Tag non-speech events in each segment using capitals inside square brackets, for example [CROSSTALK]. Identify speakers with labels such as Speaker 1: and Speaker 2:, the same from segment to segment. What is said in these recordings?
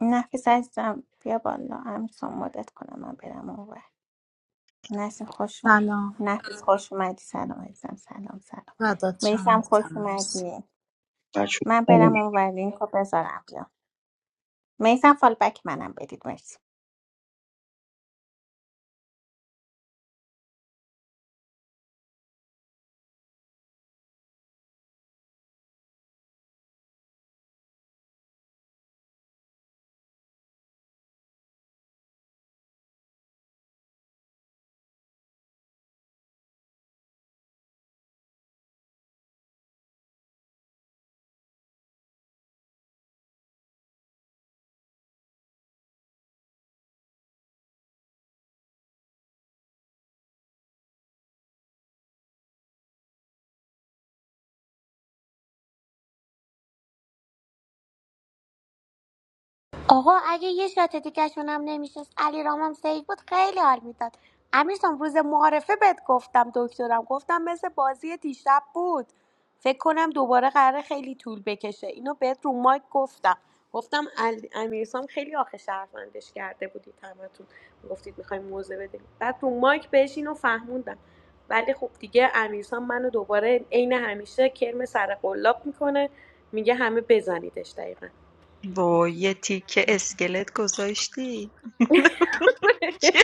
Speaker 1: نفیس عزیزم بیا بالا امیرسان مدت کنم من برم اونور نسیم خوش اومد.
Speaker 2: سلام
Speaker 1: نفیس خوش اومدی سلام عزیزم سلام سلام
Speaker 2: فدات شم
Speaker 1: میسم
Speaker 2: عزیزم
Speaker 1: خوش
Speaker 2: مرسی
Speaker 1: اومدی
Speaker 3: بچه
Speaker 1: من برم اونور لینک رو بذارم بیا میسم فال بک منم بدید مرسی
Speaker 4: آقا اگه یه شات دیگهشون هم نمیشست علی رامم سیف بود خیلی حال میداد امیرسان روز معارفه بهت گفتم دکترم گفتم مثل بازی دیشب بود فکر کنم دوباره قراره خیلی طول بکشه اینو بهت رو مایک گفتم گفتم ال- امیرسام خیلی آخه شرفندش کرده بودید همتون گفتید میخوایم موزه بدیم بعد رو مایک بهش اینو فهموندم ولی خب دیگه امیرسام منو دوباره عین همیشه کرم سر قلاب میکنه میگه همه بزنیدش دقیقا
Speaker 5: وای یه تیکه اسکلت گذاشتی چه؟
Speaker 4: [LAUGHS]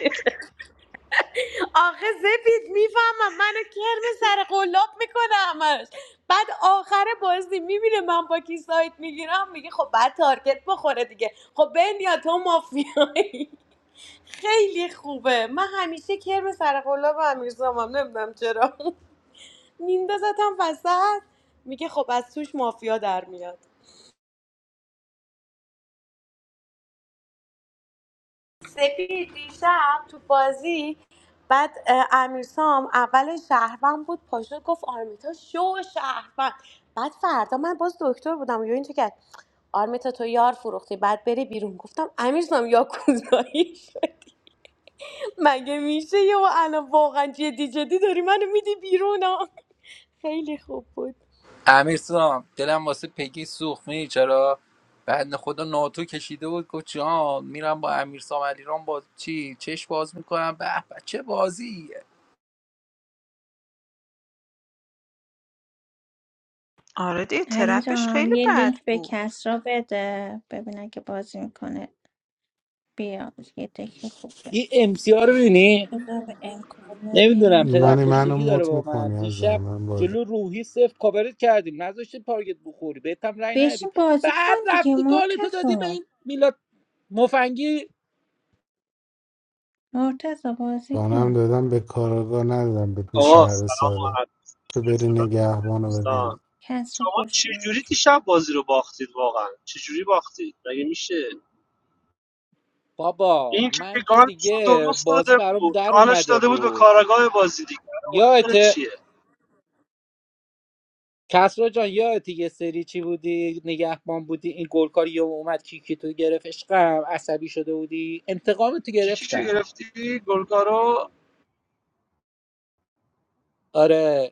Speaker 4: آخه سپید میفهمم منو کرم سر قلاب میکنه همش بعد آخر بازی میبینه من با کی سایت میگیرم میگه خب بعد تارگت بخوره دیگه خب بنیا تو مافیایی خیلی خوبه من همیشه کرم سر قلاب امیرزامم نمیدونم چرا میندازتم وسط میگه خب از توش مافیا در میاد سپید دیشب تو بازی بعد اه، امیرسام اول شهروند بود پاشد گفت آرمیتا شو شهروند بعد فردا من باز دکتر بودم یا اینجا کرد آرمیتا تو یار فروختی بعد بری بیرون گفتم امیرسام یا کوزایی [LAUGHS] مگه میشه یا الان واقعا جدی جدی داری منو میدی بیرون ها؟ خیلی خوب بود
Speaker 6: امیرسام دلم واسه پگی سوخت می‌دونی چرا بعد خدا ناتو کشیده بود گفت جان میرم با امیرسام علیرام باز چی چش باز میکنم به به چه بازیه
Speaker 5: آره دیگه
Speaker 1: علی
Speaker 5: ترپش
Speaker 1: رام
Speaker 5: خیلی
Speaker 1: یه
Speaker 5: بد
Speaker 1: لینک به
Speaker 5: بود
Speaker 1: کس را بده ببینم که بازی میکنه بیا یه دکی خوب
Speaker 6: این
Speaker 1: بشه
Speaker 6: امسیار رو ببینی
Speaker 1: بذار به انکار یه
Speaker 6: نمیدونم
Speaker 1: لینک
Speaker 6: پدر
Speaker 7: نانی منو
Speaker 6: کشتگی
Speaker 1: بدم
Speaker 6: داره
Speaker 7: موت
Speaker 6: با من
Speaker 7: میکنی از
Speaker 6: دیشب
Speaker 7: زمان بازی
Speaker 6: جلو روحی صفر کاورت کردیم نذاشته تارگت بخوری بهت هم رنگ
Speaker 1: بشین
Speaker 6: ندادیم
Speaker 1: بازی کن
Speaker 6: بعد
Speaker 1: دیگه
Speaker 6: رفتی گالتو
Speaker 1: مرتضی
Speaker 6: دادی به این میلاد مفنگی
Speaker 1: مرتضی بازی
Speaker 7: بانم
Speaker 1: کن
Speaker 7: دادم به کاراگاه ندادم به تو
Speaker 8: آقا
Speaker 7: شهر
Speaker 8: سلام
Speaker 7: ساده
Speaker 8: خدمت
Speaker 7: که بری نگهبانو
Speaker 8: دوستان
Speaker 7: بزنی
Speaker 1: کس رو
Speaker 8: شما
Speaker 1: خوش اومدی.
Speaker 8: چجوری دیشب بازی رو باختید واقعا چجوری باختید مگه میشه
Speaker 6: بابا
Speaker 8: این که
Speaker 6: من که
Speaker 8: گانش رو
Speaker 6: دیگه
Speaker 8: درست
Speaker 6: بازی
Speaker 8: داده
Speaker 6: برام
Speaker 8: بود
Speaker 6: در
Speaker 8: گانش
Speaker 6: اومده
Speaker 8: داده بود به
Speaker 6: بود
Speaker 8: کاراگاه بازی دیگه مشکل
Speaker 6: یادته
Speaker 8: چیه
Speaker 6: کسرا جان یادتی یه سری چی بودی نگهبان بودی این گلکاری یه اومد کیکی تو گرفت عشقم عصبی شده بودی انتقام تو
Speaker 8: کیکیشو
Speaker 6: گرفتم
Speaker 8: گرفتی گلکارو
Speaker 6: آره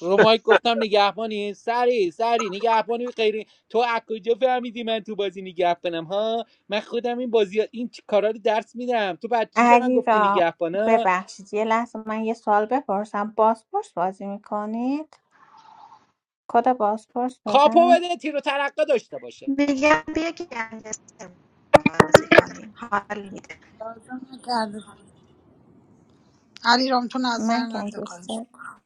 Speaker 6: رو مایک گفتم نگهبانی سری سری نگهبانی غیری تو از کجا فهمیدی من تو بازی نگهبانم ها من خودم این بازی این چی کارا رو درس میدم تو بچی به من
Speaker 1: علی
Speaker 6: گفتی
Speaker 1: را
Speaker 6: نگهبانا
Speaker 1: ببخشید یه لحظه من یه سوال بپرسم بازپرس بازی میکنید کد بازپرس
Speaker 6: کاپو
Speaker 1: بدم
Speaker 6: بده تیر و ترقه داشته باشه
Speaker 5: میگم بیا گنگستر بازی کنیم حال میده
Speaker 2: لازم نکرده کنی. علی رام تو نظر
Speaker 1: من
Speaker 2: نده خواهش
Speaker 1: گنگستر
Speaker 2: می‌کنم.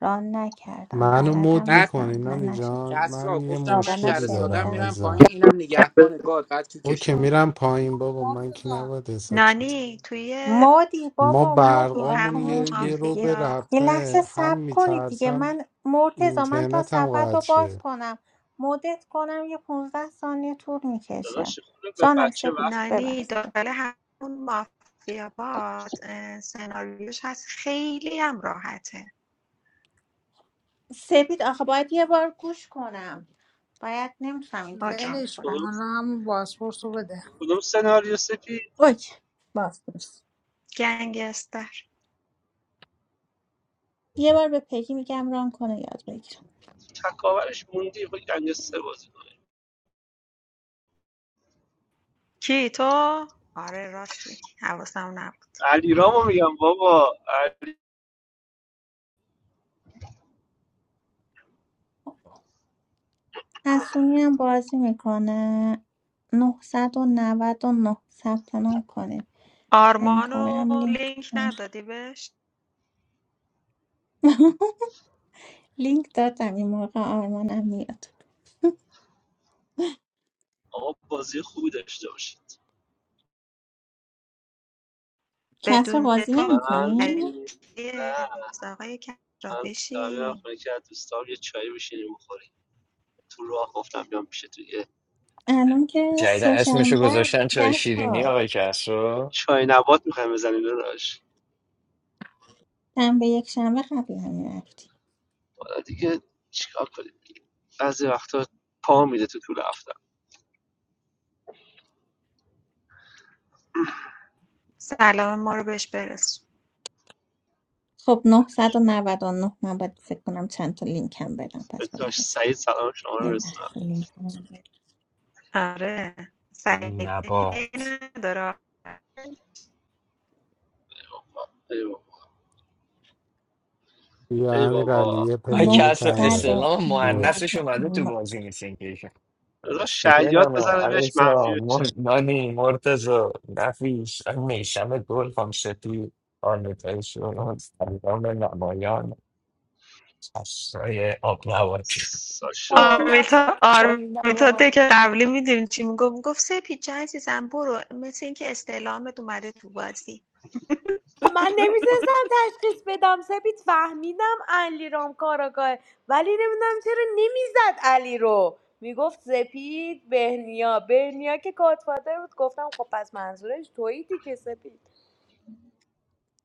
Speaker 1: ران نکردم
Speaker 7: منو
Speaker 1: بلدم
Speaker 7: مود
Speaker 6: بعد
Speaker 7: میکنی
Speaker 1: نیستم نه
Speaker 7: نانی
Speaker 1: نشد
Speaker 7: جان
Speaker 6: کسرا
Speaker 7: من یه
Speaker 6: گفتم
Speaker 1: بابا
Speaker 6: من شهر
Speaker 7: مشکلی
Speaker 6: سادم
Speaker 7: دارم
Speaker 1: نشنیدم
Speaker 7: از
Speaker 6: میرم پایین
Speaker 7: زمان.
Speaker 6: اینم نگهبان گاد بعد
Speaker 7: او
Speaker 6: کیکش
Speaker 7: که
Speaker 6: کنی
Speaker 2: بازی
Speaker 7: میرم پایین
Speaker 2: نمی‌کنی،
Speaker 7: بابا من که
Speaker 2: مرتضی
Speaker 7: نباید حساب چیز
Speaker 5: نانی توی
Speaker 1: مودی
Speaker 7: ما
Speaker 1: بابا
Speaker 5: تو
Speaker 1: مودی
Speaker 7: برقامون
Speaker 1: آقا
Speaker 5: همون
Speaker 7: یه, یه
Speaker 1: مودی
Speaker 7: رو
Speaker 1: یه,
Speaker 7: به
Speaker 5: مافیا
Speaker 1: یه لحظه
Speaker 7: رفته هم
Speaker 1: صبر کنید دیگه
Speaker 7: میترسم
Speaker 1: من مرتزا من تا
Speaker 7: اینترنت هم
Speaker 1: صفحه
Speaker 7: قطع
Speaker 1: رو باز
Speaker 7: شه
Speaker 1: کنم مدت کنم یه 15 ثانیه طول میکشه
Speaker 8: داداش خوده به
Speaker 1: جانم
Speaker 8: بچه
Speaker 1: سپید
Speaker 8: وقت بده.
Speaker 5: نانی
Speaker 1: ببخشید
Speaker 5: داخل همون مافیا باد اه، سناریوش هست خیلی هم راحته
Speaker 1: سپید آخه باید یه بار گوش کنم باید نمیتونم اینطور
Speaker 5: اوکی
Speaker 1: ران
Speaker 2: ولش کن
Speaker 1: کنم
Speaker 8: کدوم
Speaker 2: حالا همون بازپرس رو بده
Speaker 8: کدوم سناریو سپی
Speaker 1: اوکی باز پرس.
Speaker 5: گنگستر
Speaker 1: یه بار به پگی میگم ران کنه یاد بگیرم
Speaker 8: تکاورش موندی خود گنج سه بازی کنه
Speaker 5: کی تو؟ آره راست میگی حواسم نبود
Speaker 8: علی رامو میگم بابا علی...
Speaker 1: حسونی هم بازی میکنه 999 ثبت نام کنید بهم
Speaker 5: آرمانو
Speaker 1: کاورم لینک
Speaker 5: لینک
Speaker 1: بدن.
Speaker 5: ندادی بهش
Speaker 1: [LAUGHS] لینک دادم این موقع آرمانم میاد
Speaker 8: آقا بازی خوبی داشته باشید
Speaker 1: کس رو
Speaker 5: بدون
Speaker 1: بازی
Speaker 5: تو
Speaker 8: من
Speaker 1: نمیکنی
Speaker 5: حرکتی
Speaker 8: نه
Speaker 5: نیست. آقای کجا
Speaker 8: من دارم میرم
Speaker 5: بشین
Speaker 8: خونه که از دوستام یه چایی بشینیم بخوریم تو راه گفتم بیام پیش تو یه
Speaker 1: الان که
Speaker 9: جدیدن
Speaker 1: سه
Speaker 9: اسمشو
Speaker 1: شنبه است،
Speaker 9: گذاشتن چای
Speaker 1: کس
Speaker 9: شیرینی
Speaker 1: ها
Speaker 9: آقای کسرو
Speaker 8: چای نبات میخوایم بزنیم روش.
Speaker 1: شنبه یک شنبه قبل هم رفتی
Speaker 8: حالا دیگه چیکار کنیم دیگه بعضی وقتا پا میده تو طول هفته
Speaker 5: سلام ما رو بهش برس
Speaker 1: خب نهصد و نود و نه من باید فکر کنم چند تا لینک هم بدم پس باید
Speaker 8: داشت
Speaker 1: حساب
Speaker 8: سعید سلام شما رو
Speaker 1: یه
Speaker 8: رسونم
Speaker 1: لحظه لینک هم بدم.
Speaker 5: آره سعید
Speaker 9: نه با
Speaker 5: هی نداره
Speaker 8: ای بابا
Speaker 7: یا
Speaker 8: ای
Speaker 7: امیر علی
Speaker 8: بابا
Speaker 7: یه
Speaker 9: آقای
Speaker 7: پلیه
Speaker 9: کسرو
Speaker 7: کم دارم
Speaker 9: استعلام مؤنثش اومده تو
Speaker 1: 999
Speaker 9: بازی نیستین که ایشون.
Speaker 8: را شعیات
Speaker 9: سپینمه
Speaker 8: بزنه بهش منفی
Speaker 9: عروسا
Speaker 8: بشه
Speaker 9: مر... نانی مرتزا نفیش میشم گل فامستی آنتای شورون سلام نمایان کسرای آب نواتی
Speaker 8: ساشا
Speaker 9: آب
Speaker 5: آرمیتا
Speaker 9: نواتی چای
Speaker 5: آرمیتا
Speaker 9: نواتی
Speaker 5: ده که قبلی میدونیم چی میگفت میگفت سپیجه عزیزم برو مثل اینکه استعلامت اومده تو بازی
Speaker 4: خب من
Speaker 5: [LAUGHS]
Speaker 4: نمیتونستم تشخیص بدم سپید فهمیدم علی رام کاراگاه ولی نمیدونم چرا نمیزد علی رو میگفت سپید بهنیا بهنیا که کاتفادر بود گفتم خب پس منظورش تویی دیگه سپید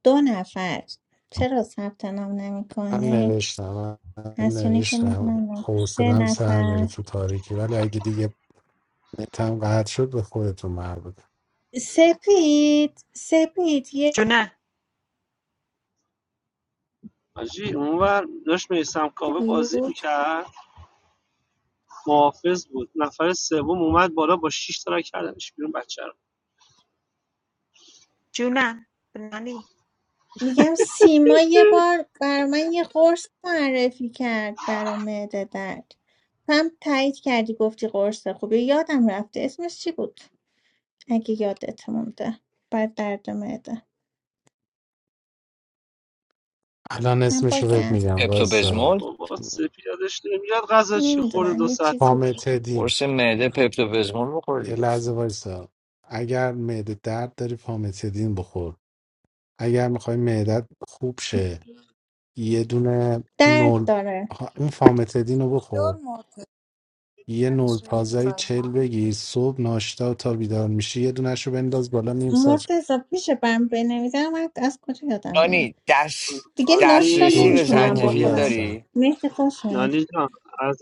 Speaker 1: دو نفر چرا ثبت نام نمی
Speaker 7: من
Speaker 1: کنید
Speaker 7: نوشتم من
Speaker 1: حسونی که
Speaker 7: نوشتم
Speaker 1: میدونم سه
Speaker 7: حوصلم سر میره
Speaker 1: نفر
Speaker 7: تو تاریکی ولی اگه دیگه نتم قطع شد به خودتون مربوطه
Speaker 1: سپید سپید یکی
Speaker 5: جونم
Speaker 8: حاجی اونور داشت میسم
Speaker 1: چی
Speaker 8: کاوه
Speaker 1: بود
Speaker 8: بازی میکرد محافظ بود نفر سوم اومد بالا با 6 تا رای کردنش بیرون بچه رو
Speaker 5: جونم نانی
Speaker 1: میگم سیما یه بار بر من یه قرص معرفی کرد برا معده درد تو هم تایید کردی گفتی قرص خوبه یادم رفته اسمش چی بود اگه یادت مونده بر درد معده
Speaker 7: الان
Speaker 1: من
Speaker 7: اسمش رو بهت
Speaker 1: باگم
Speaker 7: میگم وایسا
Speaker 9: پپتوبزمول
Speaker 8: بابا سپیدش نمیاد غذا چی خورده
Speaker 1: نمیدونم
Speaker 8: دو
Speaker 1: یه
Speaker 8: ساعت
Speaker 1: چیزی بود
Speaker 7: پامتدین
Speaker 9: قرص معده پپتوبزمول بخور
Speaker 7: یه
Speaker 9: دیگه
Speaker 7: لحظه وایسا اگر معده درد داری پامتدین بخور اگر میخوای معدت خوب شه یه دونه
Speaker 1: درد
Speaker 7: نول
Speaker 1: داره
Speaker 7: آها، اون فامتدین رو
Speaker 2: دور
Speaker 7: بخور
Speaker 2: مرتضی
Speaker 7: یه نول پازایی چل
Speaker 2: زایمان
Speaker 7: بگیر صبح ناشتا تا بیدار میشی یه دونش رو بنداز بالا نیم ساعت
Speaker 1: مرتضی میشه برم بنویسم من از کجا یادم بمونه
Speaker 9: نانی دست
Speaker 1: دیگه ناشتا
Speaker 8: نانی
Speaker 9: دسترسی به
Speaker 7: دکتر
Speaker 1: نمیتونم با
Speaker 7: موری
Speaker 9: زنجفیل
Speaker 1: خودم
Speaker 7: هستن
Speaker 9: داری
Speaker 1: مهدی خوش اومد.
Speaker 8: نانی جان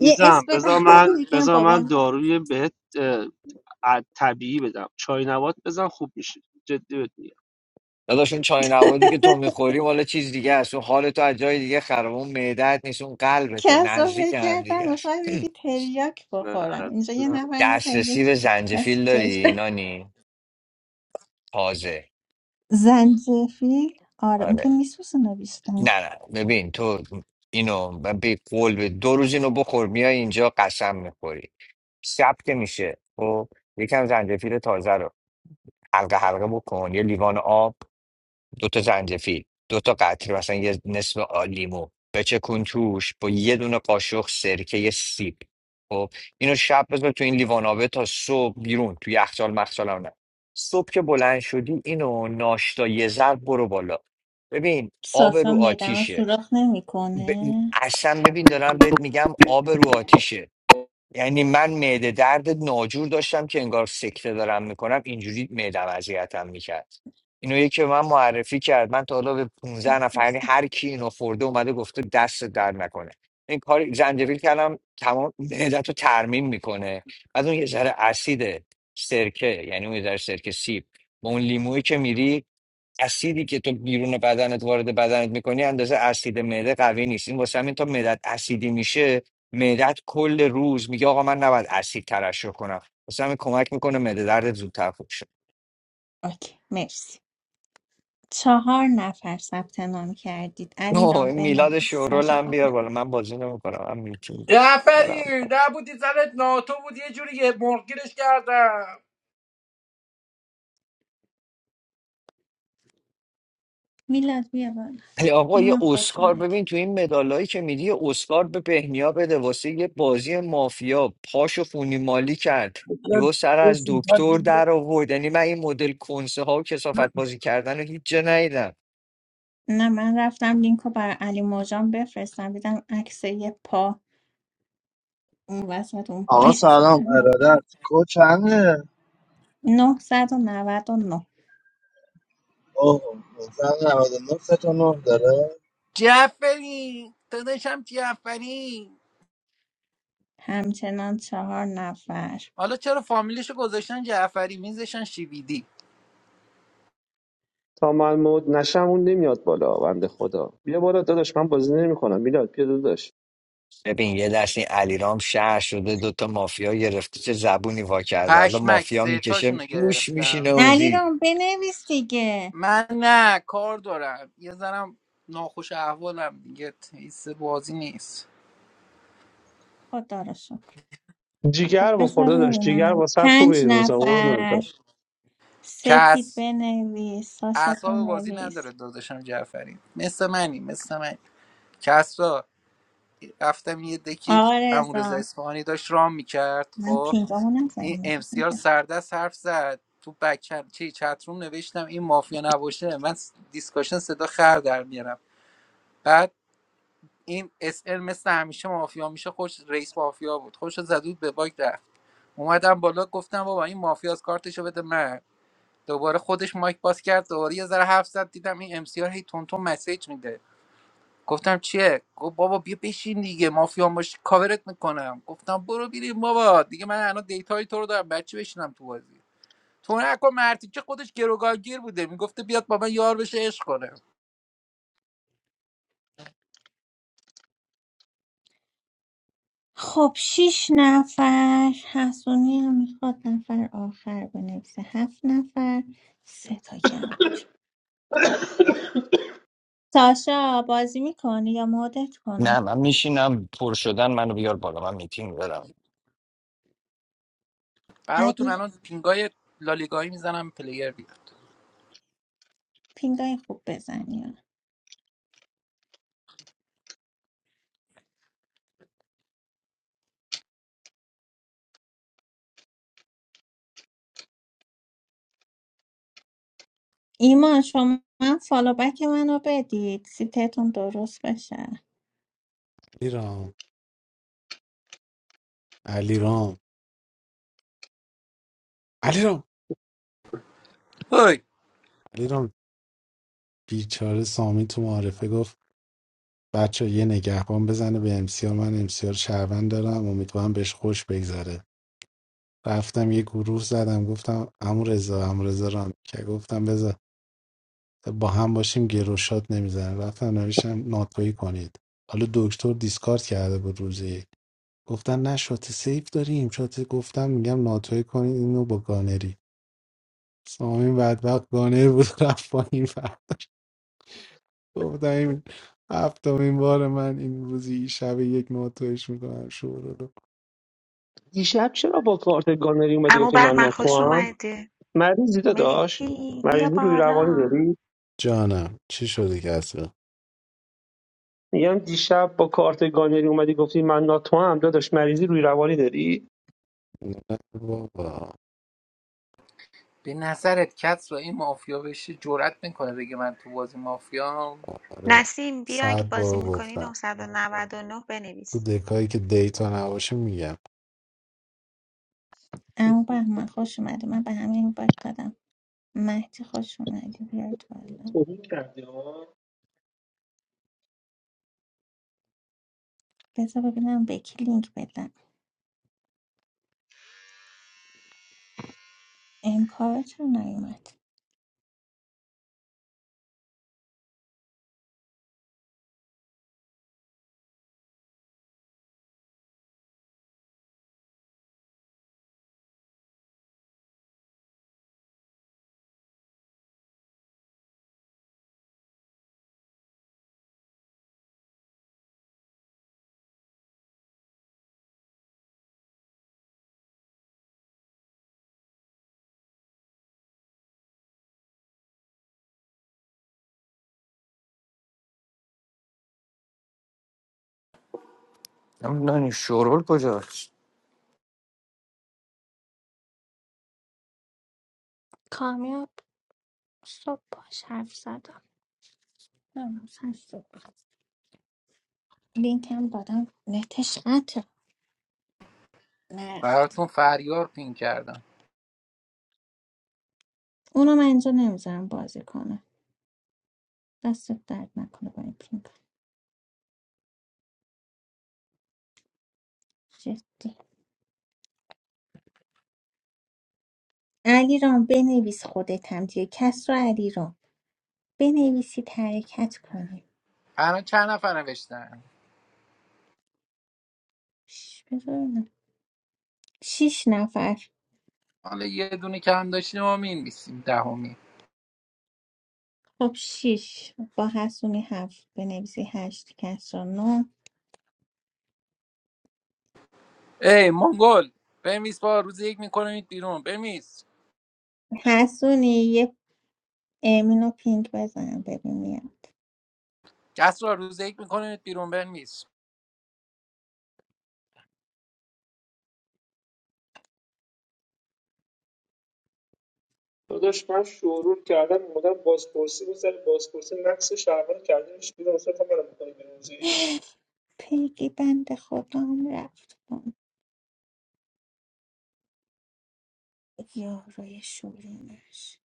Speaker 1: یه اسم بدم
Speaker 8: بذار من
Speaker 1: [LAUGHS] میگم
Speaker 8: بذار من
Speaker 1: بابام
Speaker 8: داروی بهت اه، ع- طبیعی بدم چای نبات بزن خوب میشه جدی بهت میگم
Speaker 9: داداش اون چای نوادی که تو میخوری مال چیز دیگه است اون حال تو از جای دیگه خراب اون معدت نیست اون قلبته
Speaker 1: کس رو فکر
Speaker 9: نزدیک هم دیگه
Speaker 1: کردم
Speaker 9: است
Speaker 1: میخوای بگی تریاک
Speaker 8: نه
Speaker 1: بخورم اینجا یه
Speaker 8: عزیزم
Speaker 9: [CLEARS THROAT]
Speaker 1: نفر بوده یه
Speaker 9: دسترسی به
Speaker 1: چ- کسی
Speaker 9: زنجفیل داری
Speaker 1: چشم
Speaker 9: نانی تازه
Speaker 1: زنجفیل آره اون که
Speaker 9: آره
Speaker 1: میسوزونه بیشتر
Speaker 9: نه نه ببین تو اینو ب- به قول به دو روز اینو بخور میای اینجا قسم میخوری شب که میشه خب یکم زنجفیل تازه رو حلقه حلقه بکن یه لیوان آب دوتا زنجفیل دوتا قطره مثلا یه نصف آ- لیمو بچکون توش با یه دونه قاشق سرکه یه سیب خب اینو شب بذار تو این لیوان آبه تا صبح بیرون تو یخچال مخچال هم نه صبح که بلند شدی اینو ناشتا یه ذره برو بالا ببین آب
Speaker 1: ساسا
Speaker 9: رو
Speaker 1: میدم رو
Speaker 9: آتیشه
Speaker 1: سوراخ
Speaker 9: ب...
Speaker 1: نمیکنه
Speaker 9: اصلا ببین دارم بهت میگم آب رو آتیشه یعنی من معده درد ناجور داشتم که انگار سکته دارم میکنم اینجوری معدم اذیتم میکرد اینو یکی به من معرفی کرد من تا حالا به 15 نفر یعنی هر کی اینو خورده اومده گفته دست درد نکنه این کار زنجبیل کردم تمام معدت رو ترمیم میکنه بعد اون یه ذره اسید سرکه یعنی اون یه ذره سرکه سیب با اون لیمویی که میری اسیدی که تو بیرون بدنت وارد بدنت میکنی اندازه اسید معده قوی نیست این واسه همین تا معدت اسیدی میشه معدت کل روز میگه آقا من نباید اسید ترشح کنم واسه همین کمک میکنه معده دردت زودتر خوب شه [LAUGHS]
Speaker 1: اوکی مرسی چهار نفر ثبت نام کردید علی
Speaker 9: اوه،
Speaker 1: رام
Speaker 9: این میلاد
Speaker 1: بنویس
Speaker 9: شورول
Speaker 1: ساشا
Speaker 9: هم بیار
Speaker 1: خانم
Speaker 9: بالا من بازی نمیکنم من میتونم
Speaker 6: جعفری
Speaker 9: برم.
Speaker 6: نبودی زنت ناتو بود یه جوری یه مرگیرش کردم
Speaker 1: میلاد بیا بالا
Speaker 9: ولی آقا یه
Speaker 1: ایمان خوش
Speaker 9: اسکار
Speaker 1: اومدی
Speaker 9: ببین تو این مدالایی که میدی یه اسکار به بهنیا بده واسه یه بازی مافیا پاشو خونی مالی کرد
Speaker 10: بیان
Speaker 9: یهو سر
Speaker 10: دو
Speaker 9: از
Speaker 10: فیلم
Speaker 9: دکتر
Speaker 10: پارکی بیان
Speaker 9: در آورد یعنی من این مدل کنسه ها و کسافت بازی کردن رو هیچ جا ندیدم
Speaker 1: نه من رفتم لینک رو برای علی موجان بفرستم دیدم عکس یه پا اون وسط اون
Speaker 10: آقا
Speaker 1: پایین
Speaker 10: سلام
Speaker 1: گفتم یا خدا.
Speaker 10: ارادت کو چنده؟
Speaker 1: نهصد و نود و نه
Speaker 10: اوه 1999 سه تا نه داره
Speaker 6: جعفری داداشم جعفری
Speaker 1: همچنان چهار نفر
Speaker 6: حالا چرا فامیلیشو گذاشتن جعفری میزشن شیویدی
Speaker 8: تا من مود نشم اون نمیاد بالا بنده خدا بیا بالا داداش من بازی نمیکنم میلاد بیا داداش
Speaker 9: ببین یه دست این علیرام شهر شده دوتا مافیا گرفته چه زبونی وا کرده حالا
Speaker 6: پشمک
Speaker 9: مافیا
Speaker 6: سه
Speaker 9: میکشه
Speaker 6: تاشونو
Speaker 9: موش میشینه
Speaker 6: گرفتم
Speaker 1: علی
Speaker 9: اوزی
Speaker 1: رو بنویس دیگه
Speaker 6: من نه کار دارم یه زنم ناخوش احوالم دیگه تیس بازی نیست
Speaker 1: خدا رو شکر خب
Speaker 8: جیگر بخور
Speaker 1: بذار
Speaker 8: داداش جیگر
Speaker 1: ببینم
Speaker 8: واسه خوبه
Speaker 1: پنج
Speaker 8: این روزا قربونت
Speaker 1: نفر
Speaker 8: برم.
Speaker 1: سپید
Speaker 6: کس
Speaker 1: بنویس ساشا
Speaker 6: اعصاب بازی
Speaker 1: بنویس
Speaker 6: نداره داداشم جعفری مثل منی مثل من کسرا رفتم یه دکی
Speaker 1: آقا
Speaker 6: امورزا
Speaker 1: رضا
Speaker 6: اصفهانی داشت رام میکرد
Speaker 1: من
Speaker 6: خب
Speaker 1: پینگامو
Speaker 6: این ام
Speaker 1: نزدیم
Speaker 6: امسیار سردست حرف زد تو بک چی چتروم نوشتم این مافیا نباشه من س- دیسکاشن صدا خر در میارم بعد این اس ال مثل همیشه مافیا میشه خوش رئیس مافیا بود خوش زدود به باگ رفت اومدم بالا گفتم بابا این مافیا از کارتشو بده من دوباره خودش مایک باز کرد دوباره یه ذره حرف زد دیدم این ام سی آر هی تونتون مسیج میده گفتم چیه گفت بابا بیا بشین دیگه مافیا باش کاورت میکنم گفتم برو بیریم بابا دیگه من الان دیتای تو رو دارم بچه بشینم تو بازی تو نکن مرتی که خودش گروگانگیر بوده میگفته بیاد با من یار بشه عشق کنه
Speaker 1: خب شیش نفر حسونی هم میخواد نفر آخر بنویسه هفت نفر سه تا کم باشه ساشا بازی میکنی یا مدت
Speaker 9: نه
Speaker 1: کنم
Speaker 9: من میشینم پر شدن منو بیار بالا من میتینگ دارم
Speaker 6: براتون
Speaker 1: علی
Speaker 6: الان پینگای لالیگایی میزنم پلیر بیاد
Speaker 1: پینگای خوب بزنی ایمان شما هم فالو بک منو بدید سیتتون درست بشه
Speaker 7: علیرام علیرام علیرام
Speaker 6: هی
Speaker 7: علیرام بیچاره سامی تو معارفه گفت بچه یه نگهبان بزنه به امسیار من امسیار شهروند دارم امیدوارم بهش خوش بگذره رفتم یه گروه زدم گفتم امو رضا امو رضا رام که گفتم بذار با هم باشیم گروشات نمیزنه رفتم نوشتم ناتویی کنید حالا دکتر دیسکارد کرده بود روزی یک. گفتن نه شات سیف داریم شات گفتم میگم ناتویی کنید اینو با گانری سامی بدبخت گانری بود [LAUGHS] رفت پایین گفتم این هفتمین بار من این روزی شب یک ناتویش میکنم شور رو
Speaker 8: دیشب چرا با کارت گانری اومدی
Speaker 5: اما
Speaker 8: گفتی من
Speaker 5: بهمن خوش
Speaker 8: ناتوام
Speaker 5: اومده
Speaker 8: مریضی داداش
Speaker 5: مهدی بیا
Speaker 8: مریضی روی روانی
Speaker 5: بالا
Speaker 8: داری
Speaker 7: جانم چی شده کسی
Speaker 8: میگم دیشب با کارت گانری اومدی گفتی من ناتو هم داداش مریضی روی روانی داری
Speaker 7: نه بابا
Speaker 6: به نظرت کس و این مافیا بشه جرأت میکنه بگه من تو بازی مافیام
Speaker 7: آره
Speaker 5: نسیم بیا اگه
Speaker 7: صد
Speaker 5: بازی
Speaker 7: بار
Speaker 5: میکنی
Speaker 7: گفتم
Speaker 5: 999
Speaker 7: تو
Speaker 5: بنویس
Speaker 7: دکایی که دیتا نباشه میگم
Speaker 1: اما بهمن خوش اومدی من به همین باید دادم مهدی خوش اومدی بیاید بالا
Speaker 8: توهین کردی ها
Speaker 1: بذار ببینم به کی لینک بدم امکار چرا نیومد
Speaker 9: نمیدونم شورول کجاست
Speaker 1: کامیاب صبح باش حرف زدم نمی‌دونم سر صبح لینک هم دادم نتش قطع نرفت
Speaker 6: براتون فریار پین کردم
Speaker 1: اونو من اینجا نمیذارم بازی کنه دستت درد نکنه با این پینگ جدی علی رام بنویس خودت هم دیگه کس رو علی بنویسید حرکت کنیم
Speaker 6: الان چند نفر نوشتن
Speaker 1: ش- بذار شیش نفر
Speaker 6: حالا یه دونه کم داشتیم ما مینویسیم دهمی
Speaker 1: خب شیش با حسونی هفت بنویسی هشت کس رو نو
Speaker 6: ای منگل بمیس با روز یک میکنید بیرون بمیس
Speaker 1: حسونی یه امین و پینگ بزن ببین میام
Speaker 6: کس را روز یک میکنید بیرون بمیس
Speaker 8: داداش من شورور کردم اومدم بازپرسی بود سر بازپرسی نقص شهروند کردنش بیرون اصلا تا منو بکنی به روزی
Speaker 1: پیگی بند خودم رفت کن. یاروی شورینش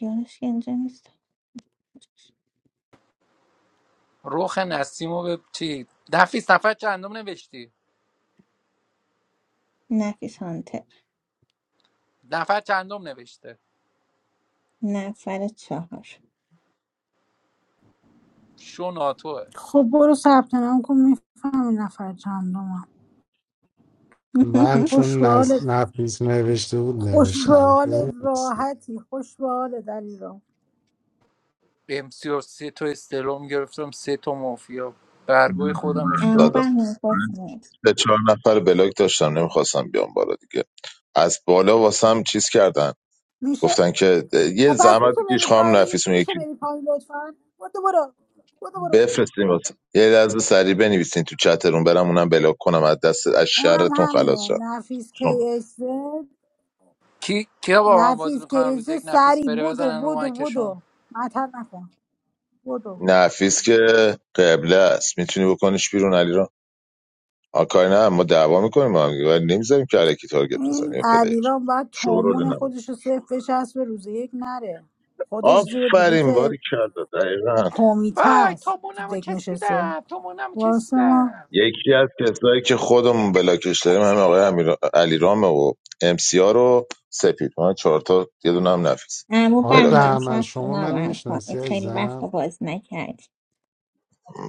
Speaker 1: یارش که اینجا نیست
Speaker 6: روخ نسیمو به چی نفیس نفر چندم نوشتی
Speaker 1: نفیس هانتر
Speaker 6: نفر چندم نوشته
Speaker 1: نفر چهار
Speaker 6: شو ناتوه
Speaker 2: خب برو ثبت نام کن میفهمی نفر چندمم
Speaker 7: من
Speaker 1: [LAUGHS]
Speaker 2: خوش
Speaker 7: چون
Speaker 2: به
Speaker 7: نز...
Speaker 2: حالت
Speaker 7: نفیس نوشته بود
Speaker 2: خوش به
Speaker 7: نوشتم
Speaker 2: حالت
Speaker 7: بنویسی.
Speaker 2: راحتی خوش به حالت علی رام
Speaker 6: به امسی و سه تا استلام گرفتم سه تا مافیا برگوی
Speaker 11: زیاد
Speaker 6: خودم ریخته
Speaker 1: اما
Speaker 6: بود
Speaker 11: دادم
Speaker 1: بهمن خوش نیست
Speaker 11: سه چهار نفر بلاک داشتم نمیخواستم بیام بالا دیگه از بالا واسم چیز کردن
Speaker 2: میشه
Speaker 11: گفتن که یه
Speaker 2: خب پس
Speaker 11: زحمت
Speaker 2: میشه
Speaker 11: بکش
Speaker 2: بری
Speaker 11: خواهم
Speaker 2: پایین
Speaker 11: نفیس اون
Speaker 2: میشه
Speaker 11: یکی
Speaker 2: بری پایین لطفا برو برو برو برو
Speaker 11: بفرستیم واسه یه لحظه سریع بنویسین تو چترون برم اونم بلاک کنم از دست از
Speaker 2: اونم
Speaker 11: شرتون خلاص
Speaker 2: همینه
Speaker 11: شم
Speaker 2: نفیس
Speaker 11: شما
Speaker 2: کیس
Speaker 6: کی کیا با من بازی
Speaker 2: نفیس
Speaker 6: میکنن روز
Speaker 2: کیس
Speaker 6: یک نفیس
Speaker 2: سری
Speaker 6: بره
Speaker 2: بدو
Speaker 6: بزنن رو
Speaker 2: بدو
Speaker 6: مایکشون
Speaker 2: بدو مطل نکن بدو
Speaker 11: نفیس که قبله است میتونی بکنیش بیرون علی را آکای نه ما دعوا میکنیم با هم دیگه، ولی نمیذاریم که علکی تارگت بزنیم
Speaker 2: این
Speaker 11: یه پلیر
Speaker 2: علیرام باید
Speaker 11: شورول
Speaker 2: تومون
Speaker 11: نما
Speaker 2: خودش رو صرف بچسبه روز یک نره خودش زیر
Speaker 11: آفرین
Speaker 2: بلیت
Speaker 11: باری کرده دقیقا
Speaker 2: کمیته
Speaker 6: وای
Speaker 2: است
Speaker 6: تا
Speaker 2: تو
Speaker 6: مونمو
Speaker 2: دک نشسته
Speaker 6: کسبیدم تا مونمو
Speaker 2: واسه ما
Speaker 6: کسبیدم
Speaker 11: یکی از کسایی که خودمون بلاکش داریم همه آقای امیر... علیرامه و ام سی آر رو سپید من چهار تا یه دونه هم نفیس
Speaker 1: اما
Speaker 7: آقای
Speaker 11: بلاک
Speaker 1: بهمن
Speaker 11: داریم.
Speaker 7: بهمن
Speaker 1: ثبت
Speaker 7: شما منو
Speaker 1: نام
Speaker 7: میشناسی
Speaker 1: خواهد خیلی وقت
Speaker 7: عزیزم
Speaker 1: باز نکردی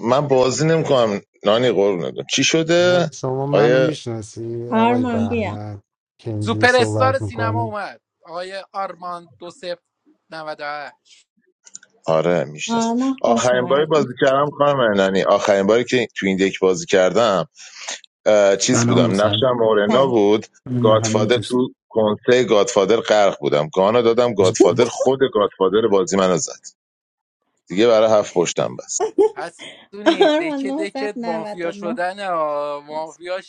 Speaker 11: من بازی نمیکنم نانی قربونت برم. چی
Speaker 7: میگم
Speaker 11: شده
Speaker 7: شما منو
Speaker 11: آیا
Speaker 7: میشناسی آقای
Speaker 1: آرمان بیا
Speaker 7: بهمن که اینجور
Speaker 6: سوپر استار
Speaker 7: صحبت
Speaker 6: سینما
Speaker 7: میکنه
Speaker 6: اومد آقای آرمان دو سف 98
Speaker 11: آره میشناس
Speaker 1: آرمان خوش
Speaker 11: آخرین باری بازی
Speaker 1: اومدی
Speaker 11: کردم خانم نانی آخرین باری که تو این دک بازی کردم اه، چیز
Speaker 12: سلام
Speaker 11: بودم
Speaker 12: سلام
Speaker 11: نقشم مورنا
Speaker 1: سلام
Speaker 11: بود
Speaker 12: من همون
Speaker 11: گادفادر
Speaker 12: دوست
Speaker 11: تو کنسه گادفادر غرق بودم گانا دادم گادفادر خود گادفادر بازی منو زد دیگه برای هفت پشتم بس
Speaker 6: هستونی
Speaker 1: آرمان
Speaker 6: دکه
Speaker 1: نهصد
Speaker 6: دکه
Speaker 1: و نود
Speaker 6: مافیا
Speaker 1: و نه.
Speaker 6: شدن
Speaker 1: باش.
Speaker 6: مافیا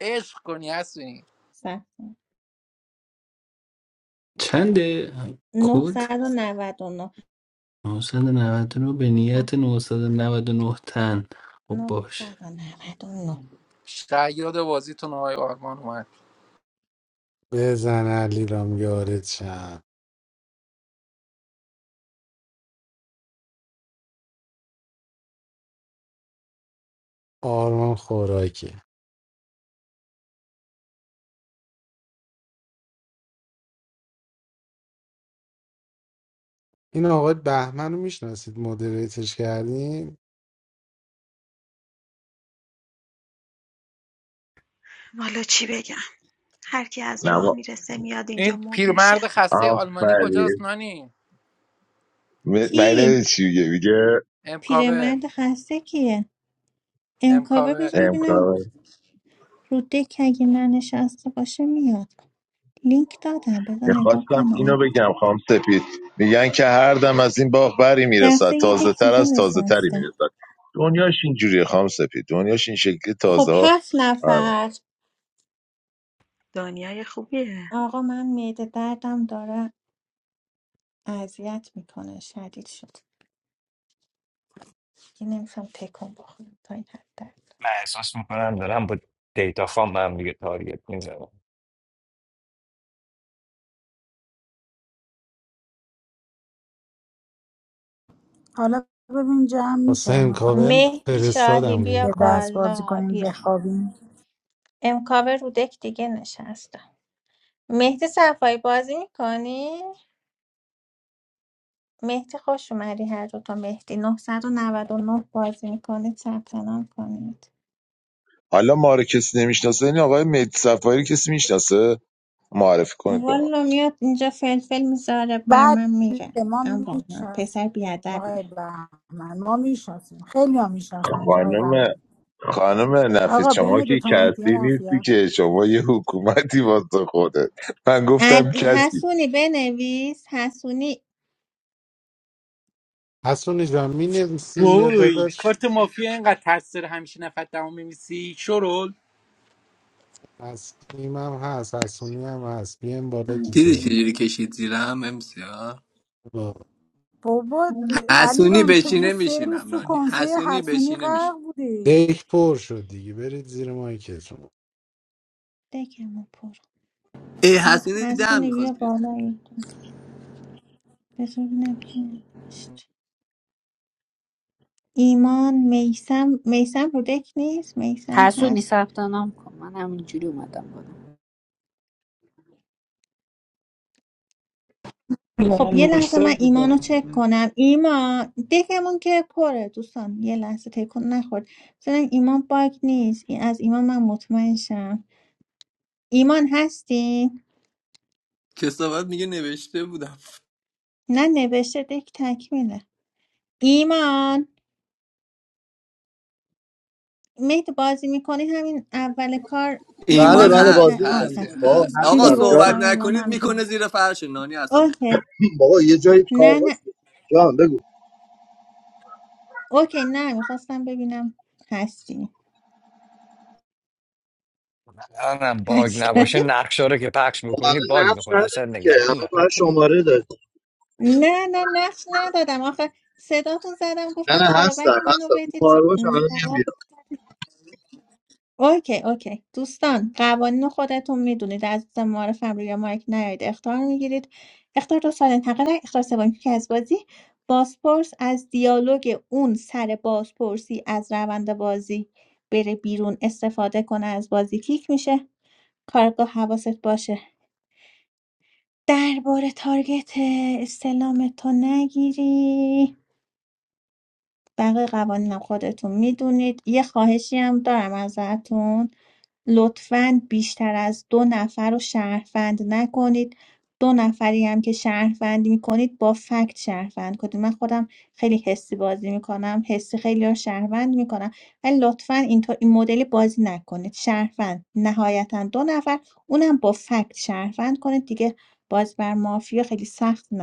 Speaker 6: عشق کنی هستونی
Speaker 1: سب کن.
Speaker 12: چند کد
Speaker 1: نهصد و نود و نه،
Speaker 12: 990 رو به نیت 999 تن خب
Speaker 1: نهصد
Speaker 12: باش
Speaker 1: و نود و نه.
Speaker 6: شاید بازیتون آقای آرمان اومد
Speaker 7: بزن علی رام یارت شم آرمان خوراکی این آقای بهمن رو میشناسید مدریتش کردیم
Speaker 5: والا چی بگم هر کی از راه میرسه میاد اینجا
Speaker 6: این
Speaker 5: مود میشه
Speaker 6: پیرمرد خسته آلمانی کجاست
Speaker 11: آفرین
Speaker 6: نانی
Speaker 11: م- من نمی‌دونی
Speaker 1: کی
Speaker 11: چی میگه میگه
Speaker 6: امکاور
Speaker 1: پیرمرد خسته کیه امکاوه
Speaker 6: امکاور
Speaker 1: بذار ببینم
Speaker 11: امکان
Speaker 1: رو دک اگه ننشسته باشه میاد لینک دادم بذار نگاه
Speaker 11: میخواستم اینو
Speaker 1: کنم
Speaker 11: بگم خام سپید میگن که هر دم از این باغ بری میرسد
Speaker 1: رفته یه
Speaker 11: تازه
Speaker 1: دک
Speaker 11: تر
Speaker 1: دیگه
Speaker 11: از تازه تری
Speaker 1: نشسته
Speaker 11: میرسد دنیاش اینجوریه خام سپید دنیاش این شکلی تازه
Speaker 1: خب
Speaker 11: ها
Speaker 1: هفت
Speaker 11: آره.
Speaker 1: نفر
Speaker 5: دنیای خوبیه
Speaker 1: آقا من معده دردم داره اذیت میکنه شدید شد دیگه نمیتونم تکون بخورم تا این حد در
Speaker 9: من احساس میکنم دارم با دیتا فام به هم دیگه تارگت میزنم
Speaker 2: حالا ببین جمع
Speaker 7: واسه
Speaker 2: میشه میخوام
Speaker 7: امکاول
Speaker 1: مهدی شاهی
Speaker 7: فرستادم
Speaker 1: بیا
Speaker 2: یه
Speaker 7: لینکو
Speaker 2: دست بازی
Speaker 1: بالا
Speaker 2: کنیم
Speaker 1: بیا
Speaker 2: بخوابیم
Speaker 1: امکاوه رو دک دیگه نشستم مهدی صفایی بازی میکنی؟ مهدی خوش اومدی هر دو تا مهدی 999 بازی میکنید ثبت نام کنید
Speaker 11: حالا ما رو کسی نمیشناسه این آقای مهدی صفایی رو کسی میشناسه معرفی کنید به ما
Speaker 1: والا میاد اینجا فلفل میذاره بر
Speaker 2: بعد
Speaker 1: من میره
Speaker 2: ما
Speaker 1: اما
Speaker 2: میشناسیم
Speaker 1: پسر بیادبیه
Speaker 2: آقای بهمن ما میشناسیم خیلی ها میشناسن آقای بهمن
Speaker 11: خانم خانم نفیس
Speaker 2: آقا
Speaker 11: شما
Speaker 2: بین
Speaker 11: که
Speaker 2: دوتا مهدی
Speaker 11: کسی نیستی
Speaker 2: مافیاست
Speaker 11: که شما یه حکومتی واسه خودت من گفتم
Speaker 1: ال-
Speaker 11: کسی
Speaker 1: حسونی بنویس حسونی
Speaker 7: حسونی جان می نویسی یا
Speaker 6: وای
Speaker 7: داداش
Speaker 6: کارت مافیا اینقدر ترس داره همیشه نفت دمو میمیسی شرول
Speaker 7: نسیم هم هست حسونی هم هست بیایم بالا
Speaker 13: دیدی
Speaker 7: دیگه
Speaker 13: چجوری کشید زیرم امسیا
Speaker 7: آه.
Speaker 2: بابا علی
Speaker 13: حسونی
Speaker 2: رام تو که
Speaker 13: بشینه
Speaker 2: سه روز
Speaker 13: میشینم
Speaker 2: تو
Speaker 13: نانی
Speaker 2: کنسه
Speaker 13: حسونی
Speaker 2: حسونی
Speaker 13: بشینه
Speaker 2: غرق
Speaker 13: میشینم
Speaker 2: بودی
Speaker 7: دک پر شد دیگه برید زیر مایکتون
Speaker 1: دکمو پر
Speaker 13: ای حسونی ده
Speaker 1: حسونی بیا
Speaker 13: میخواست بیاد
Speaker 1: بالا اینجا. بذار ببینم کی نوشت ایمان میسم میسم رو دک نیست میسم
Speaker 14: Hassoon is
Speaker 1: هست
Speaker 14: a part of my name. I didn't find it.
Speaker 1: خب
Speaker 15: من
Speaker 1: یه لحظه
Speaker 15: نوشته
Speaker 1: من ایمان رو
Speaker 15: بودم
Speaker 1: چک کنم ایمان دکمون که پره دوستان یه لحظه تکون نخورد مثلا ایمان باگ نیست این از ایمان من مطمئن شم ایمان هستی؟
Speaker 13: کسافت میگه نوشته بودم
Speaker 1: نه نوشته دک تکمیله ایمان مهد بازی میکنی همین اول کار با
Speaker 10: بله
Speaker 13: ایمان
Speaker 10: بله
Speaker 1: ایمان
Speaker 13: هست
Speaker 1: ت...
Speaker 10: بازی
Speaker 1: آه
Speaker 10: میکنم
Speaker 13: هست
Speaker 1: هست
Speaker 10: بابا
Speaker 13: هست آقا
Speaker 2: دیدی
Speaker 10: هستم
Speaker 13: صحبت
Speaker 2: گفتم
Speaker 10: جانم
Speaker 2: ایمان
Speaker 13: نکنید
Speaker 2: همیشه
Speaker 13: میکنه زیر فرش نانی اصلا
Speaker 1: اوکی
Speaker 10: [CLEARS THROAT] [LAUGHS] بابا یه جایی کار
Speaker 1: نه نه
Speaker 10: باشه جان بگو
Speaker 1: اوکی نه میخواستم ببینم هستی
Speaker 9: الانم باگ
Speaker 1: هست [LAUGHS]
Speaker 9: نباشه نقشه رو که پخش میکنی باگ
Speaker 10: الان نقش
Speaker 9: میخوره
Speaker 10: نداری
Speaker 9: اصلا
Speaker 10: که
Speaker 9: نگران
Speaker 10: الان برای
Speaker 9: نباشی
Speaker 10: شماره داری
Speaker 1: نه نه نقش ندادم آخه صداتون زدم
Speaker 10: نه
Speaker 1: گفتم
Speaker 10: نه
Speaker 1: فالو بک
Speaker 10: هستم
Speaker 1: منو
Speaker 10: هستم تو
Speaker 1: بدید
Speaker 10: کار باشم
Speaker 1: م،
Speaker 10: الان میام
Speaker 1: جواب-
Speaker 10: بیرون
Speaker 1: اوکی اوکی دوستان قوانین رو خودتون میدونید از دوست معرفم روی مایک نیاید اختار میگیرید اختار دو سال انتقال اختار سوم که از بازی بازپرس از دیالوگ اون سر بازپرسی از روند بازی بره بیرون استفاده کنه از بازی کیک میشه کارگاه حواست باشه درباره تارگت استلام تو نگیری بقیه قوانینم خودتون میدونید یه خواهشی هم دارم ازتون لطفا بیشتر از دو نفر رو شهروند نکنید دو نفری هم که شهروند میکنید با فکت شهروند کنید من خودم خیلی حسی بازی میکنم حسی خیلی رو شهروند میکنم ولی لطفا اینطور این مدلی بازی نکنید شهروند نهایتا دو نفر اونم با فکت شهروند کنید دیگه باز بر مافیا خیلی سخت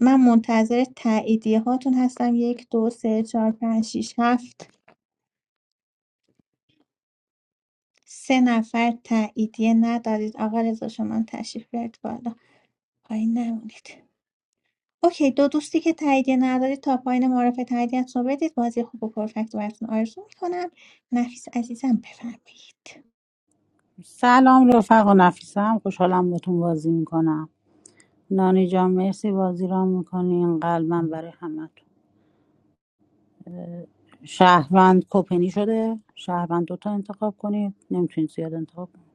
Speaker 1: من منتظر تاییدیه هاتون هستم یک دو سه چهار پنج ۶ هفت سه نفر تاییدیه ندارید آقا رضا شما تشریف بیارید بالا پایین نمونید اوکی دو دوستی که تاییدیه ندارید تا پایین معرف تاییدیتون رو بدید بازی خوب و پرفکت رو براتون آرزو میکنم نفیس عزیزم بفرمایید
Speaker 2: سلام رفقا نفیسم خوشحالم باتون بازی میکنم نانی جان مرسی بازی را میکنین قلبم برای همتون شهروند کپنی شده شهروند دوتا انتخاب کنید نمیتونید زیاد انتخاب کنید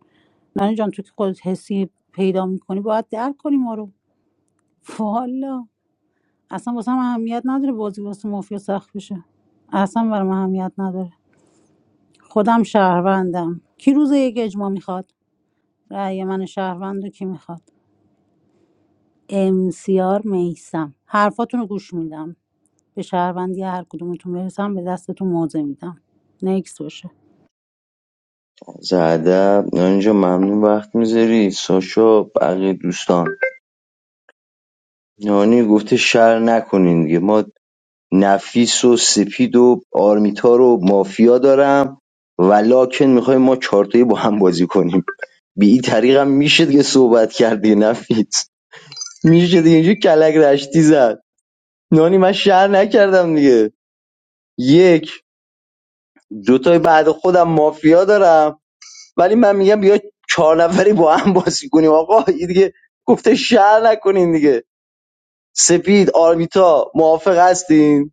Speaker 2: نانی جان تو که خودت حسی پیدا میکنی باید درک کنی ما رو [LAUGHS] والا اصلا واسه هم اهمیت نداره بازی واسه مافیا سخت بشه اصلا برام اهمیت نداره خودم شهروندم کی روز یک اجماع میخواد رأی من شهروند رو کی میخواد امسیار میسم حرفاتون رو گوش میدم به شهروندی هر کدومتون برسم به دستتون موضع میدم نکس باشه
Speaker 3: زده. ادب نانی ممنون وقت میذاری ساشا بقیه دوستان نانی گفته شر نکنین دیگه ما نفیس و سپید و آرمیتا رو مافیا دارم ولاکن میخوایم ما چارتایی با هم بازی کنیم به این طریق هم میشه دیگه صحبت کردی نفیس میشه دیگه اینجا کلک رشتی زد نانی من شر نکردم دیگه یک دوتای بعد خودم مافیا دارم ولی من میگم بیا چهار نفری با هم بازی کنیم آقا این دیگه گفته شهر نکنین دیگه سپید آرمیتا موافق هستین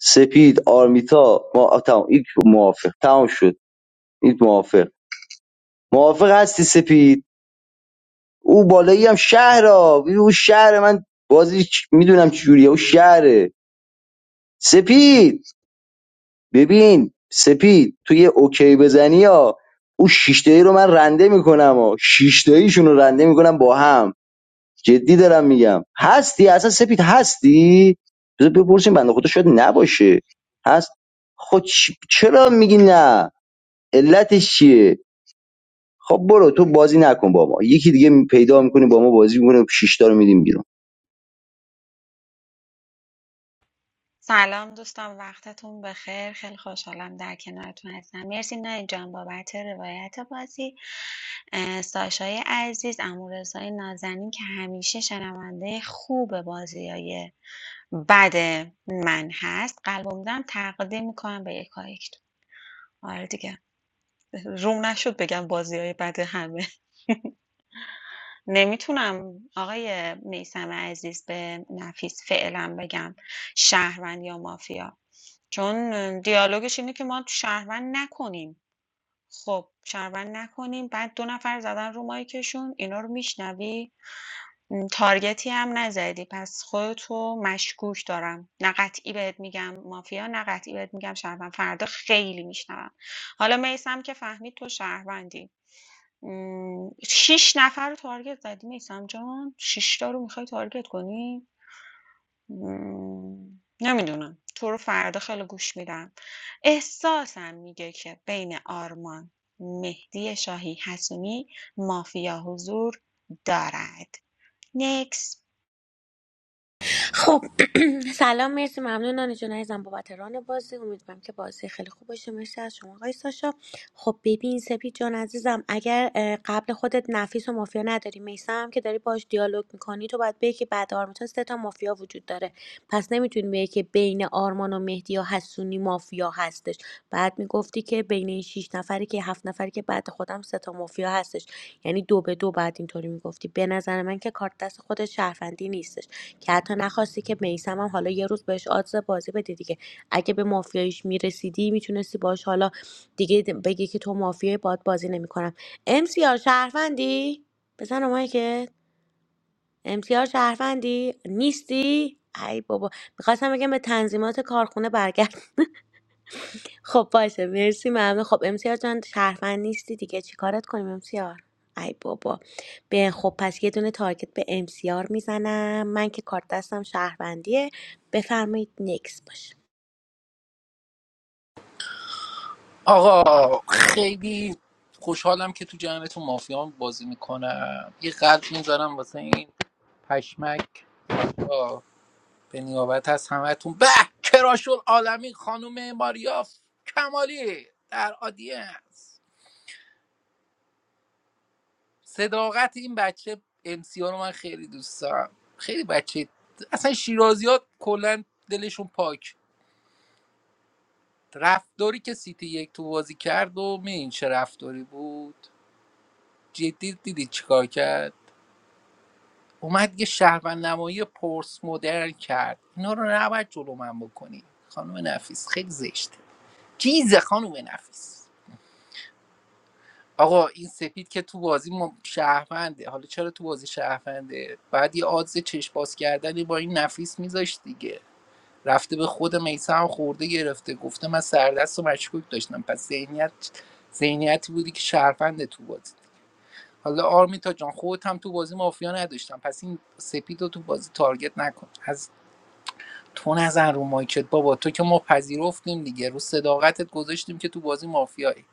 Speaker 3: سپید آرمیتا ما تمام این موافق تمام شد این موافق موافق هستی سپید او بالایی هم شهر او شهر من بازی چ... میدونم چجوریه او شهره سپید ببین سپید تو یه اوکی بزنی ها او شیشتایی رو من رنده میکنم ها شیشتاییشون رو رنده میکنم با هم جدی دارم میگم هستی اصلا سپید هستی بذار بپرسیم بنده خدا شاید نباشه هست خب چ- چرا میگی نه علتش چیه خب برو تو بازی نکن با ما یکی دیگه پیدا میکنی با ما بازی میکنه شیش تا رو میدیم بیرون
Speaker 5: سلام دوستان وقتتون بخیر خیلی خوشحالم در کنارتون هستم مرسی نانی جان بابت روایت بازی اه، ساشای عزیز امورزای نازنین که همیشه شنونده خوب بازی بد من هست قلبم دم تقدیم میکنم به یکایک آره دیگه روم نشد بگم بازیای بد همه [LAUGHS] نمیتونم آقای میثم عزیز به نفیس فعلا بگم شهروند یا مافیا چون دیالوگش اینه که ما شهروند نکنیم خب شهروند نکنیم بعد دو نفر زدن رو مایکشون اینا رو میشنوی؟ م، تارگتی هم نزدی پس خودتو مشکوک دارم نه قطعی بهت میگم مافیا نه قطعی بهت میگم شهروند فردا خیلی میشنوم حالا میسم که فهمید تو شهروندی م، شیش نفر رو تارگت زدی میسم جان شیش تا رو میخوای تارگت کنی ام، نمیدونم. تو رو فردا خیلی گوش میدم. احساسم میگه که بین آرمان، مهدی شاهی حسونی مافیا حضور دارد. نکس
Speaker 4: خب [CLEARS THROAT] سلام مرسی ممنون نانی جون عزیزم بابت ران بازی امیدوارم که بازی خیلی خوب باشه مرسی از شما آقای ساشا خب ببین سپید جان عزیزم اگر اه، قبل خودت نفیس و مافیا نداری میسم هم که داری باش دیالوگ میکنی تو باید بگی که بعد آرمیتون سه تا مافیا وجود داره پس نمیتونی بگی که بین آرمان و مهدی یا حسونی مافیا هستش بعد میگفتی که بین این شیش نفری که هفت نفری که بعد خودم سه تا مافیا هستش یعنی دو به دو بعد اینطوری میگفتی به نظر من که کارت دست خود شهروندی نیستش که حتی نخواستی که میسم هم حالا یه روز بهش آدز بازی بده دیگه اگه به مافیایش میرسیدی میتونستی باش حالا دیگه بگی که تو مافیای باد بازی نمیکنم امسیار شهروندی بزن اومای که امسیار شهروندی نیستی ای بابا میخواستم بگم به تنظیمات کارخونه برگرد خب باشه مرسی ممنون خب امسیار جان شهروند نیستی دیگه چی کارت کنیم امسیار ای بابا به خب پس یه دونه تارگت به امسیار میزنم من که کارت دستم شهروندیه بفرمایید نکس باشه
Speaker 6: آقا خیلی خوشحالم که تو جمعتون مافیا بازی میکنم یه قلب میذارم واسه این پشمک آه، به نیابت از همهتون به کراشول عالمی خانم ماریاف کمالی در آدینس صداقت این بچه امسیا رو من خیلی دوست دارم خیلی بچه اصلا شیرازی ها کلا دلشون پاک رفتاری که سیتی یک تو بازی کرد و میدین چه رفتاری بود جدی دیدی چیکار کرد اومد یه شهروند نمایی پرس مدرن کرد اینا رو نباید جلو من بکنی خانم نفیس خیلی زشته چیزه خانم نفیس آقا این سپید که تو بازی ما شهرونده حالا چرا تو بازی شهرونده بعد یه آدز چشم باز کردنی با این نفیس میذاشت دیگه رفته به خود میسه هم خورده گرفته گفته من سردست و مشکوک داشتم پس ذهنیت ذهنیتی بودی که شهرونده تو بازی حالا آرمیتا جان خودت هم تو بازی مافیا نداشتم پس این سپید رو تو بازی تارگت نکن از تو نزن رو مایکت بابا تو که ما پذیرفتیم دیگه رو صداقتت گذاشتیم که تو بازی مافیایی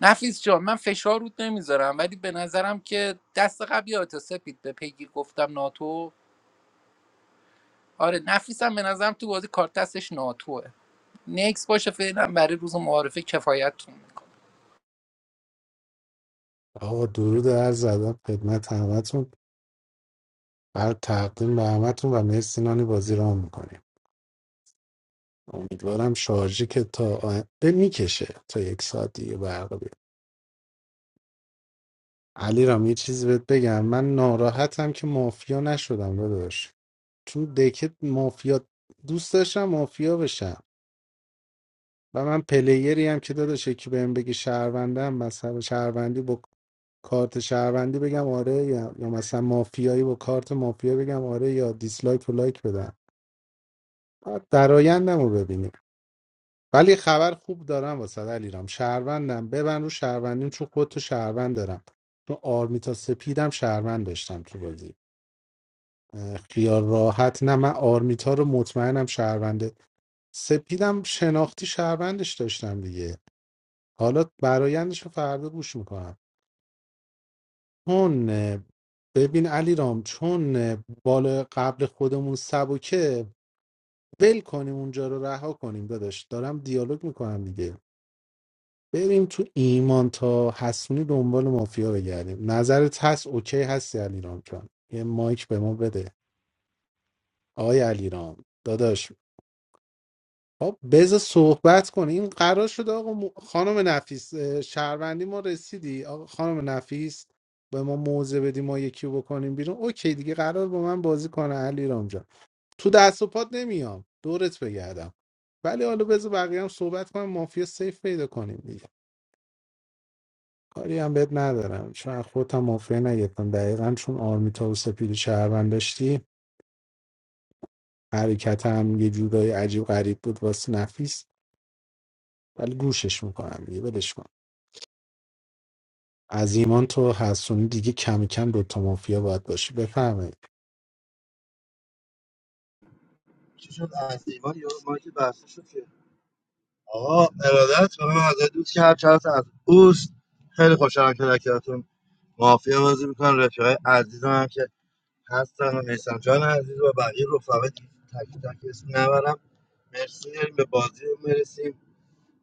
Speaker 6: نفیس جان من فشار رود نمیذارم ولی به نظرم که دست قبلی آتا سپید به پیگیر گفتم ناتو آره نفیسم به نظرم تو بازی کارت دستش ناتوه نکس باشه فعلا برای روز معارفه کفایتتون میکنم
Speaker 7: آقا درود هر زدم خدمت همتون بر تقدیم به همتون و مرسی نانی بازی را میکنیم امیدوارم شارژی که تا آ... به میکشه تا یک ساعت دیگه برق علی رام یه چیزی بهت بگم من ناراحتم که مافیا نشدم داداش چون دکت مافیا دوست داشتم مافیا بشم و من پلیری هم که داداش یکی بهم بگه شهروندم مثلا شهروندی با کارت شهروندی بگم آره یا, یا مثلا مافیایی با کارت مافیا بگم آره یا دیسلایک و لایک بدم باید درایندم رو ببینیم ولی خبر خوب دارم واسه علیرام شهروندم ببن رو شهروندیم چون خودتو شهروند دارم چون آرمیتا سپیدم شهروند داشتم تو بازی خیال راحت نه من آرمیتا رو مطمئنم شهرونده سپیدم شناختی شهروندش داشتم دیگه حالا برایندش رو فردا گوش میکنم چون اه، ببین علی رام چون اه، بالا قبل خودمون سبکه ول کنیم اونجا رو رها کنیم داداش دارم دیالوگ میکنم دیگه بریم تو ایمان تا حسونی دنبال مافیا بگردیم نظرت هست اوکی هستی علی رام جان یه مایک به ما بده آقای علی رام داداش. خب بذار صحبت کن این قرار شده آقا م- خانم نفیس اه، شهروندی ما رسیدی آقا خانم نفیس به ما موضع بدی ما یکی رو بکنیم بیرون اوکی دیگه قرار با من بازی کنه علی رام تو دست و پات نمیام دورت بگردم ولی حالا بذار بقیه هم صحبت کنم مافیا سیف پیدا کنیم دیگه کاری هم بهت ندارم چون از خودت هم مافیا نگرفتم دقیقا چون آرمیتا و سپید شهروند داشتی حرکت هم یه جورای عجیب غریب بود واسه نفیس ولی گوشش میکنم دیگه ولش کن از ایمان تو حسونی دیگه کم کم دوتا مافیا باید باشی بفهمید
Speaker 10: چی شد از ایمان یا مایک بسته شد که آقا ارادت ممنون از دوست که هر چهار تا از اوست خیلی خوشحالم که در کنارتون مافیا بازی میکنم رفیقای عزیزم هم که هستن و میسم جان عزیز و بقیه رفقا تک تک اسم نبرم مرسی داریم به بازی مرسیم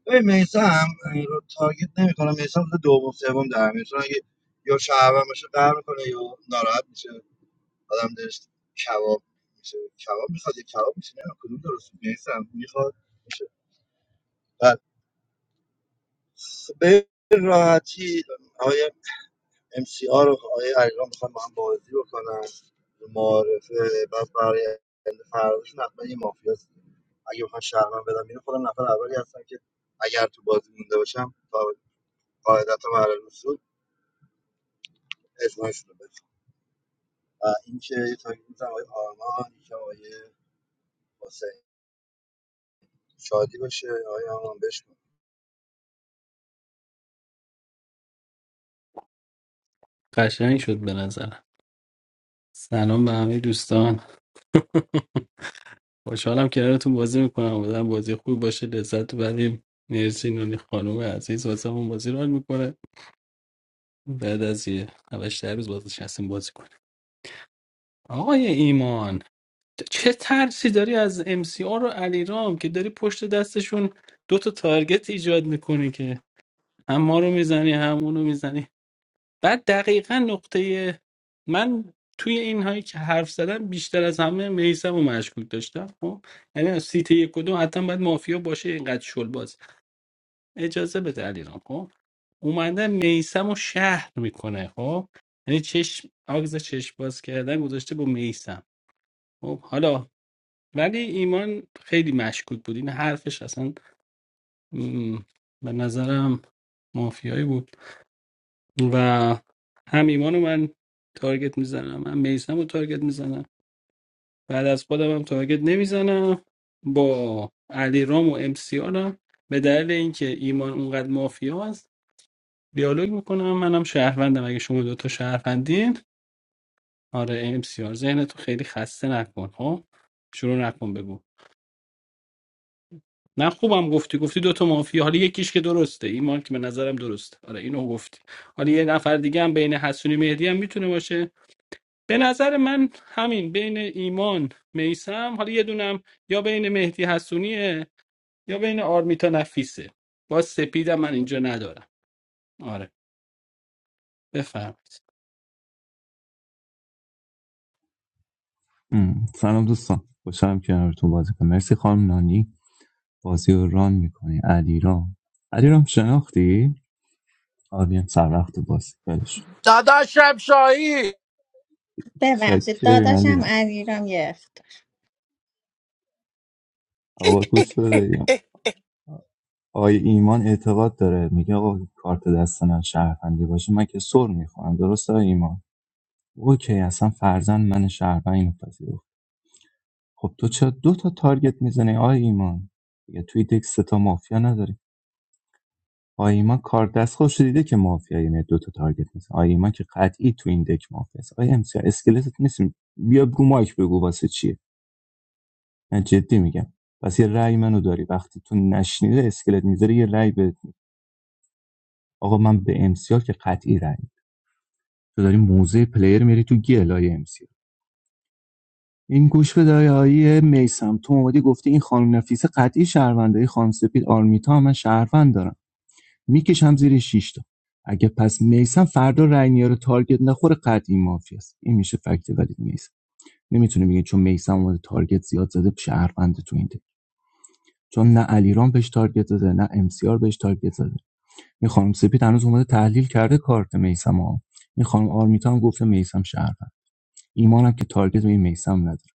Speaker 10: ببین میسم رو تارگت نمی کنم میسم دوم سوم در میاد چون اگه یا شهروند باشه قهر میکنه یا ناراحت میشه آدم دلش کباب میشه کباب میخواد یا کباب میشه نه کدوم درست میسم میخواد میشه بعد خب، به راحتی آقای ام سی آر رو آقای علیرام میخوام با هم بازی بکنن معارفه بعد برای فرداشون حتما یه مافیا هست. اگه بخوام شهرمن بدم بیرون خودم نفر اولی هستم که اگر تو بازی مونده باشم تا قاعدت و معلل اصول اجماع شده بشه و این که یه تاکی میزن آقای آرمان این که آقای حسین شادی باشه آقای آرمان بشکن
Speaker 12: قشنگ شد به نظرم سلام به همه دوستان خوشحالم کنارتون بازی میکنم بودم بازی خوب باشه لذت ببریم مرسی نونی خانم عزیز واسمون بازی رو میکنه بعد از یه 8 روز باز نشستیم بازی کنیم آقای ایمان چه ترسی داری از ام سی آر و علیرام که داری پشت دستشون دو تا تارگت ایجاد میکنی که هم ما رو میزنی هم اونو میزنی بعد دقیقا نقطه من توی این هایی که حرف زدم بیشتر از همه میسم و مشکوک داشتم خب یعنی از سیت یک و دو حتی باید مافیا باشه اینقدر شل باز اجازه بده علیرام خب اومده میسم و شهر میکنه خب یعنی چشم آگز چشم باز کردن گذاشته با میسم خب حالا ولی ایمان خیلی مشکوک بود این حرفش اصلا م، به نظرم مافیایی بود و هم ایمان رو من تارگت میزنم هم میسم رو تارگت میزنم بعد از خودم هم تارگت نمیزنم با علی رام و ام سی هم به دلیل اینکه ایمان اونقدر مافیا است دیالوگ میکنم منم شهروندم اگه شما دوتا شهروندین آره ام سی آر ذهن تو خیلی خسته نکن ها شروع نکن بگو نه خوبم گفتی گفتی دو تا مافیا حالا یکیش که درسته ایمان که به نظرم درسته آره اینو گفتی حالا یه نفر دیگه هم بین حسونی مهدی هم میتونه باشه به نظر من همین بین ایمان میسم حالا یه دونم یا بین مهدی حسونیه یا بین آرمیتا نفیسه با سپیدم من اینجا ندارم آره بفرمایید
Speaker 16: ام، سلام دوستان خوشحالم که کنارتون بازی کنم مرسی خانم نانی بازی رو ران میکنی علیرام علیرام شناختی آرمین سر وقت بازی ولش
Speaker 6: داداشم شاهی
Speaker 1: ببخشید
Speaker 16: چکریم
Speaker 1: داداشم
Speaker 16: علیرام
Speaker 1: علیرام یه اختار
Speaker 16: آقا گوش بدهیم آقای ایمان اعتقاد داره میگه آقا کارت دست من شهروندی باشه من که سر میخورم درسته آقای ایمان اوکی اصلا فرزند من شهروند اینو پذیرفت خب تو چرا دو تا تارگت میزنی آقای ایمان دیگه توی دک سه تا مافیا نداری آیما کار دست خودش دیده که مافیای یعنی دو تا تارگت مثلا آیما که قطعی تو این دک مافیاست است آیا امسیا اسکلتت نیست بیا رو مایک بگو واسه چیه من جدی میگم پس یه رأی منو داری وقتی تو نشنیده اسکلت میذاری یه رأی به آقا من به امسیا که قطعی رأی می‌دم. تو داری موزه پلیر میری تو گلای امسیا این گوش به دایایی میسم تو اومدی گفتی این خانم نفیسه قطعی شهرونده این خانم سپید آرمیتا من شهروند دارم میکشم زیر 6 تا اگه پس میسم فردا رای میاره تارگت نخوره قطعی مافی است این میشه فکت ولی میسم نمیتونه بگه چون میسم اومده تارگت زیاد زده شهروند تو این ده. چون نه علیرام بهش تارگت زده نه امسیار بهش تارگت زده این خانم سپید هنوز اومده تحلیل کرده کارت میسم ها این خانم آرمیتا هم گفته میسم شهروند ایمانم که تارگت به این میسم نداره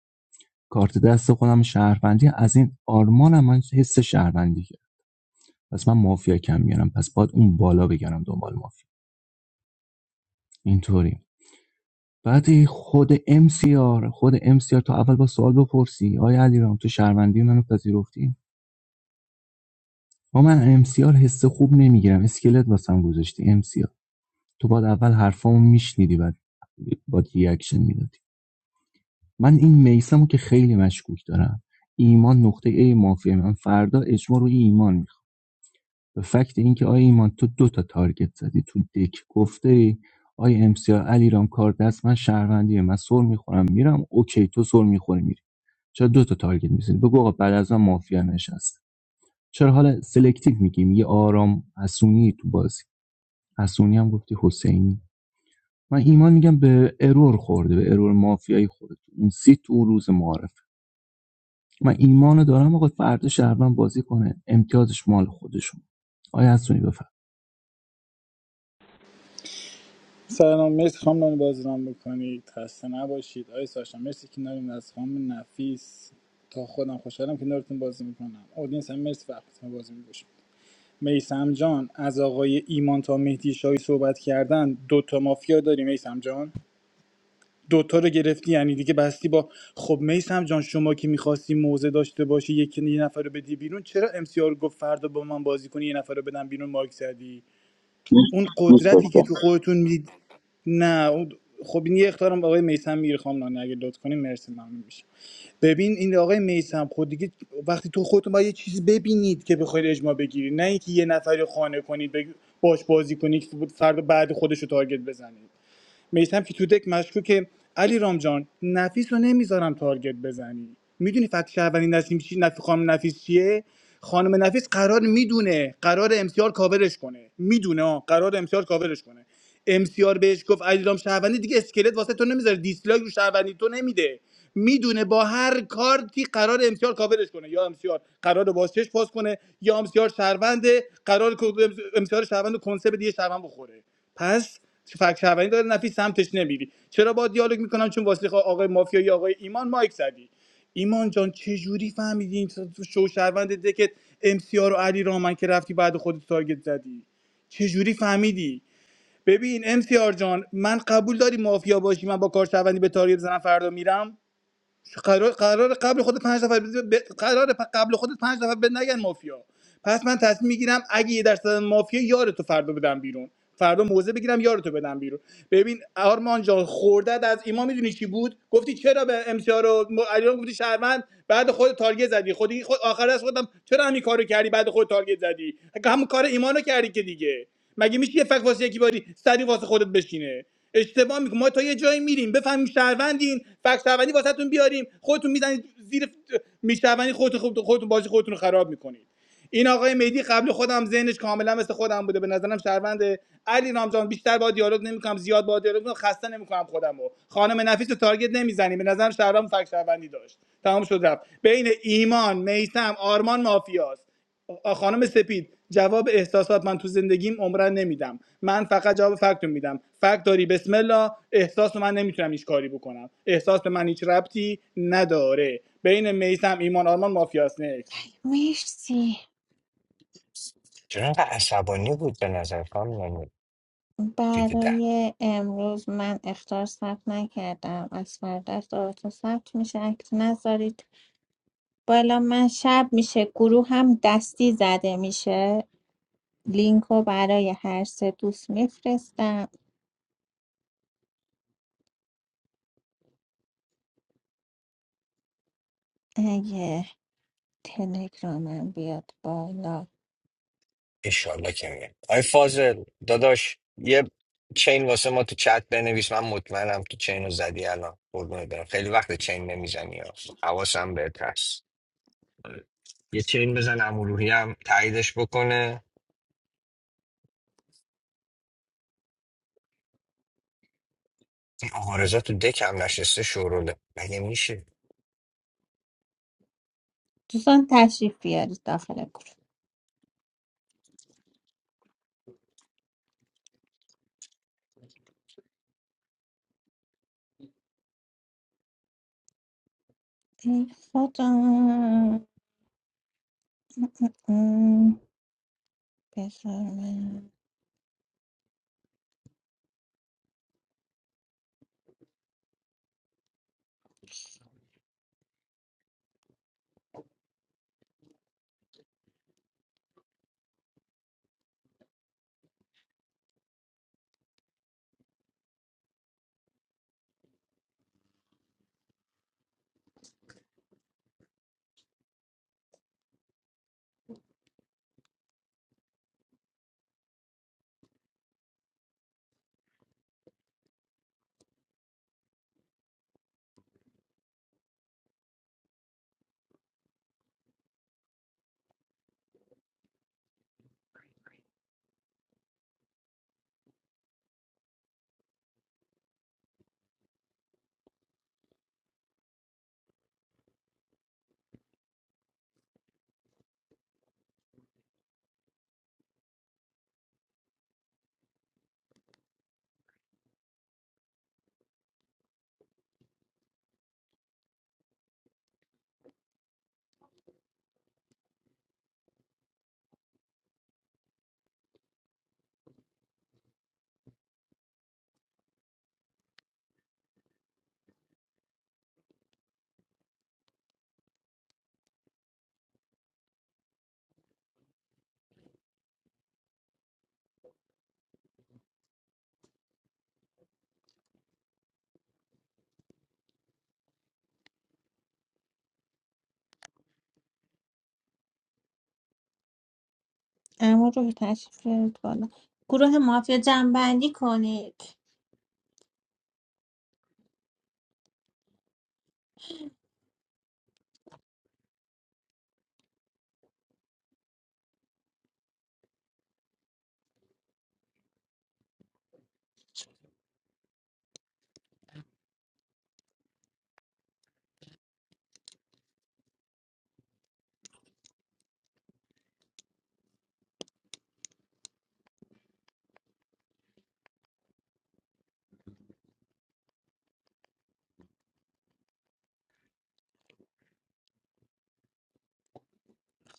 Speaker 16: کارت دست خودم شهروندی از این آرمانم من حس شهروندی کرد پس من مافیا کم میارم پس باید اون بالا بگرم دنبال مافیا اینطوری بعد خود ام سی آر خود ام سی آر تو اول با سوال بپرسی آیا علیرام تو شهروندی منو پذیرفتی ما من ام سی آر حس خوب نمیگیرم اسکلت واسم گذاشتی ام سی آر تو بعد اول حرفامو میشنیدی بعد باید ریاکشن میدادی من این میسمو که خیلی مشکوک دارم ایمان نقطه ای مافیه من فردا اجماع روی ایمان میخوام به فکت اینکه آیا ایمان تو دو تا تارگت زدی تو دک گفته ای آیا ام سی آر علیرام کار دست من شهروندیه من سر میخورم میرم اوکی تو سر میخوری میری چرا دو تا تارگت میزنی بگو آقا بعد از من مافیا نشسته چرا حالا سلکتیو میگیم یه آرام حسونی تو بازی حسونی هم گفتی حسینی من ایمان میگم به ارور خورده به ارور مافیایی خورده اون سی تو اون روز معارف من ایمانو دارم آقا فردا شهروند بازی کنه امتیازش مال خودشون آیا حسونی بفر
Speaker 15: سلام مرسی خانم نانی بازرام بکنید خسته نباشید آی ساشا مرسی که ناریم از خانم نفیس تا خودم خوشحالم که نارتون بازی میکنم اودینس هم مرسی وقتتون رو بازی میگوشم میسم جان از آقای ایمان تا مهدی شاهی صحبت کردن دوتا مافیا داری میسم جان دوتا رو گرفتی یعنی دیگه بستی با خب میسم جان شما که میخواستی موزه داشته باشی یک یه نفر رو بدی بیرون چرا امسیار گفت فردا با من بازی کنی یه نفر رو بدم بیرون مارک زدی
Speaker 3: دوست
Speaker 15: اون
Speaker 3: دوست
Speaker 15: قدرتی که
Speaker 3: داشتم
Speaker 15: تو خودتون میدید نه اون- خب این یه اختارم آقای میسم میگیره خانم نانی اگه لطف کنیم مرسی ممنون میشه ببین این آقای میسم خود دیگه وقتی تو خودتون باید یه چیزی ببینید که بخواید اجماع بگیرید نه اینکه یه نفری رو خانه کنید بگ- باش بازی کنید که فرد بعد خودش رو تارگت بزنید میثم که تو دک مشکوکه علی رامجان نفیس رو نمیذارم تارگت بزنی میدونی فکت شهروندی نسیم چی نفی خانم نفیس چیه خانم نفیس قرار میدونه قرار امسیار کاورش کنه میدونه آه. قرار امسیار کاورش کنه امسیار بهش گفت علیرام شهروندی دیگه اسکلت واسه تو نمیذاره دیسلایک رو شهروندی تو نمیده میدونه با هر کارتی قرار امسیار کاورش کنه یا امسیار قرار باز چش پاس کنه یا امسیار شهرونده قرار امسیار شهروند کنسه به دیگه شهروند بخوره پس فکر شهروندی داره نفی سمتش نمیری چرا با دیالوگ میکنم چون واسه خا- آقای مافیایی آقای ایمان مایک زدی ایمان جان چه جوری فهمیدی این شو شهروند دکت ام سی رو علی رامن که رفتی بعد خودت تارگت زدی چه جوری فهمیدی ببین ام سی آر جان من قبول داری مافیا باشی من با کار شهروندی به تارگت زنم فردا میرم قرار قرار قبل خود پنج نفر ب... قرار قبل خودت پنج نفر به نگن مافیا پس من تصمیم میگیرم اگه یه درصد از مافیا یارتو فردا بدم بیرون فردا موزه بگیرم یارتو بدم بیرون ببین آرمان جان خوردت از ایمان میدونی چی بود گفتی چرا به ام سی آر رو م- علیرام گفتی شهروند بعد خود تارگت زدی خودی خود آخر از خودم چرا همین کارو کردی بعد خود تارگت زدی همون کار ایمانو کردی که دیگه مگه میشه یه فک واسه یکی باری سری واسه خودت بشینه اشتباه میکنیم ما تا یه جایی میریم بفهمیم شهروندین فکت شهروندی واسهتون بیاریم خودتون میزنید زیر میشهروندی خودتون خودتون خودتون بازی خودتون رو خراب میکنید این آقای مهدی قبل خودم ذهنش کاملا مثل خودم بوده به نظرم شهروند علی رامجان بیشتر با دیالوگ نمیکنم زیاد با دیالوگ نمی‌کنم، خسته نمیکنم خودمو خانم نفیس رو تارگت نمیزنیم به نظرم شهروند فکت شهروندی داشت تمام شد رفت بین ایمان میثم آرمان مافیاست آ- خانم سپید جواب احساسات من تو زندگیم عمرن نمیدم من فقط جواب فکت رو میدم فکت داری بسم الله احساس رو من نمیتونم هیچ کاری بکنم احساس به من هیچ ربطی نداره بین میسم ایمان آرمان مافیاس نکس
Speaker 1: مرسی
Speaker 9: چرا اینقدر عصبانی بود به نظر خانم نمود؟ دید ده
Speaker 1: برای امروز من اختار ثبت نکردم از فردا اختاراتون ثبت میشه اکت نذارید بالا من شب میشه گروه هم دستی زده میشه لینک رو برای هر سه دوست میفرستم اگه تلگرامم بیاد بالا
Speaker 9: اشالله که میگه آی فاضل داداش یه چین واسه ما تو چت بنویس من مطمئنم تو چین رو زدی الان قربونت برم خیلی وقت چین نمیزنی ها. حواسم بهت هست یه چین بزن امروحی هم تاییدش بکنه این آقا رضا تو دک هم نشسته شوروله مگه میشه
Speaker 1: دوستان تشریف بیارید داخل گروه ای خدا بذار من اما رو تشریف بیارید بالا گروه مافیا جنبندی کنید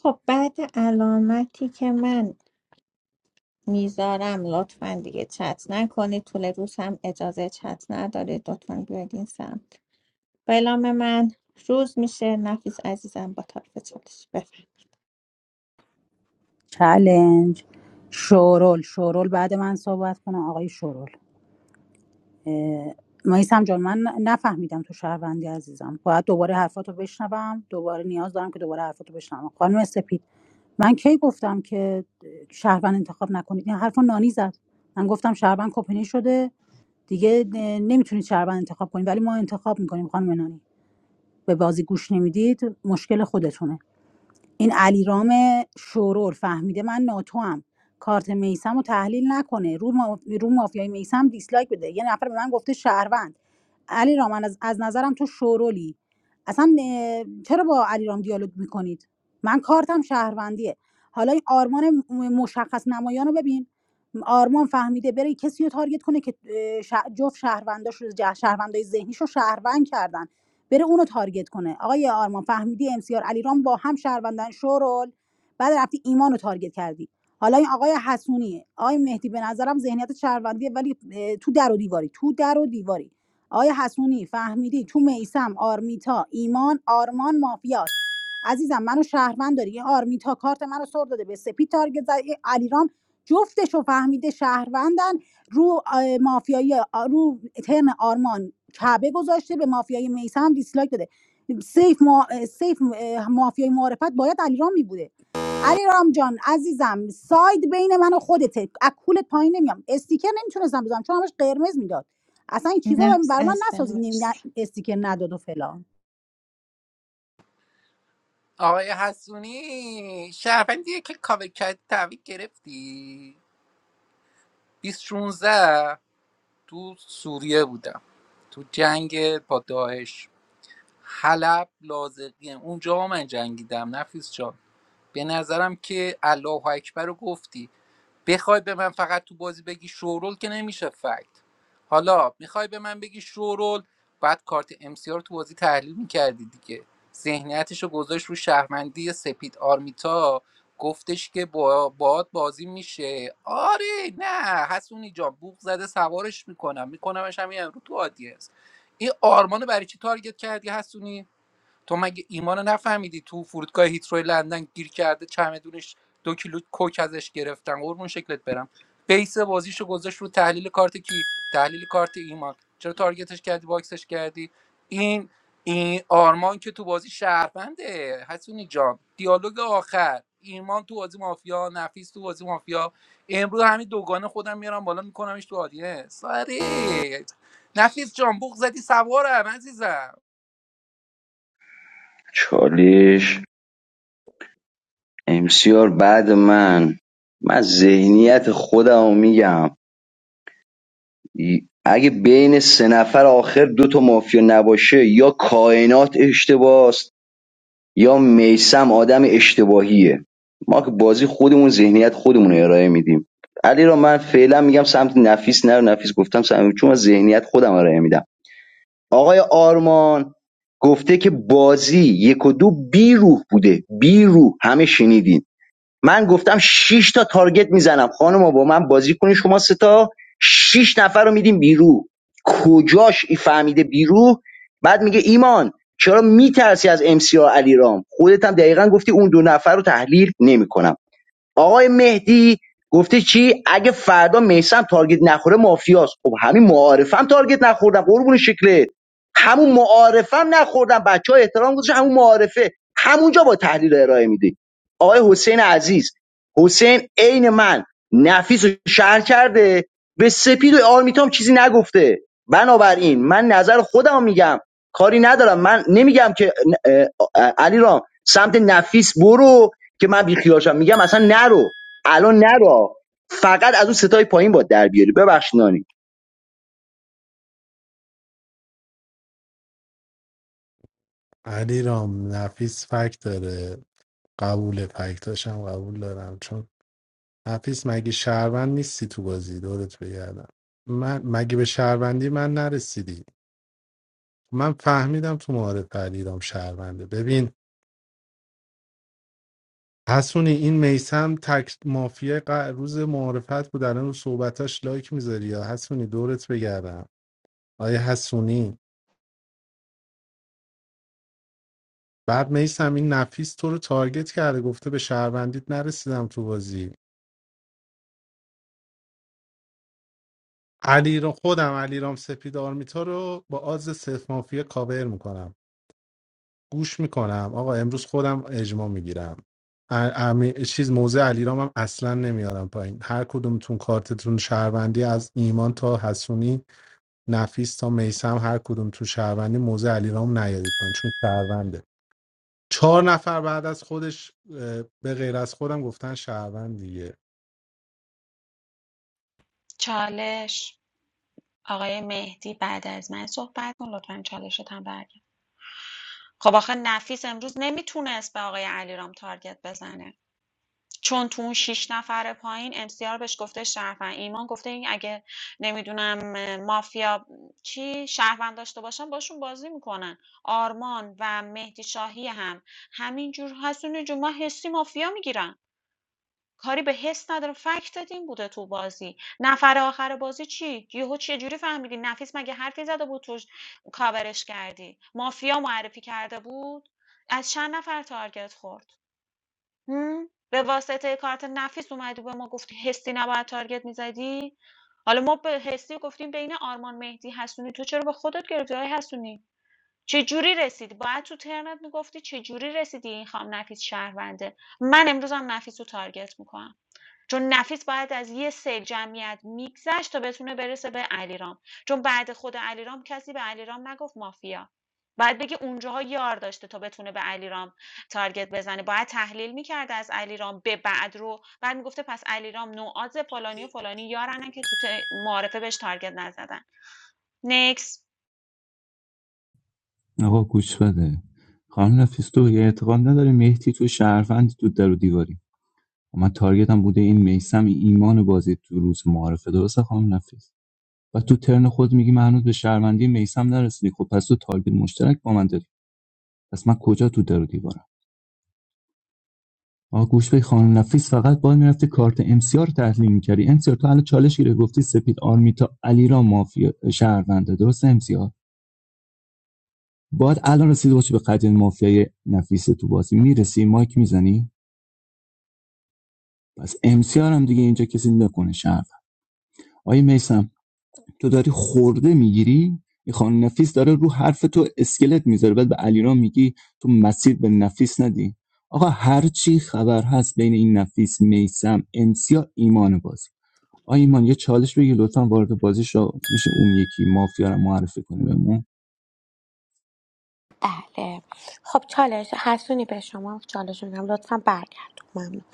Speaker 1: خب بعد علامتی که من میذارم لطفا دیگه چت نکنید طول روز هم اجازه چت نداره لطفا بیاید این سمت بلام من روز میشه نفیس عزیزم با طرف چالش بفرم
Speaker 2: چلنج شورول شورول بعد من صحبت کنم آقای شورول مایسم جان من نفهمیدم تو شهروندی عزیزم باید دوباره حرفاتو بشنوم دوباره نیاز دارم که دوباره حرفاتو بشنوم خانم سپید من کی گفتم که شهروند انتخاب نکنید این حرفا نانی زد من گفتم شهروند کپنی شده دیگه نمیتونید شهروند انتخاب کنید ولی ما انتخاب میکنیم خانم نانی به بازی گوش نمیدید مشکل خودتونه این علیرام شورور فهمیده من ناتوام کارت میسم رو تحلیل نکنه رو, ما... رو مافیای میسم دیسلایک بده یه نفر به من گفته شهروند علیرام من از... از نظرم تو شورولی اصلا اه، چرا با علیرام دیالوگ میکنید من کارتم شهروندیه حالا این آرمان م- مشخص نمایان رو ببین آرمان فهمیده بره کسی رو تارگت کنه که اه، شه- جفت شهرونداش رو جه- شهروندای ذهنیش رو شهروند کردن بره اونو تارگت کنه آقای آرمان فهمیدی ام سی آر علیرام با هم شهروندن شورول بعد رفتی ایمانو تارگت کردی حالا این آقای حسونیه آقای مهدی به نظرم ذهنیت شهروندیه ولی تو در و دیواری تو در و دیواری آقای حسونی فهمیدی تو میسم آرمیتا ایمان آرمان مافیاست عزیزم منو شهروند داری این آرمیتا کارت منو سر داده به سپی تارگت زد این علیرام جفتشو فهمیده شهروندن رو مافیایی رو ترن آرمان کعبه گذاشته به مافیای میثم هم دیسلایک داده سیف, ما... سیف مافیای معرفت باید علیرام می بوده علیرام جان عزیزم ساید بین من و خودته از کولت پایین نمیام استیکر نمیتونستم بزنم چون همش قرمز میداد اصلا این چیزا
Speaker 1: نفس
Speaker 2: بر من
Speaker 1: عزیزم
Speaker 2: نسازید نیم- نه-
Speaker 1: مرسی
Speaker 2: استیکر نداد و فلان
Speaker 6: آقای حسونی شهروندیه که کاوه کرد تحویل گرفتی 2016 تو سوریه بودم تو جنگ با داعش حلب لازقیه اونجا من جنگیدم نفیس جان به نظرم که الله اکبر رو گفتی بخوای به من فقط تو بازی بگی شورول که نمیشه فکت حالا میخوای به من بگی شورول بعد کارت امسی رو تو بازی تحلیل میکردی دیگه ذهنیتش رو گذاشت رو شهرمندی سپید آرمیتا گفتش که با باد بازی میشه آره نه حسونی جان بوق زده سوارش میکنم میکنمش همین امرو تو آدینس این آرمان رو برای چی تارگت کردی حسونی تو مگه ایمان رو نفهمیدی تو فرودگاه هیتروی لندن گیر کرده چمدونش دو کیلو کوک ازش گرفتن قربون شکلت برم بیس بازیشو گذاشت رو تحلیل کارت کی تحلیل کارت ایمان چرا تارگتش کردی باکسش کردی این این آرمان که تو بازی شهرونده حسونی جان دیالوگ آخر ایمان تو بازی مافیا نفیس تو بازی مافیا امروز همین دوگانه خودم میارم بالا میکنمش تو آدینه ساری نفیس جان بوق زدی سوارم عزیزم
Speaker 3: چالش امسیار بعد من من ذهنیت خودم رو میگم اگه بین سه نفر آخر دو تا مافیا نباشه یا کائنات اشتباس یا میسم آدم اشتباهیه ما که بازی خودمون ذهنیت خودمون رو ارائه میدیم علی را من فعلا میگم سمت نفیس نرو نفیس گفتم سمت چون من ذهنیت خودم ارائه میدم آقای آرمان گفته که بازی یک و دو بی روح بوده بی روح همه شنیدین من گفتم شش تا تارگت میزنم خانم با من بازی کنی شما سه تا شش نفر رو میدیم بیرو کجاش این فهمیده بیرو بعد میگه ایمان چرا میترسی از ام سی آر علیرام خودت هم دقیقا گفتی اون دو نفر رو تحلیل نمیکنم آقای مهدی گفته چی اگه فردا میسم تارگت نخوره مافیاست خب همین معارفم تارگت نخوردم قربون شکلت همون معارفم نخوردم بچه ها احترام گذاشتن همون معارفه همونجا با تحلیل ارائه میدی آقای حسین عزیز حسین عین من نفیس رو شهر کرده به سپید و آرمیتام چیزی نگفته بنابراین من نظر خودم میگم کاری ندارم من نمیگم که علی رام سمت نفیس برو که من بیخیالشم میگم اصلا نرو الان نرو فقط از اون ستای پایین با در بیاری ببخش نانی
Speaker 7: علی رام نفیس فکت داره قبول فکتاشم قبول دارم چون نفیس مگه شهروند نیستی تو بازی دورت بگردم من مگه به شهروندی من نرسیدی من فهمیدم تو معارف علیرام شهرونده ببین حسونی این میسم تک مافیا ق- روز معارفت بود الان رو صحبتاش لایک میذاری یا حسونی دورت بگردم آیا حسونی بعد میسم این نفیس تو رو تارگت کرده گفته به شهروندیت نرسیدم تو بازی علی رو خودم علیرام سپید آرمیتا رو با آز صرف مافیا کاور میکنم گوش میکنم آقا امروز خودم اجماع میگیرم چیز موزه علیرام هم اصلا نمیارم پایین هر کدومتون کارتتون شهروندی از ایمان تا حسونی نفیس تا میسم هر کدوم تو شهروندی موزه علیرام نیارید پایین چون شهرونده چهار نفر بعد از خودش اه، به غیر از خودم گفتن شهروند دیگه
Speaker 5: چالش آقای مهدی بعد از من صحبت کن لطفا چالشت هم برگرد خب آخه نفیس امروز نمیتونست به آقای علیرام تارگت بزنه چون تو اون 6 نفر پایین MCR بهش گفته شهروند ایمان گفته این اگه نمیدونم مافیا چی شهروند داشته باشن باشون بازی میکنن آرمان و مهدی شاهی هم همینجور حسونی جون ما حسی مافیا میگیرن کاری به حس نداره فکت این بوده تو بازی نفر آخر بازی چی یهو چه جوری فهمیدی نفیس مگه حرفی زده بود توش کاورش کردی مافیا معرفی کرده بود از چند نفر تارگت خورد هم، به واسطه کارت نفیس اومدی به ما گفتی حسی نباید تارگت میزدی حالا ما به حسی گفتیم بین آرمان مهدی حسونی تو چرا به خودت گرفتی های حسونی چه جوری رسیدی باید تو ترنت میگفتی چه جوری رسیدی این خام نفیس شهرونده من امروزم نفیس رو تارگت میکنم چون نفیس باید از یه سیل جمعیت میگذشت تا بتونه برسه به علیرام چون بعد خود علیرام کسی به علیرام نگفت مافیا باید بگه اونجاها یار داشته تا بتونه به علیرام تارگت بزنه باید تحلیل میکرده از علیرام به بعد رو بعد میگفته پس علیرام نوعاز فلانی و فلانی یارنن که تو ت- معارفه بهش تارگت نزدن نکس
Speaker 16: آقا گوش بده خانم نفیس تو یه اعتقاد نداری مهدی تو شهروند تو در و دیواری من تارگتم بوده این میسم ایمان بازی تو روز معارفه درسته خانم نفیس و تو ترن خود میگی من هنوز به شهروندی میسم نرسیدی خب پس تو تارگت مشترک با من داری پس من کجا تو در و دیوارم آقا گوش به خانم نفیس فقط باید میرفتی کارت ام سی آر رو تحلیل میکردی ام سی آر تو الان چالش گیره گفتی سپید آرمیتا علیرا مافیا شهرونده درست ام سی آر باید الان رسیده باشی به قدر مافیای نفیس تو بازی میرسی مایک میزنی پس ام سی آر هم دیگه اینجا کسی نکنه شهروند آیه میثم، تو داری خورده میگیری این خانم نفیس داره رو حرف تو اسکلت میذاره بعد به علیرام میگی تو مسیر به نفیس ندی آقا هر چی خبر هست بین این نفیس میسم امسیا ایمان بازی آ ایمان یه چالش بگی لطفا وارد بازی شو میشه اون یکی مافیا رو معرفی کنه بهمون
Speaker 4: بله خب چالش حسونی به شما چالش میدم لطفا برگرد ممنون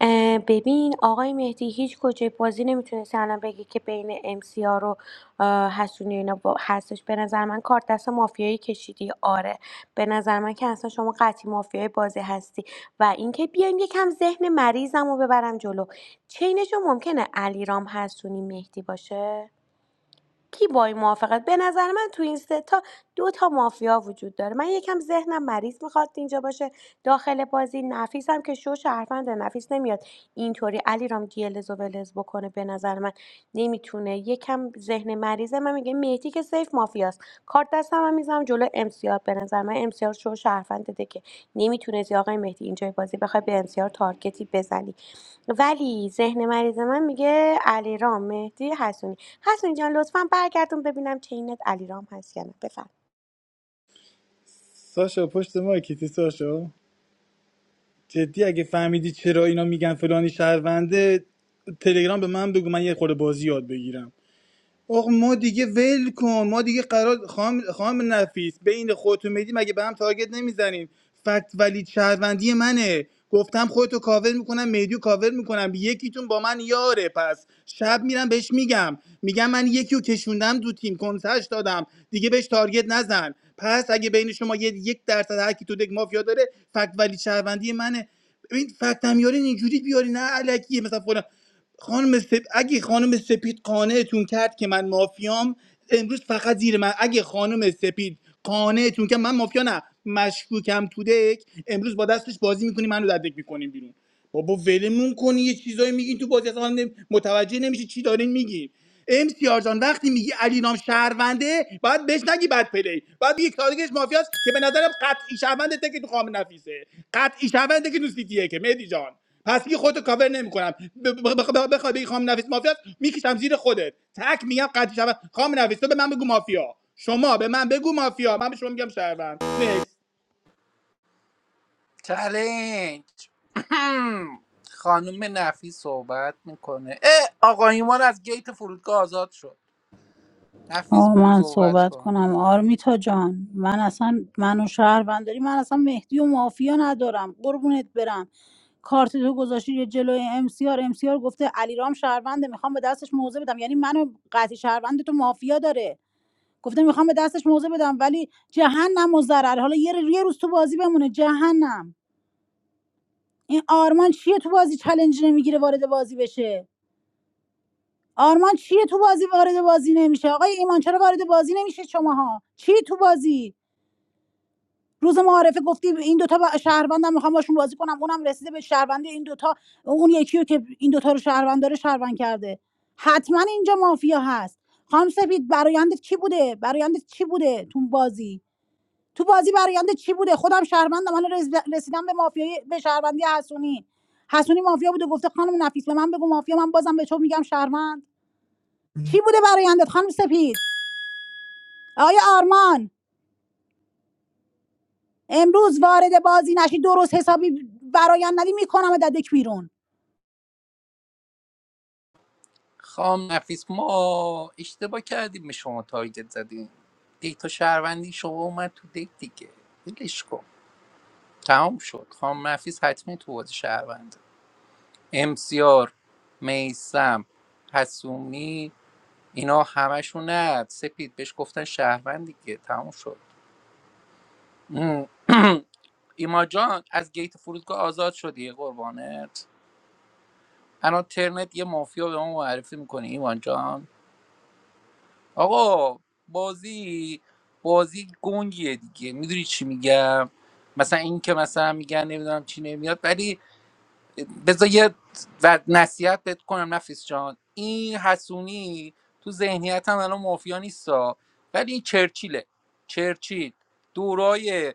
Speaker 4: اه، ببین آقای مهدی هیچ کجای بازی نمیتونستی الان بگی که بین ام سی رو اه، حسونی و اینا با- هستش به نظر من کارت دست مافیایی کشیدی آره به نظر من که اصلا شما قطعی مافیای بازی هستی و اینکه بیایم یکم ذهن مریضم رو ببرم جلو چینشون ممکنه علیرام حسونی مهدی باشه کی با این موافقت به نظر من تو این سه تا دو تا مافیا وجود داره من یکم ذهنم مریض میخواد اینجا باشه داخل بازی نفیسم که شو شهروند نفیس نمیاد اینطوری علی رام گیلز و ولز بکنه به نظر من نمیتونه یکم ذهن مریضه من میگه مهدی که سیف مافیاست کارت دستم هم میزنم جلو امسیار به نظر من امسیار شو شهروند ده که نمیتونه آقای مهدی اینجای بازی بخوای به امسیار تارگتی بزنی ولی ذهن مریض من میگه علیرام مهدی حسونی حسونی جان لطفا برگردون ببینم چینت علیرام هست یا نه بفرم
Speaker 15: ساشا پشت ما کیتی ساشا جدی اگه فهمیدی چرا اینا میگن فلانی شهرونده تلگرام به من بگو من یه خورده بازی یاد بگیرم آقا ما دیگه ول کن ما دیگه قرار خام خام نفیس بین خودت و مهدی مگه به هم تارگت نمیزنیم فکت ولی شهروندی منه گفتم خودتو کاور میکنم مهدیو کاور میکنم یکیتون با من یاره پس شب میرم بهش میگم میگم من یکیو کشوندم دو تیم کنسش دادم دیگه بهش تارگت نزن پس اگه بین شما یه یک درصد هر کی تو دک مافیا داره فکت ولی شهروندی منه ببین فکت هم یارین اینجوری بیاری نه الکیه مثلا فلان خانم سپ... اگه خانم سپید قانعتون کرد که من مافیام امروز فقط زیر من اگه خانم سپید قانعتون کرد من مافیا نه مشکوکم تو دک امروز با دستش بازی میکنی منو در دک میکنیم بیرون بابا ولمون کنی یه چیزایی میگین تو بازی اصلا نمی- متوجه نمیشه چی دارین میگین ام سی آر جان وقتی میگی علی نام شهرونده باید بهش نگی بد پلی باید بگی کارگش مافیاست که به نظرم قطعی شهرونده که تو خام نفیسه قطعی شهرونده که تو سیتیه که مهدی جان پس دیگه خودتو کاور نمیکنم بخوای بگی خام نویس مافیا است، میکشم زیر خودت تک میگم قطعی شود خام نویس تو به من بگو مافیا شما به من بگو مافیا من به شما میگم شهروند نکس
Speaker 6: چلنج [CLEARS THROAT] خانم نفیس صحبت میکنه اه آقا ایمان از گیت فرودگاه آزاد شد نفیس
Speaker 2: آه من
Speaker 6: صحبت
Speaker 2: صحبت
Speaker 6: کن
Speaker 2: کنم آرمیتا جان من اصلا منو شهرونداری من اصلا مهدی و مافیا ندارم قربونت برم کارت تو گذاشتی یه جلوی امسیار امسیار گفته علیرام شهرونده میخوام به دستش موزه بدم یعنی منو قطعی شهروند تو مافیا داره گفته میخوام به دستش موزه بدم ولی جهنم و ضرر حالا یه, یه روز تو بازی بمونه جهنم این آرمان چیه تو بازی چلنج نمیگیره وارد بازی بشه آرمان چیه تو بازی وارد بازی نمیشه آقای ایمان چرا وارد بازی نمیشه شماها چی تو بازی روز معارفه گفتی این دوتا با- شهروندم میخوام باشون بازی کنم اونم رسیده به شهروندی این دوتا اون یکی رو که این دوتا رو شهروند داره شهروند کرده حتما اینجا مافیا هست خانم سپید برایندت چی بوده برایندت چی بوده تو بازی تو بازی برایندت چی بوده خودم شهروندم حالا رسید- رسیدم به مافیای به شهروندی حسونی حسونی مافیا بوده گفته خانم نفیس به من بگو مافیا من بازم به تو میگم شهروند چی بوده برایندت خانم سپید آقای آرمان امروز وارد بازی نشی درست حسابی برایان ندی میکنم ددک بیرون
Speaker 6: خام نفیس ما اشتباه کردیم به شما تارگت زدیم دیتا شهروندی شما اومد تو دیت دیگه ولش کن تمام شد خام نفیس حتمی تو بازی شهرونده امسیار میسم حسومی اینا همشون نه سپید بهش گفتن شهروند دیگه تمام شد [CLEARS THROAT] ایما جان از گیت فرودگاه آزاد شدی قربانت الان ترنت یه مافیا به ما معرفی میکنی ایمان جان آقا بازی بازی گنگیه دیگه میدونی چی میگم مثلا این که مثلا میگن نمیدونم چی نمیاد ولی بذار یه و نصیحت بهت کنم نفیس جان این حسونی تو ذهنیتم الان مافیا نیستا ولی این چرچیله چرچیل دورای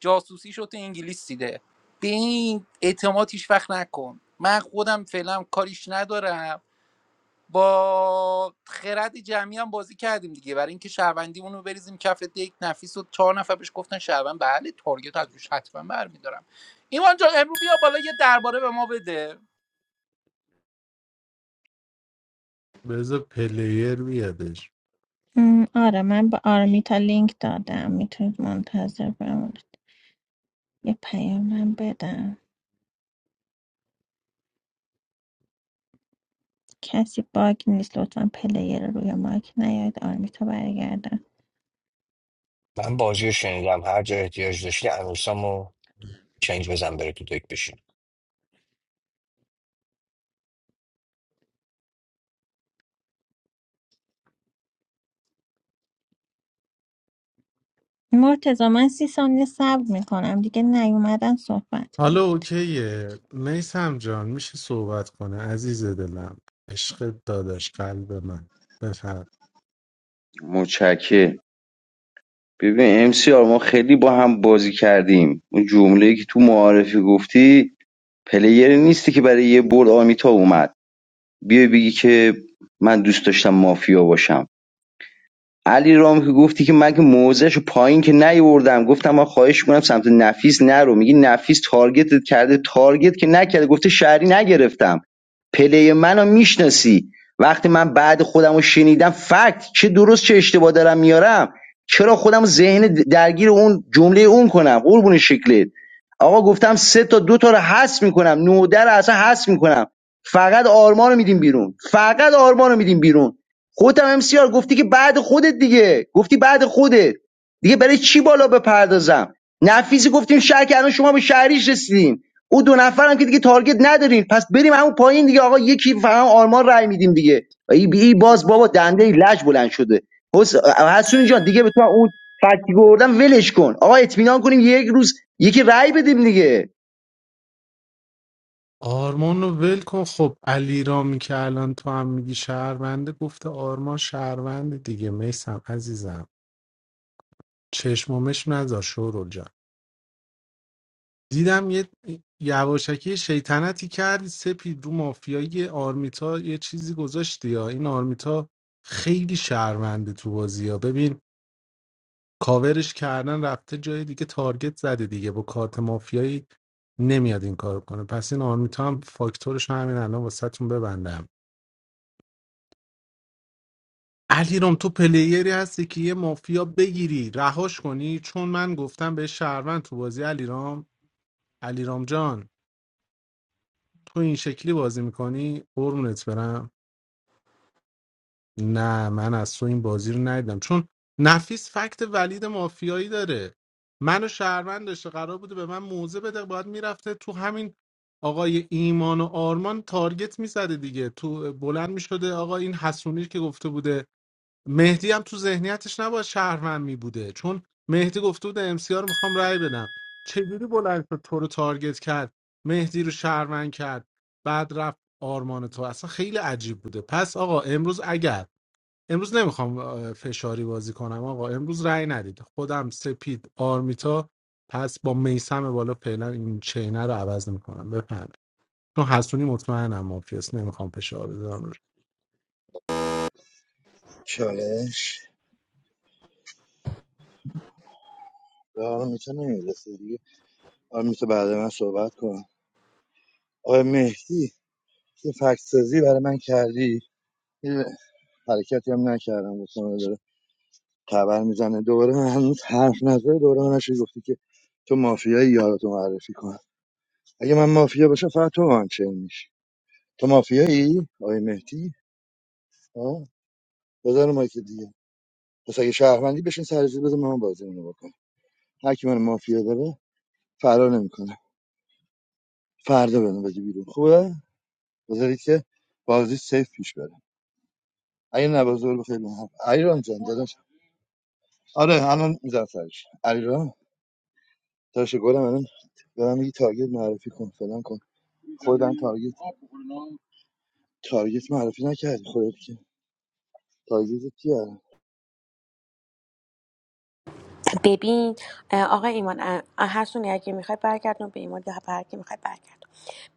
Speaker 6: جاسوسیشو تو انگلیس دیده به این اعتماد هیچ وقت نکن من خودم فعلا کاریش ندارم با خرد جمعی هم بازی کردیم دیگه برای اینکه شهروندیمون رو بریزیم کف یک نفیس و چهار نفر بهش گفتن شهروند بله تارگت از روش حتما برمیدارم ایمان جان امرو بیا بالا یه درباره به ما بده
Speaker 7: بذار پلیر بیادش
Speaker 1: م، آره من به آرمیتا لینک دادم میتونید منتظر بمونید یه پیامم بدم کسی باگ نیست لطفا پلیر روی مایک نیاید آرمیتا برگردم
Speaker 9: من بازی رو شنیدم هر جا احتیاج داشتی انوسامو چنج بزن بره تو دک بشین
Speaker 1: مرتضی من سی ثانیه صبر میکنم دیگه نیومدن صحبت کنم
Speaker 7: حالا اوکیه میسم جان میشه صحبت کنه عزیز دلم عشق داداش قلب من بفرد
Speaker 3: مچکه ببین امسیار ما خیلی با هم بازی کردیم اون جمله که تو معارفی گفتی پلیر نیستی که برای یه برد آمیتا اومد بیای بگی که من دوست داشتم مافیا باشم علی رام که گفتی که من که موضعشو پایین که نیوردم گفتم من خواهش میکنم سمت نفیس نرو میگی نفیس تارگتت کرده تارگت که نکرده گفته شهری نگرفتم پلی منو میشناسی وقتی من بعد خودم رو شنیدم فکت چه درست چه اشتباه دارم میارم چرا خودم ذهن درگیر اون جمله اون کنم قربون شکلت آقا گفتم سه تا دو تا رو حذف میکنم نوده رو اصلا حذف میکنم فقط آرمان رو میدیم بیرون فقط آرمان رو میدیم بیرون خودت هم امسیار گفتی که بعد خودت دیگه گفتی بعد خودت دیگه برای چی بالا بپردازم نفیسی گفتیم شهر که الان شما به شهریش رسیدین او دو نفرم که دیگه تارگت ندارین پس بریم همون پایین دیگه آقا یکی فهم آرمان رای میدیم دیگه ای بی باز بابا دنده لج بلند شده حس- حسونی جان دیگه به تو اون فکتی بردم ولش کن آقا اطمینان کنیم یک روز یکی رای بدیم دیگه
Speaker 7: آرمان رو ول کن خب علی رامی که الان تو هم میگی شهرونده گفته آرمان شهرونده دیگه میسم عزیزم چشم و مشم نذار شورول جان دیدم یه یواشکی شیطنتی کردی سپید رو مافیای آرمیتا یه چیزی گذاشتی یا این آرمیتا خیلی شهرونده تو بازی ها ببین کاورش کردن رفته جای دیگه تارگت زده دیگه با کارت مافیایی نمیاد این کارو کنه پس این آرمیتا هم فاکتورش همین الان واسهتون ببندم علیرام تو پلیری هستی که یه مافیا بگیری رهاش کنی چون من گفتم به شهروند تو بازی علیرام علیرام جان تو این شکلی بازی میکنی قرونت برم نه من از تو این بازی رو ندیدم چون نفیس فکت ولید مافیایی داره منو شهروند داشته قرار بوده به من موزه بده باید میرفته تو همین آقای ایمان و آرمان تارگت میزده دیگه تو بلند میشده آقا این حسونی که گفته بوده مهدی هم تو ذهنیتش نباید شهروند میبوده چون مهدی گفته بوده ام سی رو میخوام رأی بدم چجوری بلند شد تو رو تارگت کرد مهدی رو شهروند کرد بعد رفت آرمان تو اصلا خیلی عجیب بوده پس آقا امروز اگر امروز نمیخوام فشاری بازی کنم آقا امروز رأی ندید خودم سپید آرمیتا پس با میسم بالا فعلا این چینه رو عوض نمیکنم بفهم چون حسونی مطمئنم مافیاست نمیخوام فشار بذارم روش
Speaker 10: چالش به آرمان میتونه نمیرسه دیگه آرمان بعد من صحبت کنم آقای مهدی یه فکت سازی برای من کردی حرکتی هم نکردم گفتم آره داره تبر میزنه دوباره من هنوز حرف نزده دوباره من نشد گفتی که تو مافیایی یارتو معرفی کن اگه من مافیا باشم فقط تو آنچین میشی تو مافیایی آقای مهدی آه بذار ما که دیگه پس اگه شهروندی بشین سرزیر بذار من بازی رو بکنم هر کی من مافیا داره فرار نمیکنه فردا بدون بگی بیرون خوبه بذارید که بازی سیف پیش بره اگه نبازور بخیر من ایران جان داداش آره الان میذارم سرش علیرام تاشه گلم الان به یه تارگت معرفی کن فلان کن خودم تارگت تارگت معرفی نکردی خودت که تارگت کیه
Speaker 4: ببین آقای ایمان اه، اه، اگه میخوای برگردون به ایمان یا برگردون میخوای برگردون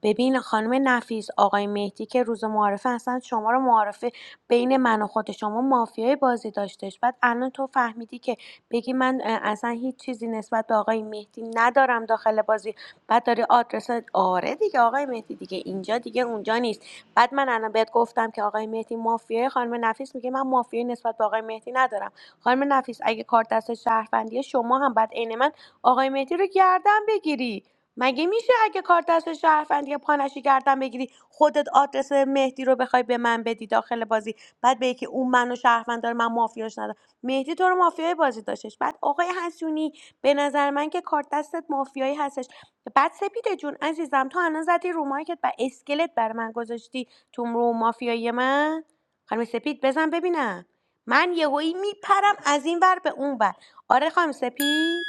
Speaker 4: ببین خانم نفیس آقای مهدی که روز معارفه اصلا شما رو معارفه بین من و خود شما مافیای بازی داشتش بعد الان تو فهمیدی که بگی من اه، اصلا هیچ چیزی نسبت به آقای مهدی ندارم داخل بازی بعد داری آدرس آره دیگه آقای مهدی دیگه اینجا دیگه اونجا نیست بعد من الان بهت گفتم که آقای مهدی مافیای خانم نفیس میگه من مافیای نسبت به آقای مهدی ندارم خانم نفیس اگه کارت دست شهروندیه شما هم بعد عین من آقای مهدی رو گردن بگیری مگه میشه اگه کارت دست شهروندی پانشی گردن بگیری خودت آدرس مهدی رو بخوای به من بدی داخل بازی بعد به که اون منو شهروند داره من مافیاش ندارم مهدی تو رو مافیای بازی داشتش بعد آقای حسونی به نظر من که کارت دستت مافیایی هستش بعد سپیده جون عزیزم تو الان زدی رو مایکت و اسکلت بر من گذاشتی تو رو مافیای من خانم سپید بزن ببینم من یهویی میپرم از این ور به اون ور آره خانم سپید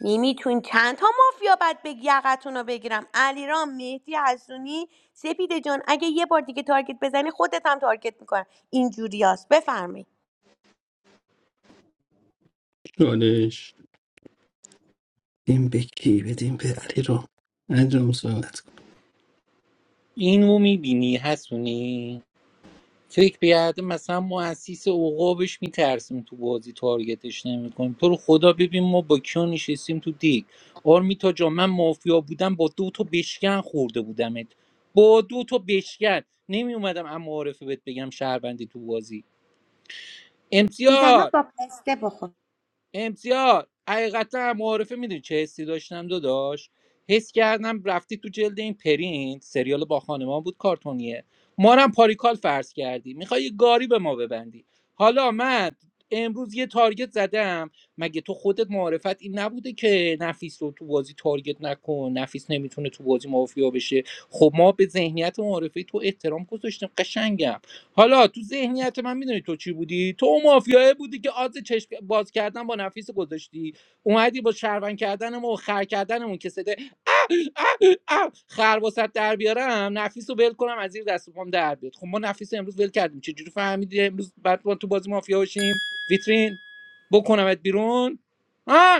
Speaker 4: نمیتون چند تا مافیا بد به یقتون رو بگیرم علیرام مهدی حسونی سپید جان اگه یه بار دیگه تارگت بزنی خودت هم تارگت میکنم اینجوریاست بفرمایید
Speaker 12: چالش بدیم به کی بدیم به علی رو انجام صحبت کن
Speaker 6: اینو میبینی حسونی فکر بیاد مثلا مؤسس اوقابش میترسیم تو بازی تارگتش نمیکنیم تو رو خدا ببین ما با کیا نشستیم تو دیگ آرمیتا جا من مافیا بودم با دو تا بشکن خورده بودمت با دو تا بشکن نمی اومدم اما عارفه بهت بگم شهروندی تو بازی
Speaker 4: بی
Speaker 6: امسیار
Speaker 4: زحمت با پسته بخور
Speaker 6: امسیار حقیقتا معارفه میدونی چه حسی داشتم داداش حس کردم رفتی تو جلد این پرینت سریال با خانمان بود کارتونیه ما رو هم پاریکال فرض کردی میخوای یه گاری به ما ببندی حالا من امروز یه تارگت زدم مگه تو خودت معرفت این نبوده که نفیس رو تو بازی تارگت نکن نفیس نمیتونه تو بازی مافیا بشه خب ما به ذهنیت معارفه تو احترام گذاشتیم قشنگم حالا تو ذهنیت من میدونی تو چی بودی تو اون مافیاه بودی که آز چشم باز کردن با نفیس گذاشتی اومدی با شروان کردنمون و خر کردنمون که صده خر وسط در بیارم نفیس رو ول کنم از زیر دست و پام در بیاد خب ما نفیس رو امروز ول کردیم چجوری فهمیدی امروز بعد ما تو بازی مافیا باشیم ویترین بکنمت بیرون ها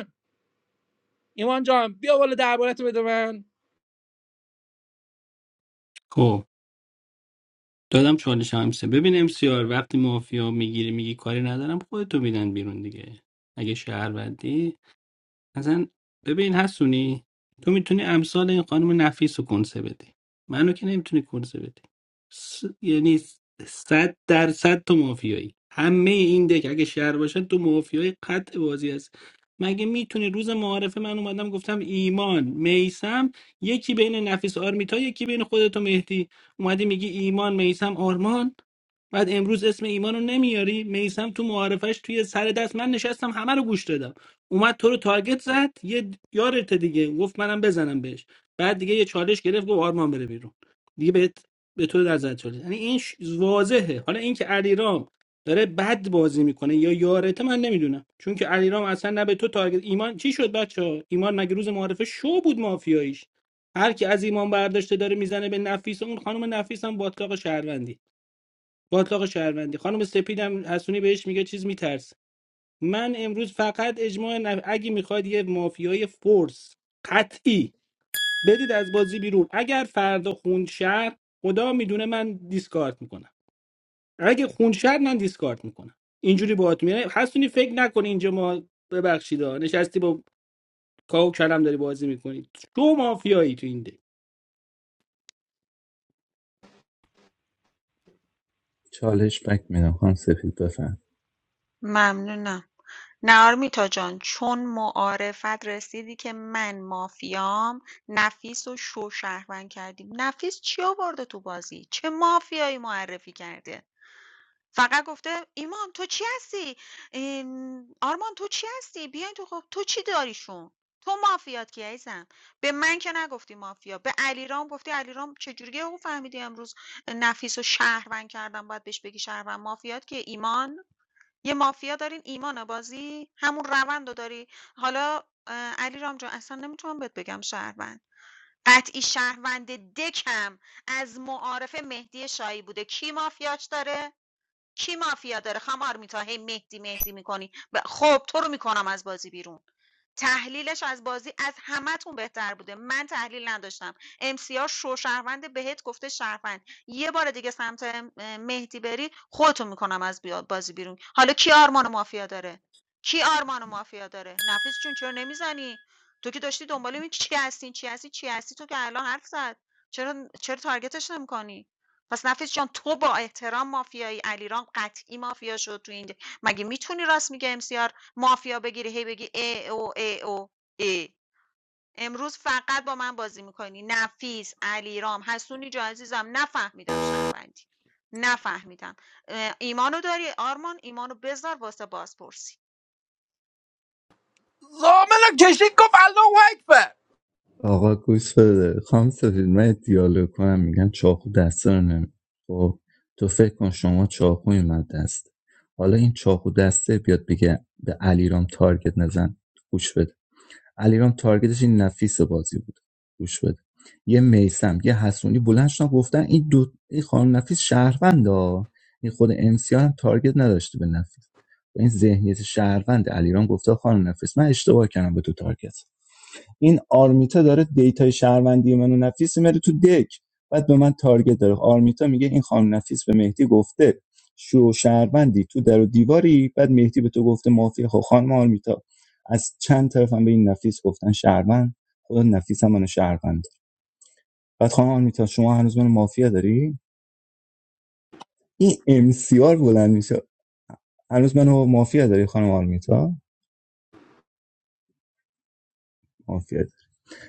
Speaker 6: ایمان جان بیا بالا دربارت رو بده من
Speaker 12: خب دادم چالش همسه ببین امسیار وقتی مافیا میگیری میگی کاری ندارم خودتو میدن بیرون دیگه اگه شهروندی اصلا ببین حسونی تو میتونی امثال این خانم نفیس رو کنسه بدی منو که نمیتونی کنسه بدی س... یعنی صد درصد تو مافیایی همه این دک اگه شهر باشه تو مافیای قطع بازی است. مگه میتونی روز معارفه من اومدم گفتم ایمان میسم یکی بین نفیس آرمیتا یکی بین خودت و مهدی اومدی میگی ایمان میسم آرمان بعد امروز اسم ایمان رو نمیاری میسم تو معارفش توی سر دست من نشستم همه رو گوش دادم اومد تو رو تارگت زد یه یارت دیگه گفت منم بزنم بهش بعد دیگه یه چالش گرفت گفت آرمان بره بیرون دیگه بهت به تو در زد چالش یعنی این ش- واضحه حالا اینکه علیرام داره بد بازی میکنه یا یارته من نمیدونم چون که علیرام اصلا نه به تو تارگت ایمان چی شد بچه ایمان مگه روز معارفه شو بود مافیاییش هر کی از ایمان برداشته داره میزنه به نفیس اون خانم نفیس هم باطلاق شهروندی باطلاق شهروندی خانم سپید هم حسونی بهش میگه چیز میترسه من امروز فقط اجماع نف... اگه میخواید یه مافیای فورس قطعی بدید از بازی بیرون اگر فردا خون شهر خدا میدونه من دیسکارت میکنم اگه خون شهر من دیسکارت میکنم اینجوری باهات میره حسونی فکر نکن اینجا ما ببخشید ها. نشستی با کاو کلم داری بازی میکنی تو مافیایی تو این ده
Speaker 16: چالش بک میدم خانم سفید بفر
Speaker 5: ممنونم نه آرمیتا جان چون معارفت رسیدی که من مافیام نفیس رو شو شهروند کردیم نفیس چی آورده تو بازی چه مافیایی معرفی کرده فقط گفته ایمان تو چی هستی این، آرمان تو چی هستی بیاین تو خب تو چی داریشون تو مافیات کی عزیزم به من که نگفتی مافیا به علیرام گفتی علیرام چجوری او فهمیدی امروز نفیس رو شهروند کردم باید بهش بگی شهروند مافیات که ایمان یه مافیا دارین ایمان بازی همون روند رو داری حالا اه، علیرام جان اصلا نمیتونم بهت بگم شهروند قطعی شهروند دکم از معارف مهدی شایی بوده کی مافیاش داره کی مافیا داره خمار میتا هی مهدی مهدی میکنی خب تو رو میکنم از بازی بیرون تحلیلش از بازی از همه‌تون بهتر بوده من تحلیل نداشتم MCR شو شهروند بهت گفته شهروند یه بار دیگه سمت اه، مهدی بری خودتون میکنم از بازی بیرون حالا کی آرمان و مافیا داره کی آرمان و مافیا داره نفیس جون چرا نمیزنی تو که داشتی دنبال این چی هستی چی هستی چی هستی تو که الان حرف زد چرا چرا تارگتش نمیکنی پس نفیس جان تو با احترام مافیایی علیرام قطعی مافیا شد تو این مگه میتونی راست میگه ام سی آر مافیا بگیری هی بگی ای او ای او ای امروز فقط با من بازی میکنی نفیس علیرام حسونی جو عزیزم نفهمیدم شهروندی نفهمیدم ایمانو داری آرمان ایمانو بذار واسه بازپرسی
Speaker 6: بشین گفت الله اکبر
Speaker 16: آقا گوش بده خام سفید من یه دیالوگ کنم میگن چاقو دست رو نمی خب تو فکر کن شما چاقوی من دست حالا این چاقو دسته بیاد بگه به علیرام تارگت نزن گوش بده علیرام تارگتش این نفیس بازی بود گوش بده یه میسم یه حسونی بلند شدن گفتن این دو این خانم نفیس شهروند ها این خود امسیار هم تارگت نداشته به نفیس با این ذهنیت شهروند علیرام گفته خانم نفیس من اشتباه کردم به تو تارگت این آرمیتا داره دیتای شهروندی منو نفیس میره تو دک بعد به من تارگت داره آرمیتا میگه این خانم نفیس به مهدی گفته شو شهروندی تو در و دیواری بعد مهدی به تو گفته مافیا خب خانم آرمیتا از چند طرفم به این نفیس گفتن شهروند خدا نفیس هم منو شهروند بعد خانم آرمیتا شما هنوز منو مافیا داری این ام سی آر بلند میشه هنوز منو مافیا داری خانم آرمیتا مافیا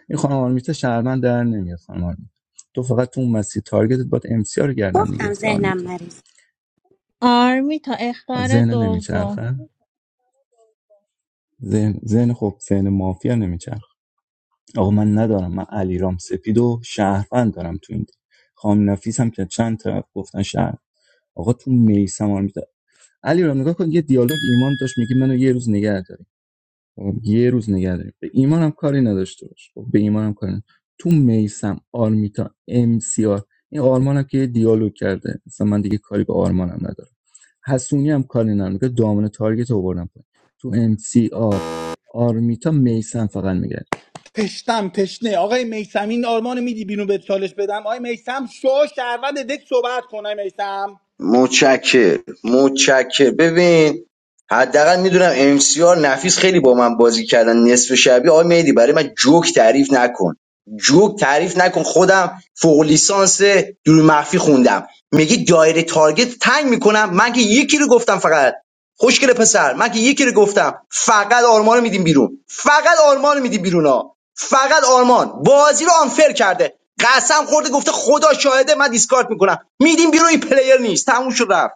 Speaker 16: این خانم آرمیتا شهروند در نمیاد خانم آرمیتا تو فقط تو اون مسیر تارگتت باید ام سی آر رو گردن
Speaker 4: گفتم
Speaker 16: میگرفتی
Speaker 4: ذهنم
Speaker 16: آرمیتا
Speaker 4: مریض
Speaker 1: آرمیتا اختار
Speaker 16: ذهن
Speaker 1: دوم
Speaker 16: نمیچرخه ذهن ذهن خب ذهن مافیا نمیچرخه آقا من ندارم من علیرام سپید و شهروند دارم تو این تیم. خانم نفیس هم که چند طرف گفتن شهر آقا تو میسم آرمیتا علی رو نگاه کن یه دیالوگ ایمان داشت میگه منو یه روز نگه دار. خب یه روز نگه داریم به ایمانم کاری نداشته باش خب به ایمانم کاری نداشته. تو میسم آرمیتا ام سی آر این آرمانم که دیالوگ کرده مثلا من دیگه کاری به آرمانم ندارم حسونی هم کاری ندارم که دامن تارگت رو بردم پایین تو ام سی آر آرمیتا میسم فقط میگه
Speaker 15: تشنم تشنه آقای میسم این آرمان میدی بیرون به چالش بدم آقای میسم شو شهروند دک صحبت کن آقای میسم
Speaker 3: متشکر متشکر ببین حداقل میدونم ام سی آر نفیس خیلی با من بازی کردن نصف شبی آقای مهدی برای من جوک تعریف نکن جوک تعریف نکن خودم فوق لیسانس دور مخفی خوندم میگی دایره تارگت تنگ میکنم من که یکی رو گفتم فقط خوشگل پسر من که یکی رو گفتم فقط آرمان میدیم بیرون فقط آرمان میدیم بیرون ها فقط آرمان بازی رو آنفر کرده قسم خورده گفته خدا شاهده من دیسکارد میکنم میدیم بیرون این پلیر نیست تموم شد رفت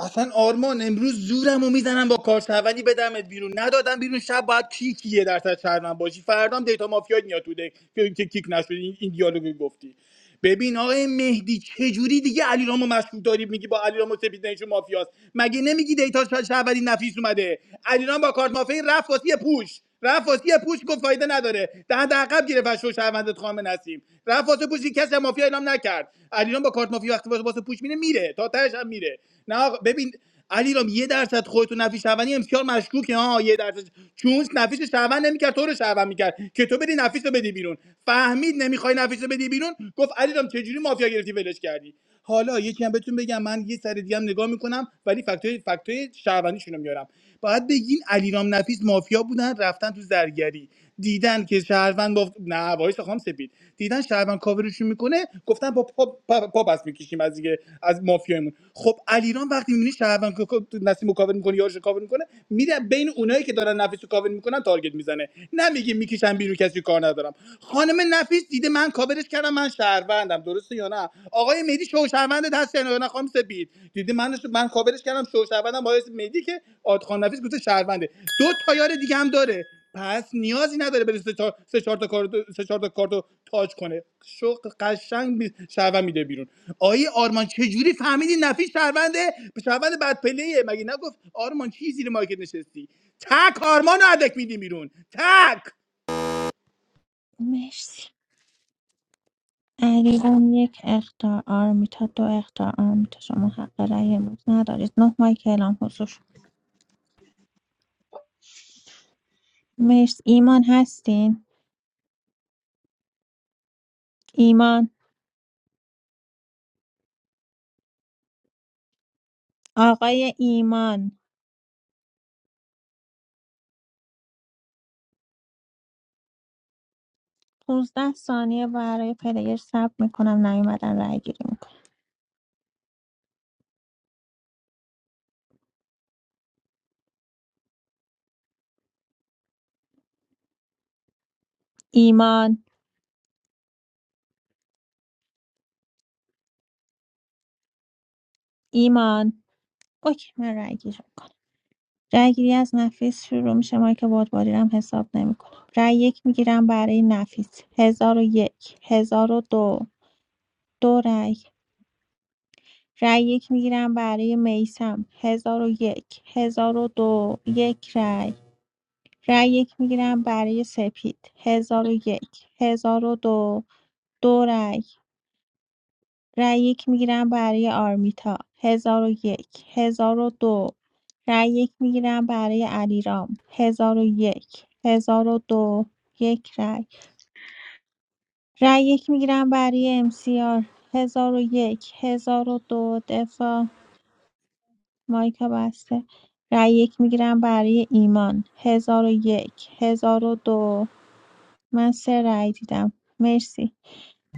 Speaker 15: اصلا آرمان امروز زورمو میزنم با کارشنوندی بدمت بیرون ندادم بیرون شب باید کیک یه درصد شهروند باشی فردام دیتا مافیا میاد تو دک که که کیک نشدی این این دیالوگو گفتی ببین آقای مهدی چجوری دیگه علیرامو مشکوک داری میگی با علیرامو سپید نشون مافیاست مگه نمیگی دیتا شهروندی نفیس اومده علیرام با کارت مافیا رفت واسه یه پوش رفاسی پوش گفت فایده نداره دهن در عقب گرفت از شو شهروندت خام نسیم رفاسی پوش یک کسی مافیا اعلام نکرد علیرام با کارت مافیا وقتی واسه واسه پوش میره میره تا تهش هم میره نه آقا ببین علیرام یه درصد خودتو نفی شهروندی امسیار مشکوکه ها یه درصد چون نفیش شهروند نمیکرد تو رو شهروند میکرد که تو بری نفیس رو بدی بیرون فهمید نمیخوای نفیس رو بدی بیرون گفت علیرام چجوری مافیا گرفتی ولش کردی حالا یکی هم بهتون بگم من یه سر دیگه هم نگاه میکنم ولی فکتای فکتای شهروندیشون میارم باید بگین علیرام نفیس مافیا بودن رفتن تو زرگری دیدن که شهروند گفت نه وایس خام سپید دیدن شهروند کاورشون میکنه گفتن با پا, پا, پا پس میکشیم از دیگه از مافیایمون خب علیرام وقتی میبینی شهروند کو- کو- نسیم رو کاور میکنه یارش رو کاور میکنه میره بین اونایی که دارن نفیس رو کاور میکنن تارگت میزنه نمیگه میکشن بیرون کسی کار ندارم خانم نفیس دیده من کاورش کردم من شهروندم درسته یا نه آقای مهدی شوشهروند دست یعنی نه خانم سپید دیدی من من خابرش کردم شوشهروندم با مهدی که آدخان نفیس گفته شهرونده دو تا یار دیگه هم داره پس نیازی نداره بره سه چهار سه چهار تا کارت سه چهار تا کارتو تاج کنه شو قشنگ می- شهروند میده بیرون آیه آرمان چه جوری فهمیدی نفیس شهرونده به شهروند بد پلیه مگه نگفت آرمان چی زیر مایکت نشستی تک آرمانو ادک میدی بیرون تک
Speaker 1: مرسی علیرام یک اختار آرمیتا دو اختار آرمیتا شما حق رأی امروز ندارید نه مایک اعلام حضور مرسی ایمان هستین ایمان آقای ایمان 15 ثانیه برای پلیر صبر میکنم نیومدن رأی گیری میکنم ایمان ایمان اوکی من رأی گیری می‌کنم. رأیگیری از نفیس شروع میشه مایی که بادبادی رو هم حساب نمیکنم رأی یک میگیرم برای نفیس هزار و یک هزار و دو دو رأی رأی یک میگیرم برای میسم هزار و یک هزار و دو یک رأی رأی یک میگیرم برای سپید هزار و یک هزار و دو دو رأی. رای یک میگیرم برای آرمیتا 1001 دو رای یک میگیرم برای علیرام 1001 1002 یک هزار و دو. یک رأی رأی یک میگیرم برای ام سی آر MCR 1001 دو دفاع مایکا بسته رای یک میگیرم برای ایمان 1001 دو من سه رای دیدم مرسی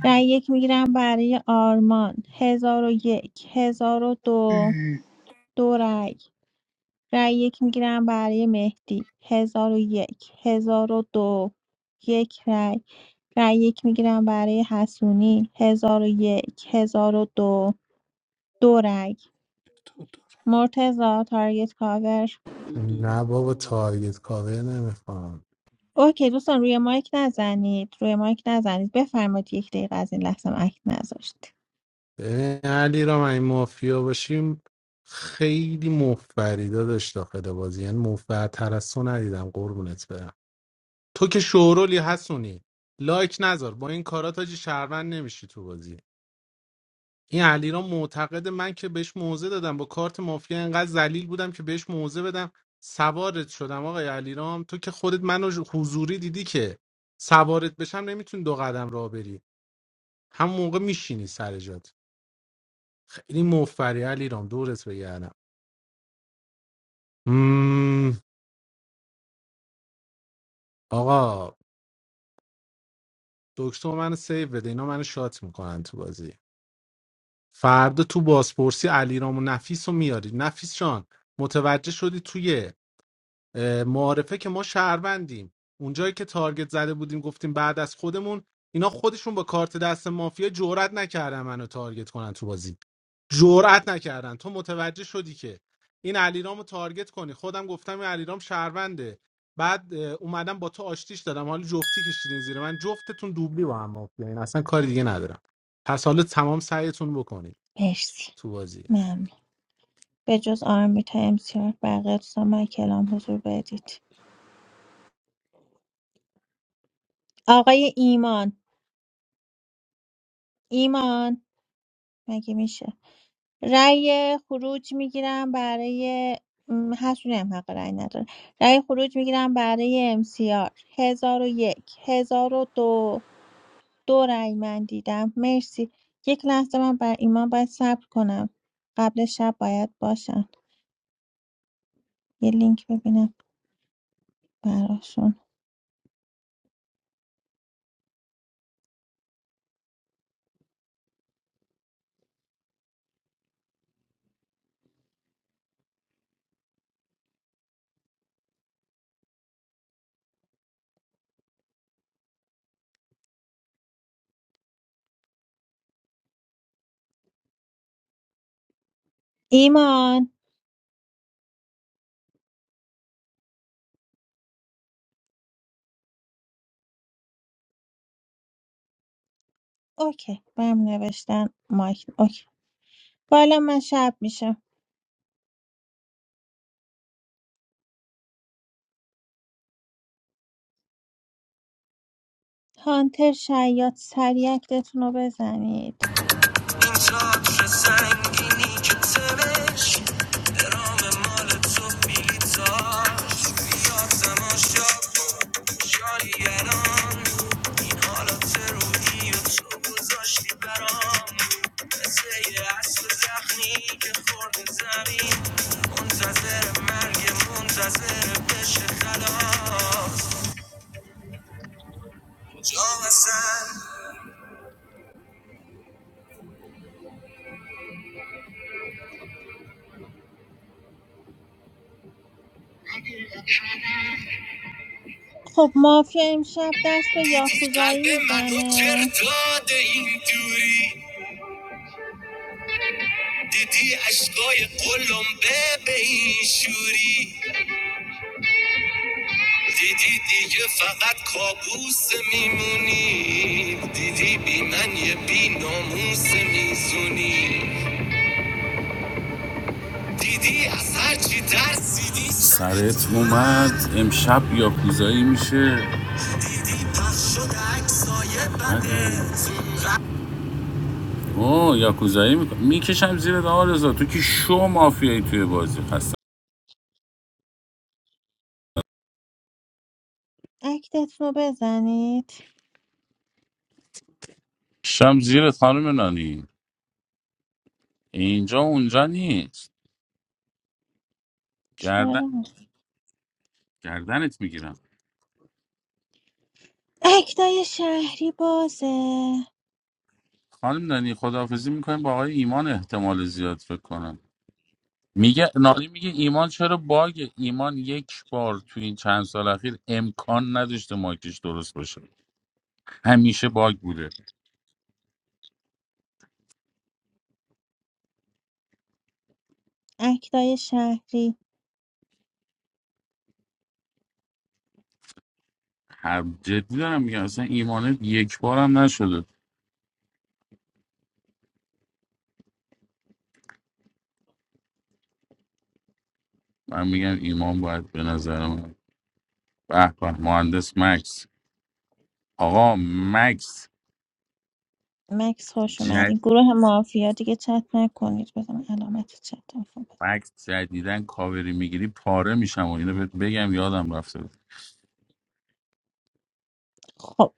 Speaker 1: رای یک میگیرم برای آرمان 1001 دو دو رأی رأی یک میگیرم برای مهدی هزار و یک هزار و دو یک رأی رأی یک میگیرم برای حسونی هزار و یک هزار و دو دو رأی
Speaker 12: تو تو
Speaker 1: مرتضی تارگت کاور
Speaker 12: تو
Speaker 7: نه
Speaker 12: دوره
Speaker 7: بابا
Speaker 12: خانم.
Speaker 7: تارگت کاور نمیخوام
Speaker 1: اوکی دوستان روی مایک نزنید روی مایک نزنید بفرمایید یک دقیقه از این لحظه هم اکت نذاشت
Speaker 7: ببین علی را من این مافیا باشیم خیلی مفبریدا داشت داخل بازی یعنی مفبرتر از تو ندیدم قربونت برم تو که شورولی حسونی لایک نذار با این کارا تاجی شهروند نمیشی تو بازی این علیرام معتقد من که بهش موزه دادم با کارت مافیا انقدر ذلیل بودم که بهش موزه بدم سوارت شدم آقای علیرام تو که خودت منو ج- حضوری دیدی که سوارت بشم نمیتونی دو قدم راه بری هم موقع میشینی سر جات خیلی مفری علیرام دورت بگردم مم. آقا دکتر منو سیو بده اینا منو شات میکنن تو بازی فردا تو بازپرسی علیرام و نفیس رو میاری نفیس جان متوجه شدی توی معارفه که ما شهروندیم اونجایی که تارگت زده بودیم گفتیم بعد از خودمون اینا خودشون با کارت دست مافیا جرئت نکردن منو تارگت کنن تو بازی جرئت نکردن تو متوجه شدی که این علیرامو تارگت کنی خودم گفتم این علیرام شهرونده بعد اه، اومدم با تو آشتیش دادم حالا جفتی کشیدین زیر من جفتتون دوبلی با هم مافیا این اصلا کار دیگه ندارم پس حالا تمام سعیتون بکنید
Speaker 1: مرسی
Speaker 7: تو بازی
Speaker 1: ممنون به جز آرمیتا امسیار بقیه دوستان من کلام حضور بدید آقای ایمان ایمان مگه میشه رأی خروج میگیرم برای م، حسونی هم حق رأی نداره رأی خروج میگیرم برای امسیار هزار و یک هزار و دو دو رأی من دیدم مرسی یک لحظه من بر ایمان باید صبر کنم قبل شب باید باشم یه لینک ببینم براشون ایمان اوکی بهم نوشتن مایک اوکی بالا من شب میشم هانتر شیاد سریع اکتتون رو بزنید
Speaker 17: این تاتر سنگینی که تمش درام مال تو بیلیتاش یادم آشاق شایی الان این حالات روحی و تو برام مثل یه اصل زخمی که خورد زمین منتظر مرگ منتظر بشه خلاص کجا
Speaker 1: خب مافیا امشب دست به
Speaker 17: دیدی
Speaker 1: یاکوزایی
Speaker 17: قلب منو
Speaker 1: میزنه
Speaker 17: تر داده این دوری دیدی عشقای قلمبه به این شوری دیدی دیگه فقط کابوس میمونی دیدی بی من یه بی ناموس میزونی دیدی از هرچی ترسیدی سرت اومد امشب یاکوزایی کوزایی میشه دیدی پخش شده عکسای بدت. اوه یاکوزایی میکن میکشم زیر آرزا تو که شو مافیایی توی بازی هستم
Speaker 1: اکتت رو بزنید
Speaker 17: شم زیرت خانم نانی اینجا اونجا نیست
Speaker 1: چرا؟
Speaker 17: گردن گردنت میگیرم
Speaker 1: اکتای شهری بازه
Speaker 17: خانم دانی خداحافظی میکنیم با آقای ایمان احتمال زیاد فکر کنم میگه نالی میگه ایمان چرا باگ ایمان یک بار تو این چند سال اخیر امکان نداشته مایکش درست باشه همیشه باگ بوده
Speaker 1: اکتای شهری
Speaker 17: هر جدی دارم میگم اصلا ایمان یک بار هم نشده من میگم ایمان باید به نظر من به به مهندس مکس آقا مکس
Speaker 1: مکس خوش اومدین گروه مافیا دیگه چت نکنید بزن علامت چت رو بزن.
Speaker 17: فکس جدیدن کاوری میگیری پاره میشم و اینو بهت بگم یادم رفته بود.
Speaker 1: خب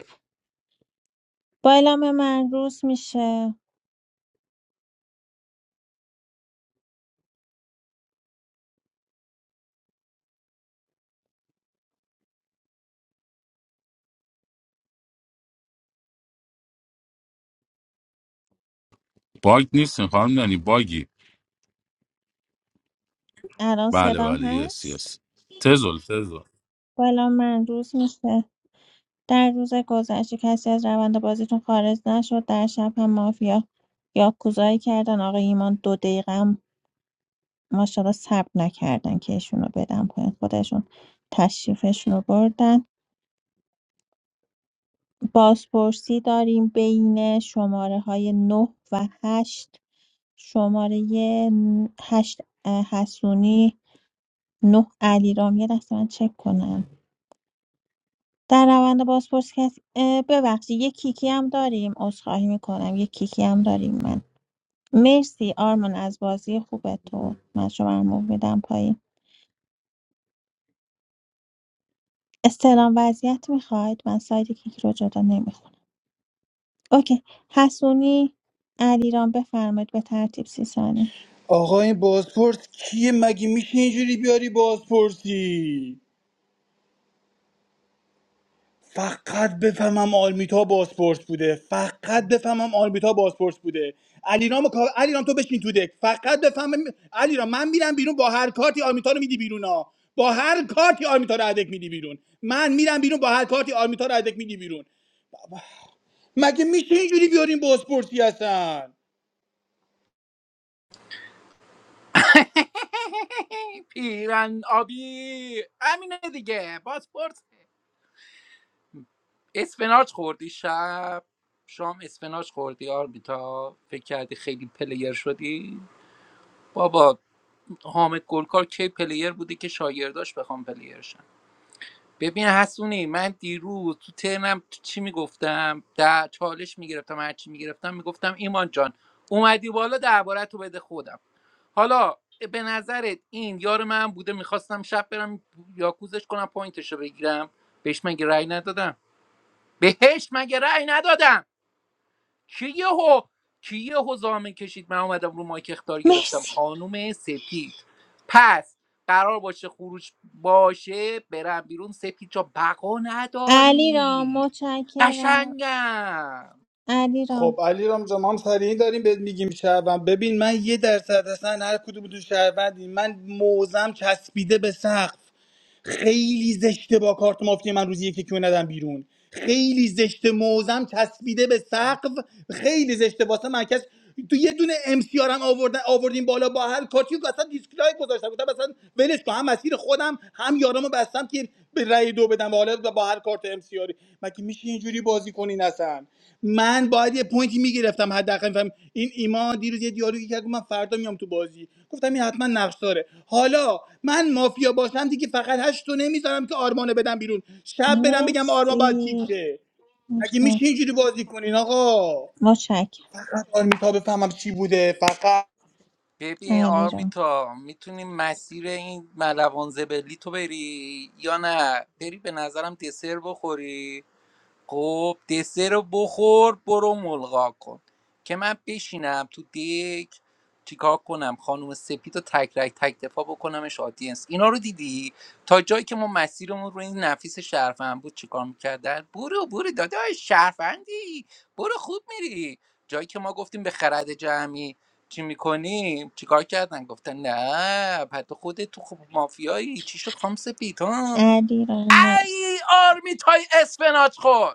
Speaker 1: با اعلام من روز میشه
Speaker 17: باگ نیستیم خانم دانی باگی
Speaker 1: الان
Speaker 17: بله
Speaker 1: صدام
Speaker 17: بله یس
Speaker 1: هست
Speaker 17: یس تزل تزل
Speaker 1: با اعلام من روز میشه در روز گذشته کسی از روند بازیتون خارج نشد در شب هم مافیا یاکوزایی کردن آقای ایمان دو دقیقه هم ماشاءالله صبر نکردن که ایشونو بدن پایین خودشون تشریفشون رو بردن بازپرسی داریم بین شماره های 9 و 8 شماره 8 حسونی 9 علیرام یه دست من چک کنم در روند بازپرس کسی اه، ببخشید یه کیکی هم داریم عذرخواهی میکنم یه کیکی هم داریم من مرسی آرمان از بازی خوب تو من شما رو موو میدم پایین استلام وضعیت میخواید من ساید کیک رو جدا نمیخونم اوکی حسونی علیرام بفرمایید به ترتیب سی ثانی
Speaker 15: آقا این بازپرس کیه مگه میشه اینجوری بیاری بازپرسی فقط بفهمم آلمیتا بازپرس بوده فقط بفهمم آلمیتا بازپرس بوده علیرام کا- علیرام تو بشین تو دک فقط بفهمم علیرام من میرم بیرون با هر کارتی آلمیتا رو میدی بیرون ها با هر کارتی آلمیتا رو ادک میدی بیرون من میرم بیرون با هر کارتی آلمیتا رو ادک میدی بیرون مگه میشه اینجوری بیارین بازپرسی هستن
Speaker 6: [LAUGHS] پیرن آبی همینه دیگه پاسپورت اسفناج خوردی شب شام اسفناج خوردی آرمیتا فکر کردی خیلی پلیر شدی بابا حامد گلکار کی پلیر بوده که شاگرداش بخوام پلیر شن ببین حسونی من دیروز تو ترنم تو چی میگفتم در چالش میگرفتم هر چی میگرفتم میگفتم ایمان جان اومدی بالا درباره تو بده خودم حالا به نظرت این یار من بوده میخواستم شب برم یاکوزش کنم پوینتشو بگیرم بهش مگه رأی ندادم بهش مگه رأی ندادم کی یهو کی یهو زامن کشید من اومدم رو مایک اختار گرفتم
Speaker 1: مرسی
Speaker 6: خانم سپید پس قرار باشه خروج باشه برم بیرون سپید جا بقا
Speaker 1: علیرام
Speaker 6: نداری
Speaker 1: متشکرم
Speaker 6: قشنگم
Speaker 15: خب
Speaker 1: علیرام
Speaker 15: علی رام جان ما هم سریع داریم بهت میگیم شهروند ببین من یه درصد اصلا هر کدوم تو شهروندی من موزم چسبیده به سقف خیلی زشته با کارت مافیا من روزی یکی کیو ندم بیرون خیلی زشته موزم چسبیده به سقف خیلی زشته واسه من کس تو یه دونه ام سی هم آوردن آوردیم بالا با هر کاتیو که اصلا دیسکلایک گذاشتم گفتم اصلا ولش کن هم مسیر خودم هم یارامو بستم که به رأی دو بدم با هر کارت امسیاری مگه میشه اینجوری بازی کنین اصلا من باید یه پوینتی میگرفتم حداقل میفهم این ایمان دیروز یه دیالوگی کرد گفت من فردا میام تو بازی گفتم این حتما نقش داره حالا من مافیا باشم دیگه فقط هشت تو نمیذارم که آرمانو بدم بیرون شب برم بگم آرمان باید کیک
Speaker 1: مرسی
Speaker 15: شه مگه میشه اینجوری بازی کنین آقا
Speaker 1: متشکرم
Speaker 15: فقط آرمیتا بفهمم چی بوده فقط
Speaker 6: ببین
Speaker 1: علیرام
Speaker 6: آرمیتا میتونی مسیر این ملوان زبلی تو بری یا نه بری به نظرم دسر بخوری خب دسر رو بخور برو ملغا کن که من بشینم تو دک چیکار کنم خانم سپید رو تک رک تک دفاع بکنمش آدینس اینا رو دیدی تا جایی که ما مسیرمون رو این نفیس شرفن بود چیکار میکردن برو برو داداش شرفندی برو خوب میری جایی که ما گفتیم به خرد جمعی چی میکنیم چیکار کردن گفتن نه پد خودت تو خوب مافیایی چی شد خام سپید ها
Speaker 1: علیرام مرسی
Speaker 6: ای آرمیت های اسفناج خور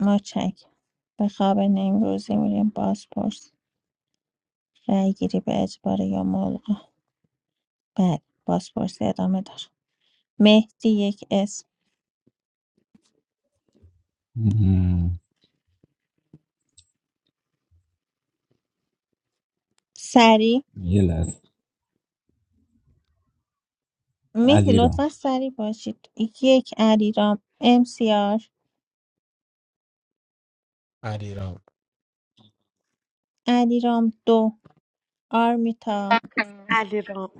Speaker 1: متشکرم به خواب نیمروزی میریم بازپرس رأی گیری به اجبار یا ملغا بله بازپرسی ادامه داره مهدی یک اسم
Speaker 16: مم.
Speaker 1: سریع
Speaker 16: یه لحظه
Speaker 1: مهدی
Speaker 16: علی
Speaker 1: لطفا سریع باشید یک علیرام امسیار
Speaker 7: علیرام
Speaker 1: علیرام دو آرمیتا
Speaker 4: علیرام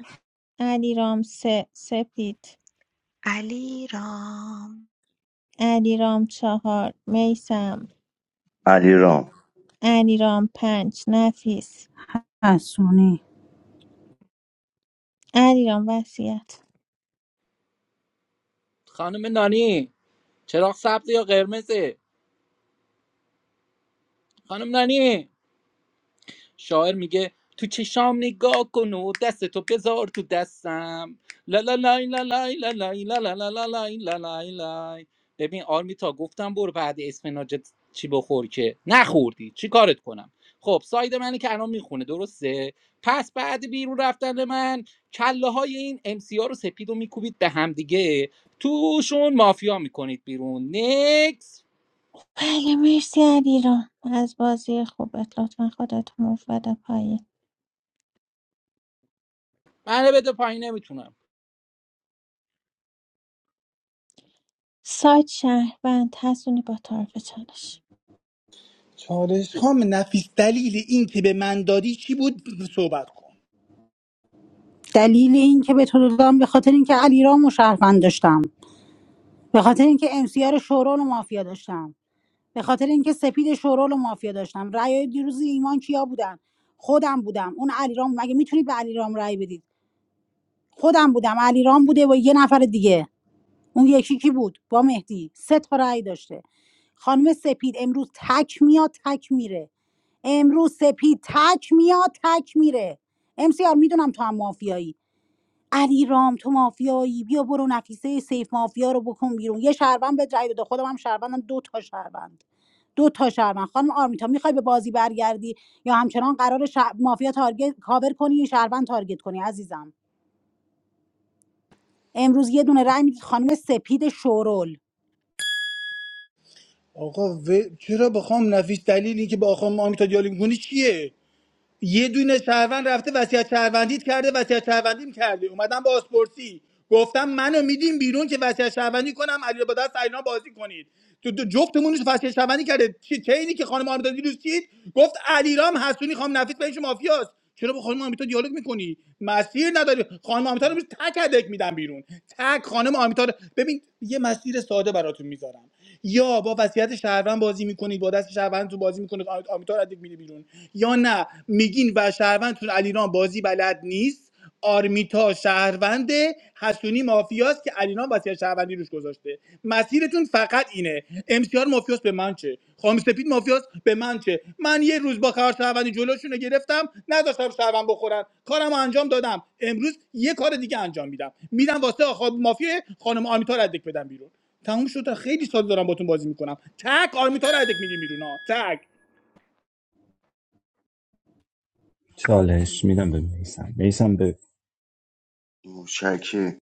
Speaker 1: علیرام سه سپید
Speaker 5: علیرام رام
Speaker 1: علیرام چهار میسم
Speaker 3: علی رام
Speaker 1: علیرام پنج نفیس
Speaker 2: حسونی
Speaker 1: علیرام وصیت
Speaker 6: خانم نانی چراغ سبز یا قرمزه خانم نانی شاعر میگه تو چشام نگاه کن و دستتو بذار تو دستم لا لا لای لا لای لا لای لا لا لا لا لای لا لای لای ببین آرمیتا گفتم برو بعد اسفناجت چی بخور که نخوردی چی کارت کنم خب ساید منی که الان میخونه درسته پس بعد بیرون رفتن من کله های این امسی رو سپید و میکوبید به همدیگه توشون مافیا میکنید بیرون نکس
Speaker 1: بله مرسی علیرام از بازی خوبت لطفا خودت موف بده پایین
Speaker 6: منو بده پایین نمیتونم
Speaker 1: سایت شهروند هستونی با طرف چالش
Speaker 15: چالش خام نفیس دلیل این که به من دادی چی بود صحبت کن
Speaker 2: دلیل این که به تو دادم به خاطر اینکه علیرام و شهروند داشتم به خاطر اینکه امسیار شورول و مافیا داشتم به خاطر اینکه سپید شورول و مافیا داشتم رأی دیروز ایمان کیا بودن خودم بودم اون علیرام مگه میتونید به علیرام رأی بدید خودم بودم علیرام بوده و یه نفر دیگه اون یکی کی بود با مهدی سه تا رأی داشته خانم سپید امروز تک میاد تک میره امروز سپید تک میاد تک میره امسیار میدونم تو هم مافیایی علی رام تو مافیایی بیا برو نفیسه سیف مافیا رو بکن بیرون یه شهروند به رای بده خودم هم شهروندم دو تا شهروند دو تا شهروند خانم آرمیتا میخوای به بازی برگردی یا همچنان قرار شه... مافیا تارگت کاور کنی یا شهروند تارگت کنی عزیزم امروز یه دونه رای میدید خانم سپید شورول
Speaker 15: آقا و... چرا بخوام نفیس دلیلی که با آقا آمیتا دیالوگ می‌کنی چیه یه دونه شهروند رفته وصیت شهروندیت کرده وصیت شهروندیم کرده اومدم با آسپورتی گفتم منو میدیم بیرون که وصیت شهروندی کنم علی با دست اینا بازی کنید تو تو جفتمون رو وصیت شهروندی کرده چی چینی که خانم آمیتا دیروز چید گفت علیرام حسونی خانم نفیس بهش مافیاست چرا با خانم آمیتا دیالوگ میکنی مسیر نداری خانم آمیتا رو امروز تک هدک میدم بیرون تک خانم آمیتا رو ببین یه مسیر ساده براتون میذارم یا با وضعیت شهروند بازی میکنید با دست شهروند تو بازی میکنید آمیتار ادک میره بیرون یا نه میگین و شهروندتون علیران بازی بلد نیست آرمیتا شهروند حسونی مافیاست که علیران وصیت شهروندی روش گذاشته مسیرتون فقط اینه امسیار مافیاس به من چه خام سپید مافیاس به من چه من یه روز با کار شهروندی جلوشون رو گرفتم نذاشتم شهروند بخورن کارم انجام دادم امروز یه کار دیگه انجام میدم میدم واسه آخا مافیا خانم آرمیتا ردک بدم بیرون تموم شد خیلی سال دارم باتون بازی میکنم تک آرمیتا رو هدک میگی بیرون ها تک
Speaker 16: چالش میدم به میسم میسم به
Speaker 3: متشکر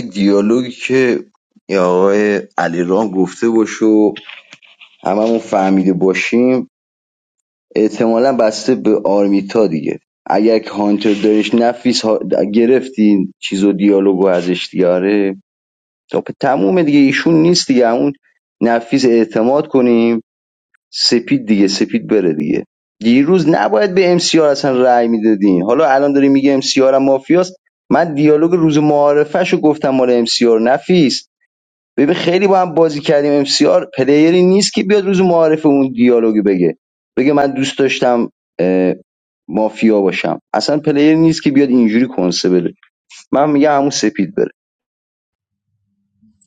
Speaker 3: دیالوگی که یه آقای علی گفته باشه و هممون فهمیده باشیم احتمالا بسته به آرمیتا دیگه اگر هانتر دارش نفیس ها... گرفتین چیز دیالوگو ازش دیاره خب تموم دیگه ایشون نیست دیگه اون نفیس اعتماد کنیم سپید دیگه سپید بره دیگه دیروز نباید به ام سی آر اصلا رأی میدادین حالا الان داری میگه ام سی آر هم مافیاست من دیالوگ روز معارفهشو گفتم مال ام سی آر نفیس ببین خیلی با هم بازی کردیم ام سی آر پلیری نیست که بیاد روز معارفه اون دیالوگ بگه بگه من دوست داشتم اه، مافیا باشم اصلا پلیر نیست که بیاد اینجوری کنسه بده من میگم همون سپید بره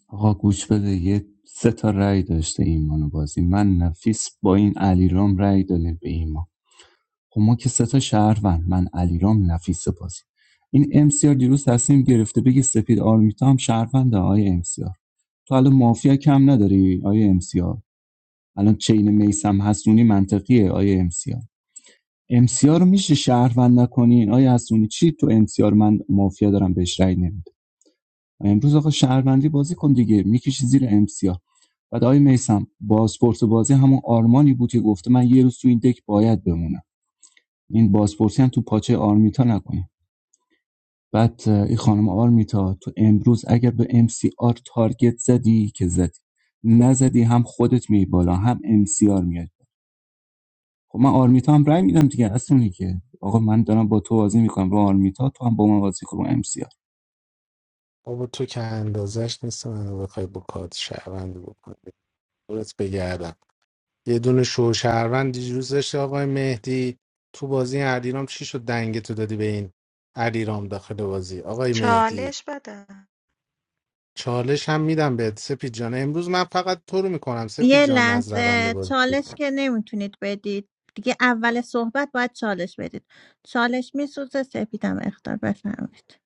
Speaker 16: آقا گوش بده یه سه تا رأی داشته ایمان و بازی من نفیس با این علی رام رأی داده به ایمان خب ما که سه تا شهروند من علیرام نفیس بازی این امسیار دیروز تصمیم گرفته بگه سپید آرمیتا هم شهروند آقای امسیار تو الان مافیا کم نداری آقای امسیار الان چین میسم حسونی منطقیه آقای امسیار امسیار رو میشه شهروند نکنین آقای حسونی چی تو امسیار من مافیا دارم بهش رأی نمیده امروز آقا شهروندی بازی کن دیگه میکشی زیر امسیار بعد آقای میسم بازپرس بازی همون آرمانی بود که گفته من یه روز تو این دک باید بمونم این بازپرسی هم تو پاچه آرمیتا نکنه بعد اه، این خانم آرمیتا تو امروز اگر به ام سی آر تارگت زدی که زدی نزدی هم خودت میای بالا هم ام سی آر میاد خب من آرمیتا هم رای میدم دیگه اصلا اینه که آقا من دارم با تو بازی میکنم رو آرمیتا تو هم با من بازی کن رو ام سی آر
Speaker 7: بابا تو که اندازش نیست منو بخوای با کارت شهروندی بکنی دورت بگردم یه دونه شوشهروند دیروز داشت آقای مهدی تو بازی علیرام چی شد دنگ تو دادی به این علیرام داخل بازی آقای مهدی
Speaker 5: چالش بده
Speaker 7: چالش هم میدم بهت سپید جان امروز من فقط تو رو میکنم سپید
Speaker 1: یه
Speaker 7: جان از روند
Speaker 1: لحظه
Speaker 7: بازی
Speaker 1: چالش که نمیتونید بدید دیگه اول صحبت باید چالش بدید چالش میسوزه سپیدم اختار بفرمایید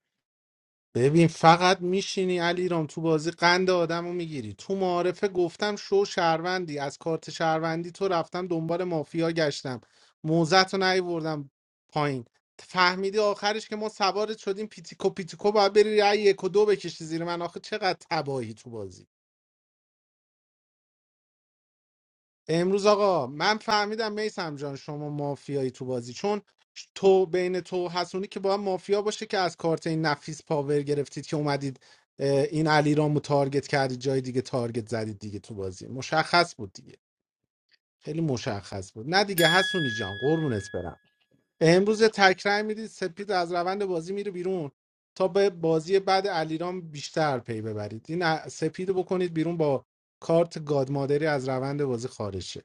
Speaker 7: ببین فقط میشینی علیرام تو بازی قند آدمو میگیری تو معارفه گفتم شو شهروندی از کارت شهروندی تو رفتم دنبال مافیا گشتم موزت رو نیوردم پایین فهمیدی آخرش که ما سوارت شدیم پیتیکو پیتیکو باید بری رای یک و دو بکشی زیر من آخه چقدر تباهی تو بازی امروز آقا من فهمیدم میسم جان شما مافیایی تو بازی چون تو بین تو و حسونی که باید مافیا باشه که از کارت این نفیس پاور گرفتید که اومدید اه، این علی رامو تارگت کردید جای دیگه تارگت زدید دیگه تو بازی مشخص بود دیگه خیلی مشخص بود نه دیگه حسونی جان قربونت برم امروز یه تکرار میدید سپید از روند بازی میره بیرون تا به بازی بعد علیرام بیشتر پی ببرید این ا- سپید رو بکنید بیرون با کارت گادمادری از روند بازی خارج شه.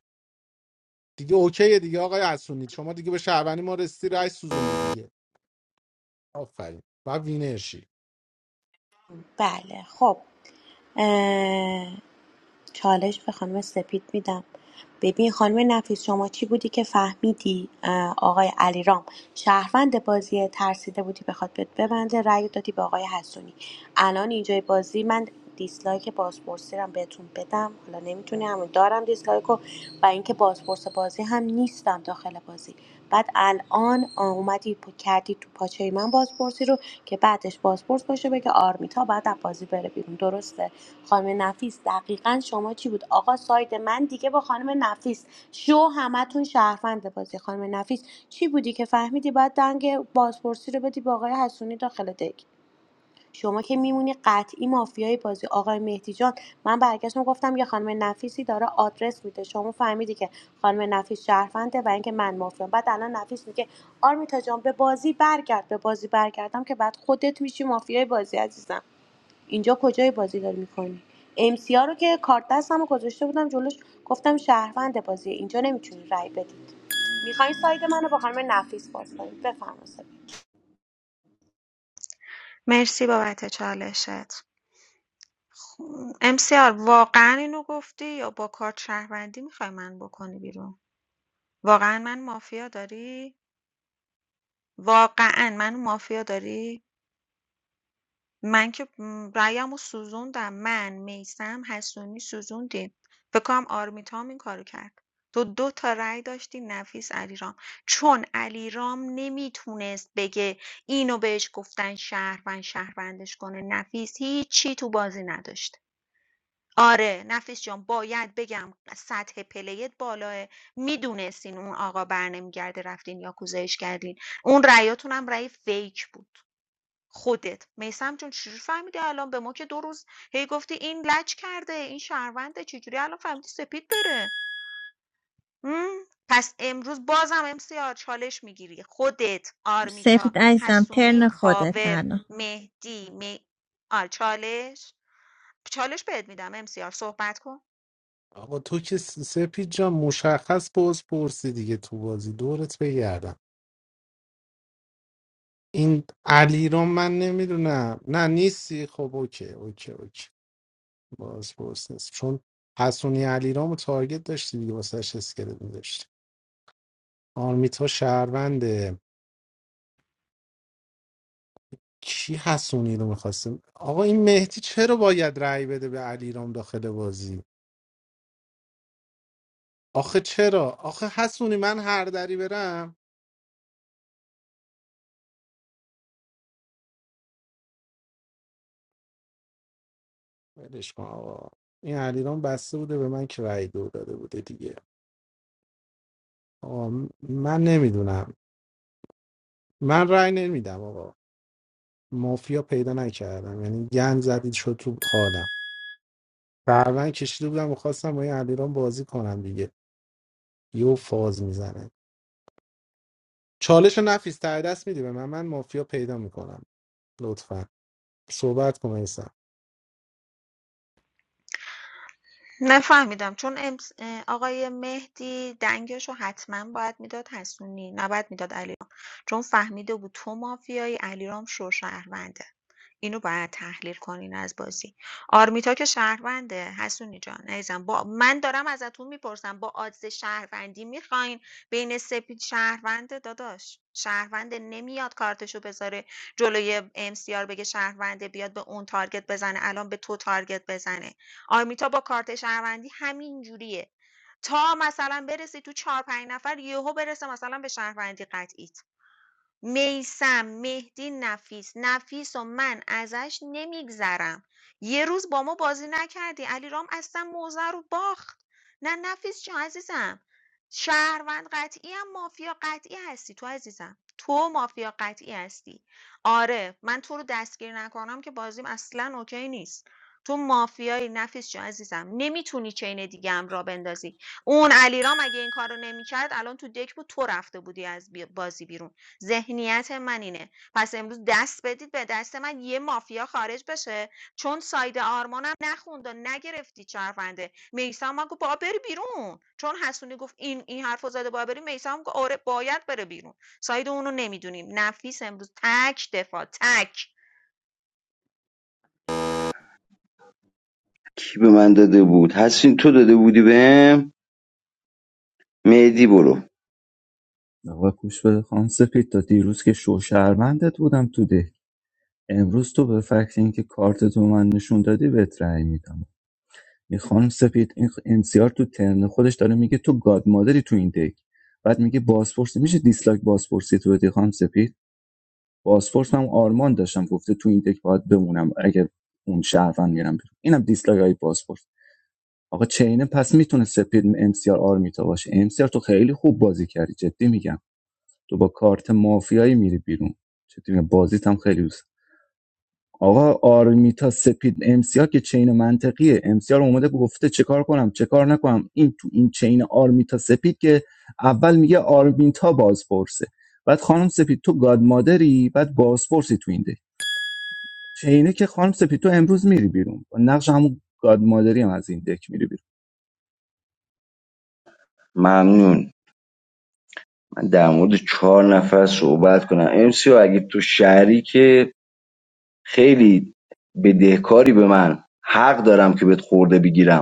Speaker 7: دیگه اوکیه دیگه آقای حسونی شما دیگه به شهروندی ما رسیدی رای سوزوندی دیگه آفرین و وینرشی
Speaker 4: بله خب اه، چالش به خانم سپید میدم ببین خانم نفیس شما چی بودی که فهمیدی آقای علیرام شهروند بازی ترسیده بودی بخواد بهت ببنده رأی دادی به آقای حسونی الان اینجای بازی من دیسلایک بازپرسی رو بهتون بدم حالا نمیتونی همون دارم دیسلایک رو و اینکه بازپرس بازی هم نیستم داخل بازی بعد الان آه، اومدی کردی تو پاچه من بازپرسی رو که بعدش بازپرس باشه بگه آرمیتا بعد از بازی بره بیرون درسته خانم نفیس دقیقا شما چی بود آقا ساید من دیگه با خانم نفیس شو همتون شهروند بازی خانم نفیس چی بودی که فهمیدی باید دنگ بازپرسی رو بدی به آقای حسونی داخل دک شما که میمونی قطعی مافیای بازی آقای مهدی جان من برگشتم گفتم یه خانم نفیسی داره آدرس میده شما فهمیدی که خانم نفیس شهرونده و اینکه من مافیام بعد الان نفیس میگه آرمیتا جان به بازی برگرد به بازی برگردم که بعد خودت میشی مافیای بازی عزیزم اینجا کجای بازی داری میکنی امسیا رو که کارت دستم گذاشته بودم جلوش گفتم شهروند بازی اینجا نمیتونی رای بدید میخواین ساید منو با خانم نفیس باز کنید بفرمایید
Speaker 5: مرسی بابت چالشت امسیار واقعا اینو گفتی یا با کارت شهروندی میخوای من بکنی بیرون واقعا من مافیا داری واقعا من مافیا داری من که م، رأیمو سوزوندم من میثم، حسونی سوزوندیم فکر کنم آرمیتا هم این کارو کرد تو دو تا رأی داشتی نفیس علیرام چون علیرام نمیتونست بگه اینو بهش گفتن شهروند شهروندش کنه نفیس هیچی تو بازی نداشت آره نفیس جان باید بگم سطح پلیت بالاه میدونستین اون آقا برنمیگرده رفتین یا کوزش کردین اون رأیاتون هم رأی فیک بود خودت میثم جون چجوری فهمیدی الان به ما که دو روز هی گفتی این لج کرده این شهرونده چجوری الان فهمیدی سپید بره پس امروز بازم امسیار چالش میگیری خودت آرمیتا
Speaker 1: سپید عزیزم
Speaker 5: حسونی
Speaker 1: ترن خودت
Speaker 5: کاور
Speaker 1: الان
Speaker 5: مهدی می... آ، چالش چالش بهت میدم امسیار صحبت کن
Speaker 7: آقا تو که س- سپید جان مشخص باز پرسی دیگه تو بازی دورت بگردم این علی رو من نمیدونم نه نیستی خب اوکی اوکی اوکی باز پرس نیست چون حسونی علی رو تارگت داشتی دیگه واسهش اسکلت میداشتی آرمیتا شهرونده کی حسونی رو میخواستیم آقا این مهدی چرا باید رأی بده به علیرام داخل بازی آخه چرا آخه حسونی من هر دری برم ولش کن آقا این علیرام بسته بوده به من که رأی دو داده بوده دیگه آقا من نمیدونم من رأی نمیدم آقا مافیا پیدا نکردم یعنی گن زدید شد تو حالم بعدا کشیده بودم و خواستم با این علیرام بازی کنم دیگه یه فاز میزنه چالش نفیس ته دست میدی به من من مافیا پیدا میکنم لطفا صحبت کن میسم
Speaker 5: نفهمیدم چون امس... اه، آقای مهدی دنگش رو حتما باید میداد حسونی نباید میداد علیرام چون فهمیده بود تو مافیایی علیرام شو شهرونده اینو باید تحلیل کنین از بازی آرمیتا که شهرونده حسونی جان عزیزم با من دارم ازتون میپرسم با آدز شهروندی میخواین بین سپید شهرونده داداش شهرونده نمیاد کارتشو بذاره جلوی امسیار بگه شهرونده بیاد به اون تارگت بزنه الان به تو تارگت بزنه آرمیتا با کارت شهروندی همین جوریه تا مثلا برسی تو چهار پنج نفر یهو برسه مثلا به شهروندی قطعیت میثم، مهدی، نفیس نفیس و من ازش نمیگذرم یه روز با ما بازی نکردی علیرام اصلا موزه رو باخت نه نفیس جان عزیزم شهروند قطعی هم مافیا قطعی هستی تو عزیزم تو مافیا قطعی هستی آره من تو رو دستگیر نکنم که بازیم اصلا اوکی نیست تو مافیای نفیس جان عزیزم نمیتونی چین دیگه هم را بندازی اون علیرام اگه این کارو نمیکرد الان تو دک بود تو رفته بودی از بی- بازی بیرون ذهنیت من اینه. پس امروز دست بدید به دست من یه مافیا خارج بشه چون ساید آرمانم نخوند و نگرفتی چرفنده میسم من گفت با بری بیرون چون حسونی گفت این این حرفو زده با بری میسم گفت آره باید بره بیرون ساید اونو نمیدونیم نفیس امروز تک دفاع تک
Speaker 3: کی به من داده بود حسین تو داده بودی بهم مهدی برو
Speaker 16: آقا گوش بده خانم سپید تا دیروز که شوشرمندت بودم تو ده امروز تو به فکر اینکه کارت تو من نشون دادی بهت رأی میدم میخوام سپید این امسیار تو ترن خودش داره میگه تو گاد مادری تو این دک بعد میگه بازپرس میشه دیسلایک بازپرسی تو بدی خانم سپید بازپرس هم آرمان داشتم گفته تو این دک باید بمونم اگه اون شهروند میرم بیرون اینم دیسلایک های بازپرس آقا چینه پس میتونه سپید امسیار آرمیتا باشه امسیار تو خیلی خوب بازی کردی جدی میگم تو با کارت مافیایی میری بیرون جدی میگم بازیت هم خیلی دوست آقا آرمیتا سپید امسیا که چین منطقیه امسیا رو اومده گفته چه کار کنم چه کار نکنم این تو این چین آرمیتا سپید که اول میگه آرمیتا بازپرسه بعد خانم سپید تو گاد مادری بعد بازپرسی تو این دک چینه که خانم سپید تو امروز میری بیرون با نقش همون گاد مادری هم از این دک میری بیرون
Speaker 3: ممنون من در مورد چهار نفر صحبت کنم امسیو اگه تو شهری که خیلی بدهکاری به من حق دارم که بهت خورده بگیرم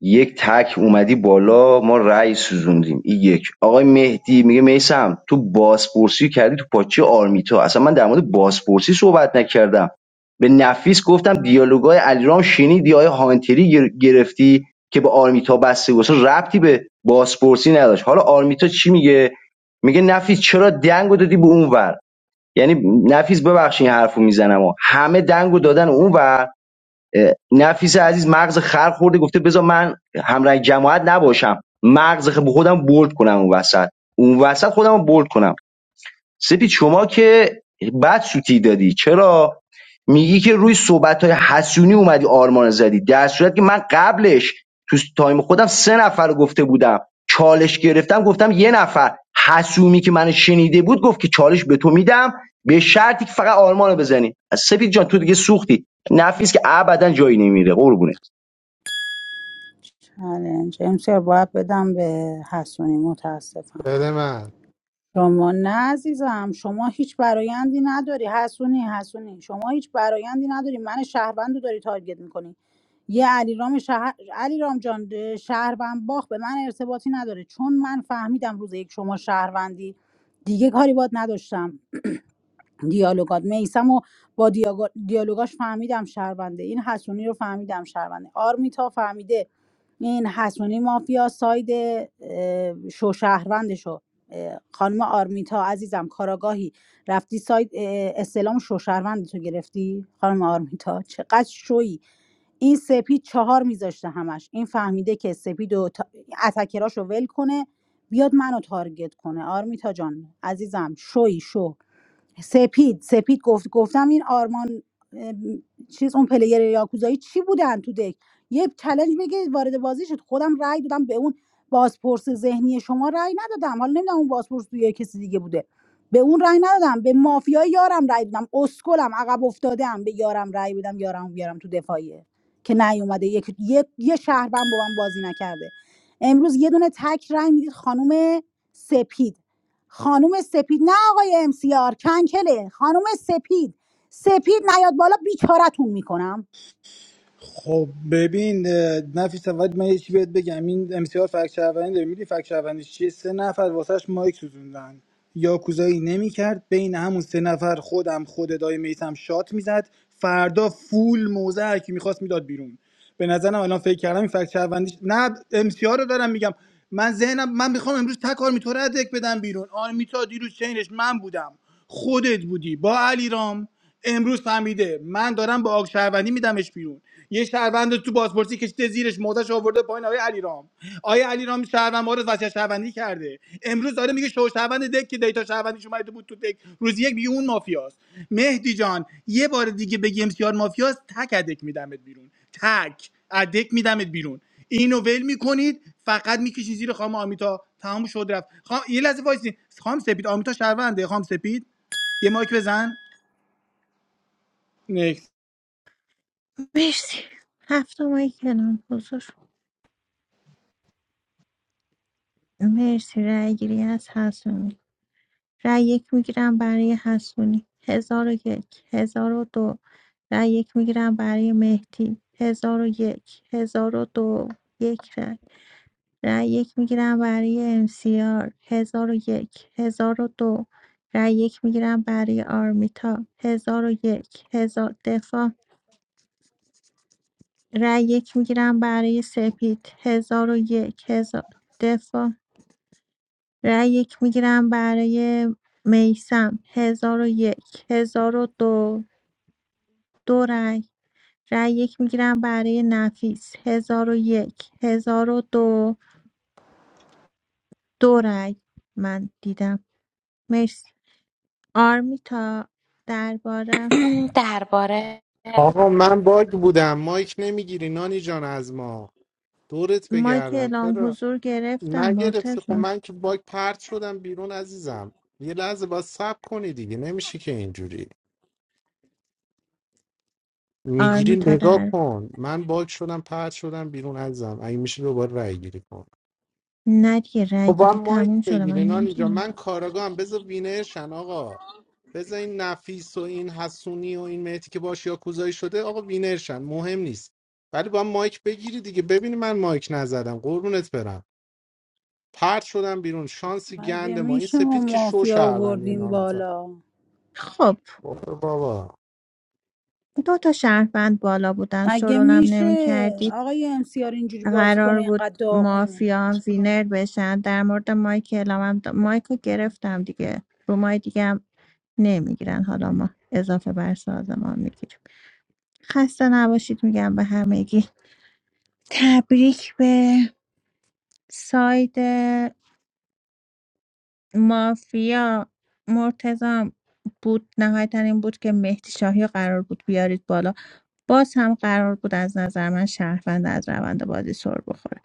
Speaker 3: یک تک اومدی بالا ما رأی سوزوندیم این یک آقای مهدی میگه میسم تو بازپرسی کردی تو پاچه آرمیتا اصلا من در مورد بازپرسی صحبت نکردم به نفیس گفتم دیالوگای علیرام شنیدی آیا هانتری گرفتی که به آرمیتا بسته گفت ربطی به بازپرسی نداشت حالا آرمیتا چی میگه میگه نفیس چرا دنگو دادی به اونور یعنی نفیس ببخشید این حرفو میزنم همه دنگو دادن اونور نفیس عزیز مغز خر خورده گفته بذار من همراه جماعت نباشم مغز خ- خودم بولد کنم اون وسط اون وسط خودم بولد کنم سپید شما که بد سوتی دادی چرا میگی که روی صحبت های حسونی اومدی آرمان زدی در صورت که من قبلش تو تایم خودم سه نفر رو گفته بودم چالش گرفتم گفتم یه نفر حسومی که من شنیده بود گفت که چالش به تو میدم به شرطی که فقط آرمان رو بزنی سپید جان تو دیگه سوختی نفیس که ابدا جایی نمیره قربونه
Speaker 2: چالش امسیار باید بدم به حسونی متاسفم
Speaker 7: بده من
Speaker 2: شما نه عزیزم شما هیچ برایندی نداری حسونی حسونی شما هیچ برایندی نداری من شهروند رو داری تارگت میکنی یه علیرام شهر علیرام جان اه، شهروند باخ به من ارتباطی نداره چون من فهمیدم روز یک شما شهروندی دیگه کاری باد نداشتم دیالوگات میسم و با دیاگا- دیالوگاش فهمیدم شهرونده این حسونی رو فهمیدم شهرونده آرمیتا فهمیده این حسونی مافیا ساید اه، شوشهروندشو خانم آرمیتا عزیزم کاراگاهی رفتی ساید اه، استلام شوشهروند تو گرفتی خانم آرمیتا چقدر شویی این سپید چهار میذاشته همش این فهمیده که سپید و تا... اتکراشو ول کنه بیاد منو تارگت کنه آرمیتا جان عزیزم شوی شو سپید سپید گفت گفتم این آرمان ام، چیز اون پلیر یاکوزایی چی بودن تو دک یه چلنج بگه وارد بازی شد خودم رأی دادم به اون بازپرس ذهنی شما رأی ندادم حالا نمیدونم اون بازپرس تو یه کسی دیگه بوده به اون رأی ندادم به مافیای یارم رأی دادم اسکلم عقب افتادم به یارم رأی بدم یارم بیارم تو دفاعیه که نیومده یک یه, یه شهروند با من بازی نکرده امروز یه دونه تک رأی میدید خانم سپید خانوم سپید نه آقای امسیار کنکله خانوم سپید سپید نیاد بالا بیچارتون میکنم
Speaker 15: خب ببین اه، نفیس اول من یه چی بهت بگم این امسیار فک شهروندی داره میدونی فک شهروندیش چیه سه نفر واسهش مایک سوزوندن یاکوزایی نمیکرد بین همون سه نفر خودم خود ادای میتم شات میزد فردا فول موزه هر کی میخواست میداد بیرون به نظرم الان فکر کردم این فکت شهروندیش نه امسیار رو دارم میگم من ذهنم من میخوام امروز تک آرمیتا رو از دک بدم بیرون آرمیتا دیروز چینش من بودم خودت بودی با علیرام امروز فهمیده من دارم با آگ شهروندی میدمش بیرون یه شهروند رو تو بازپرسی کشیده زیرش موزش آورده پایین آقای علیرام آقای علیرام شهروند ما رو وصیت شهروندی کرده امروز داره میگه شو شهروند دک که دیتا شهروندیش اومده بود تو دک روز یک میگه اون مافیاست مهدی جان یه بار دیگه بگی امسیار مافیاست تک دک میدمت بیرون تک ادک میدمت بیرون اینو ول میکنید فقط میکشید زیر خام آمیتا تمام شد رفت خام یه لحظه وایسین خام سپید آمیتا شهرونده خام سپید یه مایک بزن نکس
Speaker 1: مرسی هفته ماهی کنم حضور مرسی رای گیری از حسونی رای یک میگیرم برای حسونی هزار و یک هزار و دو رای یک میگیرم برای مهدی هزار و یک هزار و دو یک رای یک میگیرم برای MCR 1001 1002 رأی یک میگیرم برای آرمیتا هزار و یک هزار دفاع رای یک میگیرم برای سپید هزار و یک هزار دفاع رای یک میگیرم برای میسم 1001 1002 دو دو دو رای رای یک میگیرم برای نفیس 1001 1002 دو دو رای من دیدم مرسی آرمیتا درباره
Speaker 4: [CLEARS THROAT] درباره
Speaker 7: آقا من باگ بودم مایک نمیگیری نانی جان از ما دورت
Speaker 1: مایک
Speaker 7: بگردم
Speaker 1: اعلام
Speaker 7: چرا
Speaker 1: حضور گرفتم
Speaker 7: نگرفته خب
Speaker 1: مرتزا
Speaker 7: من که باگ پرت شدم بیرون عزیزم یه لحظه باید صبر کنی دیگه نمیشه که اینجوری میگیری
Speaker 1: آرمیتا
Speaker 7: نگاه
Speaker 1: در
Speaker 7: کن من باگ شدم پرت شدم بیرون عزیزم اگه میشه دوباره رای گیری کن
Speaker 1: ندیه رای
Speaker 7: خب
Speaker 1: گیری
Speaker 7: هم مایک
Speaker 1: تموم شده من
Speaker 7: بگیری نانی جان
Speaker 1: نمیتونم
Speaker 7: من کاراگاهم بذار وینر شن آقا بذار این نفیس و این حسونی و این مهدی که باش یاکوزایی شده آقا وینر شن مهم نیست ولی با مایک بگیری دیگه ببینی من مایک نزدم قربونت برم پرت شدم بیرون شانسی
Speaker 2: مگه
Speaker 7: گند ما این
Speaker 2: میشه ما
Speaker 7: سپید که شو
Speaker 2: مافیا
Speaker 7: شهروندی
Speaker 2: آوردیم
Speaker 7: نامتا
Speaker 2: بالا
Speaker 1: خب
Speaker 7: برو بابا
Speaker 1: دو تا شهروند بالا بودن
Speaker 2: مگه
Speaker 1: شرولم نمی
Speaker 2: میشه
Speaker 1: کردید
Speaker 2: آقای امسیار اینجوری بازی کنه
Speaker 1: قرار
Speaker 2: اینقدر
Speaker 1: بود
Speaker 2: داغون
Speaker 1: مافیا وینر بشن در مورد مایک اعلامم د- مایک رو گرفتم دیگه رو مای دیگه هم نمیگیرن حالا ما اضافه بر سازمان میگیریم خسته نباشید میگم به همگی تبریک به ساید مافیا مرتضام بود نهایتا این بود که مهدی شاهی رو قرار بود بیارید بالا باز هم قرار بود از نظر من شهروند از روند بازی سر بخوره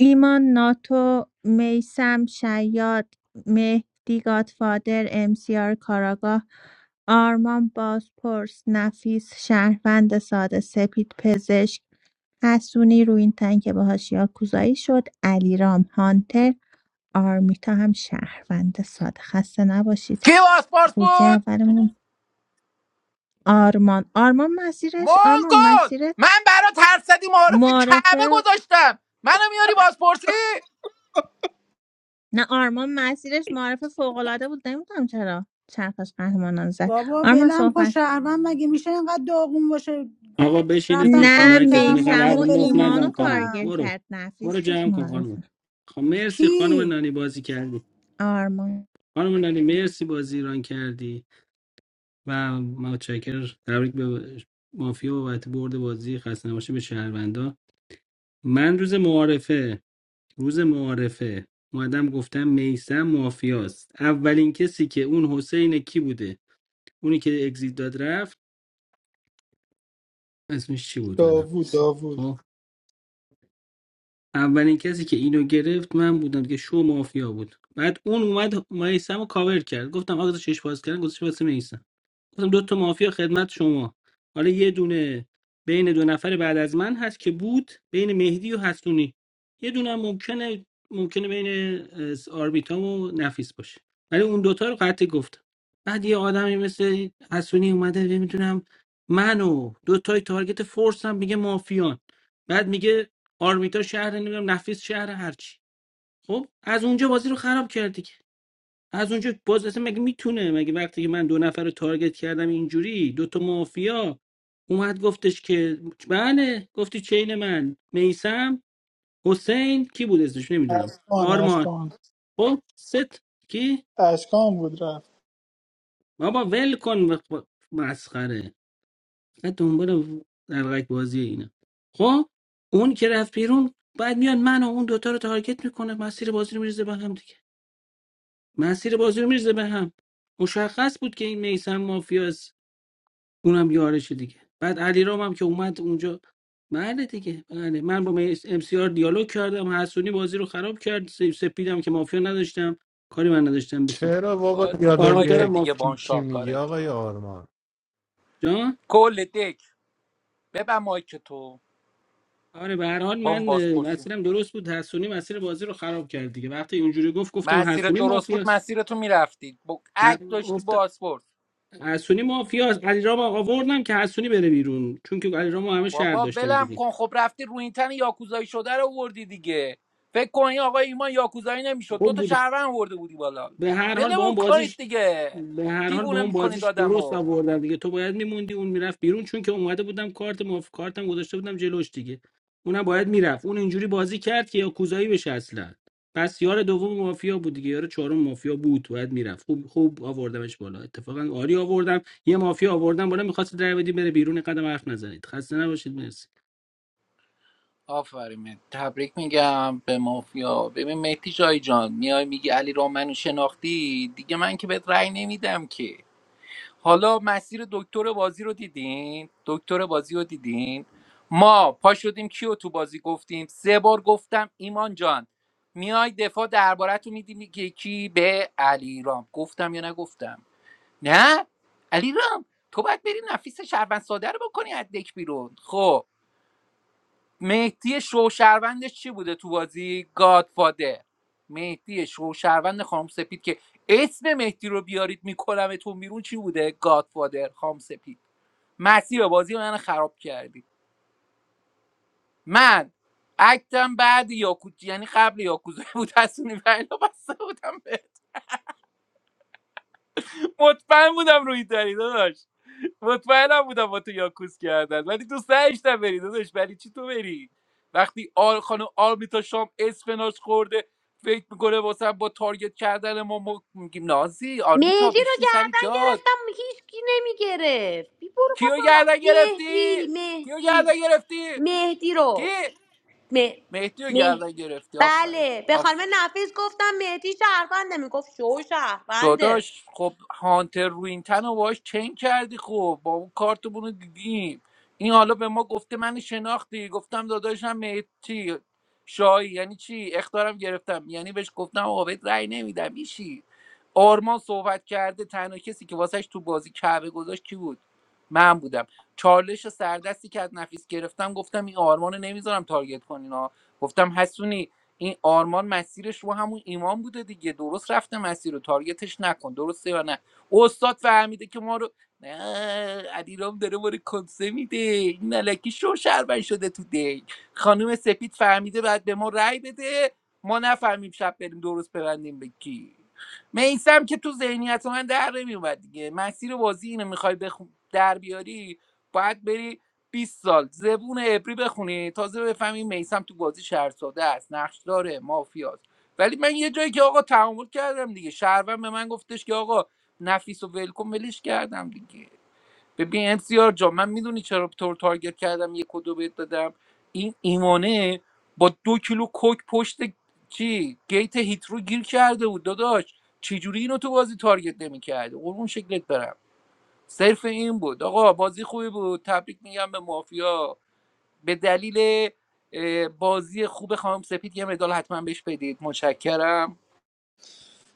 Speaker 1: ایمان ناتو میسم شیاد مهدی گادفادر امسیار کاراگاه آرمان بازپرس نفیس شهروند ساده سپید پزشک حسونی روی این تن که باهاش یاکوزایی شد علیرام هانتر آرمیتا هم شهروند ساده خسته نباشید
Speaker 6: کی پاسپورت
Speaker 1: خروجی
Speaker 6: بود
Speaker 1: اولمون آرمان آرمان مسیرش آرمان
Speaker 6: مونگول
Speaker 1: مسیرت
Speaker 6: من برا ترصدی معارف کعبه
Speaker 1: معرفه
Speaker 6: گذاشتم منو میاری بازپرسی
Speaker 1: نه آرمان مسیرش معرفه فوقالعاده بود نمیدونم چرا چرخش قهرمانان زد
Speaker 2: بابا
Speaker 1: آرمان
Speaker 2: بلم کن
Speaker 1: صحبت کن.
Speaker 2: شهروند مگه میشه اینقدر داغون باشه
Speaker 12: آقا بشینید
Speaker 2: رفتن
Speaker 12: پشت
Speaker 1: نه
Speaker 2: کاور کردن
Speaker 12: مایکتون اینقدر
Speaker 2: مافیا
Speaker 1: میسم
Speaker 12: حرف
Speaker 2: رو
Speaker 1: و
Speaker 12: مفت
Speaker 2: بلمون
Speaker 1: ایمان رو
Speaker 12: نزن خانم
Speaker 2: نمیکنن
Speaker 1: تارگت
Speaker 12: برو
Speaker 1: کرد
Speaker 12: برو
Speaker 1: نفیس بود
Speaker 12: جمع کن خانم
Speaker 1: معرفه
Speaker 12: خب مرسی خانم
Speaker 2: کی
Speaker 12: نانی بازی کردی
Speaker 1: آرمان
Speaker 12: خانم نانی مرسی بازی ایران کردی و متشکر تبریک به مافیا بابت برد بازی خسته نباشه به شهروندا من روز معارفه روز معارفه اومدم گفتم میسم مافیاست اولین کسی که اون حسین کی بوده اونی که اگزیت داد رفت اسمش چی بود یادم
Speaker 15: داوود
Speaker 12: نیست
Speaker 15: داوود
Speaker 12: خب اولین کسی که اینو گرفت من بودم که شو مافیا بود بعد اون اومد میسم رو کاور کرد گفتم آقا چش باز کردن گذاشت واسه میسم. مثلا دو تا مافیا خدمت شما حالا یه دونه بین دو نفر بعد از من هست که بود بین مهدی و حسونی یه دونه هم ممکنه ممکنه بین اه، آرمیتام و نفیس باشه ولی اون دوتا رو قطع گفت بعد یه آدمی مثل حسونی اومده نمیدونم من و دو تای تارگت فورس هم میگه مافیان بعد میگه آرمیتا شهر نمیدونم نفیس شهر هرچی خب از اونجا بازی رو خراب کردی از اونجا باز اصلا مگه میتونه مگه وقتی که من دو نفر رو تارگت کردم اینجوری دو تا مافیا اومد گفتش که بله گفتی چین من میسم حسین کی بود اسمش نمیدونم
Speaker 15: اشکان
Speaker 12: آرمان
Speaker 15: اشکان
Speaker 12: خب ست کی
Speaker 15: اشکان بود رفت
Speaker 12: بابا ول کن و- و- مسخره نه دنبال درقک بازی اینا خب اون که رفت بیرون بعد میان من و اون دوتا رو تارگت میکنه مسیر بازی رو میریزه به هم دیگه مسیر بازی رو میریزه به هم مشخص بود که این میسم مافیاست اونم یارشه دیگه بعد علیرام هم که اومد اونجا بله دیگه بله من با ام سی آر دیالوگ کردم حسونی بازی رو خراب کرد س- سپیدم که مافیا نداشتم کاری من نداشتم به سپید
Speaker 7: چرا بابا
Speaker 6: باز زیر
Speaker 12: کار میکردم
Speaker 6: مایکت
Speaker 7: دیالوگ
Speaker 6: دیگه
Speaker 12: مافیا
Speaker 6: با اون
Speaker 7: کیکی میگی
Speaker 6: شاکارت
Speaker 7: آقای آرمان
Speaker 12: جان
Speaker 6: کل دک ببن مایک تو
Speaker 12: آره به هر حال
Speaker 6: با اون
Speaker 12: من اه،
Speaker 6: بازپرسی
Speaker 12: مسیرم درست بود حسونی مسیر بازی رو خراب کرد دیگه وقتی اونجوری گفت گفتم
Speaker 6: مسیرت
Speaker 12: حسونی
Speaker 6: درست بود
Speaker 12: مافیاست
Speaker 6: مسیر تو میرفتی با عک
Speaker 12: ه-
Speaker 6: داشتی
Speaker 12: گفت
Speaker 6: بازپرس
Speaker 12: حسونی مافیاست علیرام آوردم که حسونی بره بیرون چون که علیرامو همه شهر
Speaker 6: بابا
Speaker 12: داشتن
Speaker 6: ولم
Speaker 12: دیگه
Speaker 6: کن خب رفتی رو این تن یاکوزایی شده رو آوردی دیگه فکر کن این آقای ایمان یاکوزایی نمیشد دو
Speaker 12: خوب
Speaker 6: تا
Speaker 12: بود
Speaker 6: شهروند ورده بودی بالا
Speaker 12: به هر حال با اون
Speaker 6: ولمون
Speaker 12: بازی
Speaker 6: کنید دیگه
Speaker 12: به هر حال با
Speaker 6: دیوونه
Speaker 12: اون
Speaker 6: میکنید
Speaker 12: بازیش درست
Speaker 6: آدمو
Speaker 12: آوردم دیگه تو باید میموندی اون میرفت بیرون چون که اومده بودم کارت ماف کارتم گذاشته بودم جلوش دیگه اونم باید میرفت اون اینجوری بازی کرد که یا کوزایی بشه اصلا پس یار دوم مافیا بود دیگه یار چهارم مافیا بود باید میرفت خوب خوب آوردمش بالا اتفاقا آری آوردم یه مافیا آوردم بالا میخواست در بدی بره بیرون قدم حرف نزنید خسته نباشید مرسی
Speaker 6: آفرین مهدی. تبریک میگم به مافیا ببین مهدی جای جان میای میگی علی را منو شناختی دیگه من که بهت رأی نمیدم که حالا مسیر دکتر بازی رو دیدین دکتر بازی رو دیدین ما پا شدیم کیو تو بازی گفتیم سه بار گفتم ایمان جان میای دفاع درباره تو میدی میگه کی به علیرام گفتم یا نگفتم نه علیرام تو باید بری نفیس شهروند ساده رو بکنی از دک بیرون خب مهدی شوشروندش چی بوده تو بازی گادفادر مهدی شوشروند خام سپید که اسم مهدی رو بیارید میکنمتون بیرون چی بوده گادفادر خام سپید مسیر بازی من خراب کردی من اکتم بعد یاکوت یعنی قبل یاکوزا بود تصونی بلا بسته بودم به مطمئن بودم روی داری داداش مطمئنم بودم با تو یاکوس کردن ولی تو سعیشتم بری داداش ولی چی تو بری وقتی آر خانم آرمیتا شام اسفناج خورده فکر میکنه واسه با تارگت کردن ما ما میگیم نازی آرمیتا
Speaker 4: مهدی رو
Speaker 6: بشین سر
Speaker 4: گردن
Speaker 6: جاد
Speaker 4: گرفتم هیچکی نمیگرفت بی برو
Speaker 6: کیو
Speaker 4: بابا
Speaker 6: گردن گرفتی
Speaker 4: مهدی
Speaker 6: کیو
Speaker 4: مهدی
Speaker 6: گردن گرفتی
Speaker 4: مهدی
Speaker 6: کی
Speaker 4: رو مه...
Speaker 6: مهدی رو
Speaker 4: مه...
Speaker 6: گردن گرفتی
Speaker 4: بله به خانم
Speaker 6: آفر
Speaker 4: نفیس گفتم مهدی شهرونده میگفت شو شهرونده
Speaker 6: داداش خب هانتر رو این تن رو باهاش چین کردی خب با اون کارتمون رو دیدیم این حالا به ما گفته من شناختی گفتم داداشم چی شاهی یعنی چی اختارم گرفتم یعنی بهش گفتم آقا بهت رأی نمیدم ایشی آرمان صحبت کرده تنها کسی که واسهش تو بازی کعبه گذاشت کی بود من بودم چالش سردستی که از نفیس گرفتم گفتم این آرمان رو نمیذارم تارگت کنین ها گفتم حسونی این آرمان مسیرش رو همون ایمان بوده دیگه درست رفته مسیر رو تارگتش نکن درسته یا نه استاد فهمیده که ما رو نه علیرام داره ما رو کنسه میده این علکی شو شربن شده تو دی خانم سپید فهمیده بعد به ما رأی بده ما نفهمیم شب بریم درست ببندیم به کی میسم که تو ذهنیت من در نمیومد دیگه مسیر بازی اینو میخوای بخ... در بیاری باید بری 20 سال زبون عبری بخونی تازه بفهمی میسم تو بازی شهرساده است نقش داره مافیاست ولی من یه جایی که آقا تعامل کردم دیگه شهروند به من گفتش که آقا نفیس و ولکن ولش کردم دیگه ببین امسیار جا من میدونی چرا طور تارگت کردم یه کدو بهت دادم این ایمانه با دو کیلو کوک پشت چی گیت هیترو گیر کرده بود داداش چجوری اینو تو بازی تارگت نمیکرده قربون شکلت برم صرف این بود آقا بازی خوبی بود تبریک میگم به مافیا به دلیل بازی خوب خانم سپید یه مدال حتما بهش بدید متشکرم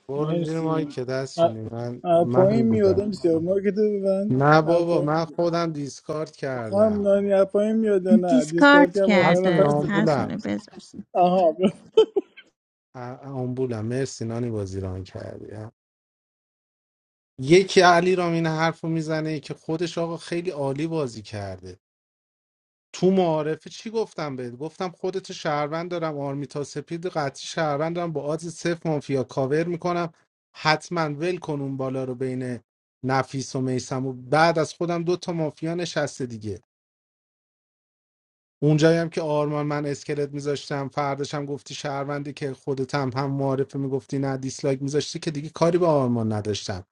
Speaker 7: برو زیر مایی
Speaker 15: مرسی
Speaker 7: که
Speaker 15: ا-
Speaker 7: دستونی من
Speaker 15: ا-
Speaker 7: من
Speaker 15: پایین
Speaker 7: بودم
Speaker 15: میادم سیاه مارکت رو ببند
Speaker 7: نه
Speaker 15: ا-
Speaker 7: بابا
Speaker 15: پایین
Speaker 7: من خودم دیسکارد
Speaker 15: خانم
Speaker 7: کردم
Speaker 15: نانی ا- پایین میاد یا نه دیسکارد
Speaker 1: دیسکارد
Speaker 15: هم آخر
Speaker 7: هستونی
Speaker 15: نفر
Speaker 1: کرده
Speaker 15: زد
Speaker 7: آمبولم
Speaker 1: هرسونه بذارسید
Speaker 15: آها
Speaker 7: ا- آمبولم مرسی نانی بازی ران کردی یکی علی رام این حرف رو میزنه که خودش آقا خیلی عالی بازی کرده تو معارفه چی گفتم بهت گفتم خودت شهروند دارم آرمیتا سپید قطعی شهروند دارم با آدز صفر مافیا کاور میکنم حتما ول کن اون بالا رو بین نفیس و میسم و بعد از خودم دو تا مافیا نشسته دیگه اونجایی هم که آرمان من اسکلت میذاشتم فرداش هم گفتی شهروندی که خودت هم هم معارفه میگفتی نه دیسلایک میذاشتی که دیگه کاری به آرمان نداشتم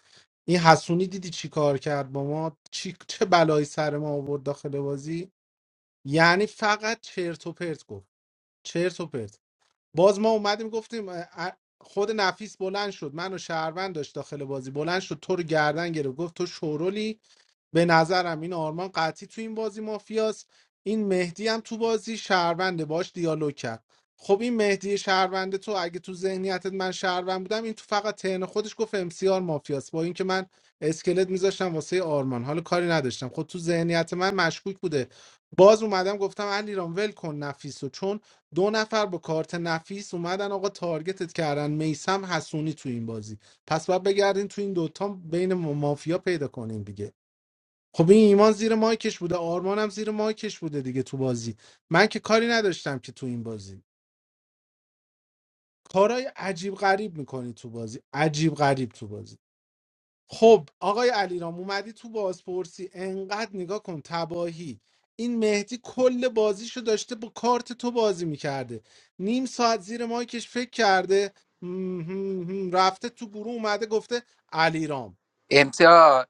Speaker 7: این حسونی دیدی چی کار کرد با ما چی چه بلایی سر ما آورد داخل بازی یعنی فقط چرت و پرت گفت چرت و پرت باز ما اومدیم گفتیم اه، اه، خود نفیس بلند شد منو شهروند داشت داخل بازی بلند شد تو رو گردن گرفت گفت تو شورولی به نظرم این آرمان قطعی تو این بازی مافیاست این مهدی هم تو بازی شهرونده باش دیالوگ کرد خب این مهدی شهرونده تو اگه تو ذهنیتت من شهروند بودم این تو فقط تهن خودش گفت امسیار مافیاست با اینکه من اسکلت میذاشتم واسه آرمان حالا کاری نداشتم خب تو ذهنیت من مشکوک بوده باز اومدم گفتم علیرام رام ول کن نفیس چون دو نفر با کارت نفیس اومدن آقا تارگتت کردن میسم حسونی تو این بازی پس باید بگردین تو این دوتا بین مافیا پیدا کنین دیگه خب این ایمان زیر مایکش بوده آرمانم زیر مایکش بوده دیگه تو بازی من که کاری نداشتم که تو این بازی کارای عجیب غریب میکنی تو بازی عجیب غریب تو بازی خب آقای علیرام اومدی تو بازپرسی انقدر نگاه کن تباهی این مهدی کل بازیشو داشته با کارت تو بازی میکرده نیم ساعت زیر مایکش فکر کرده م- هم- هم. رفته تو گروه اومده گفته علیرام
Speaker 6: امتیاز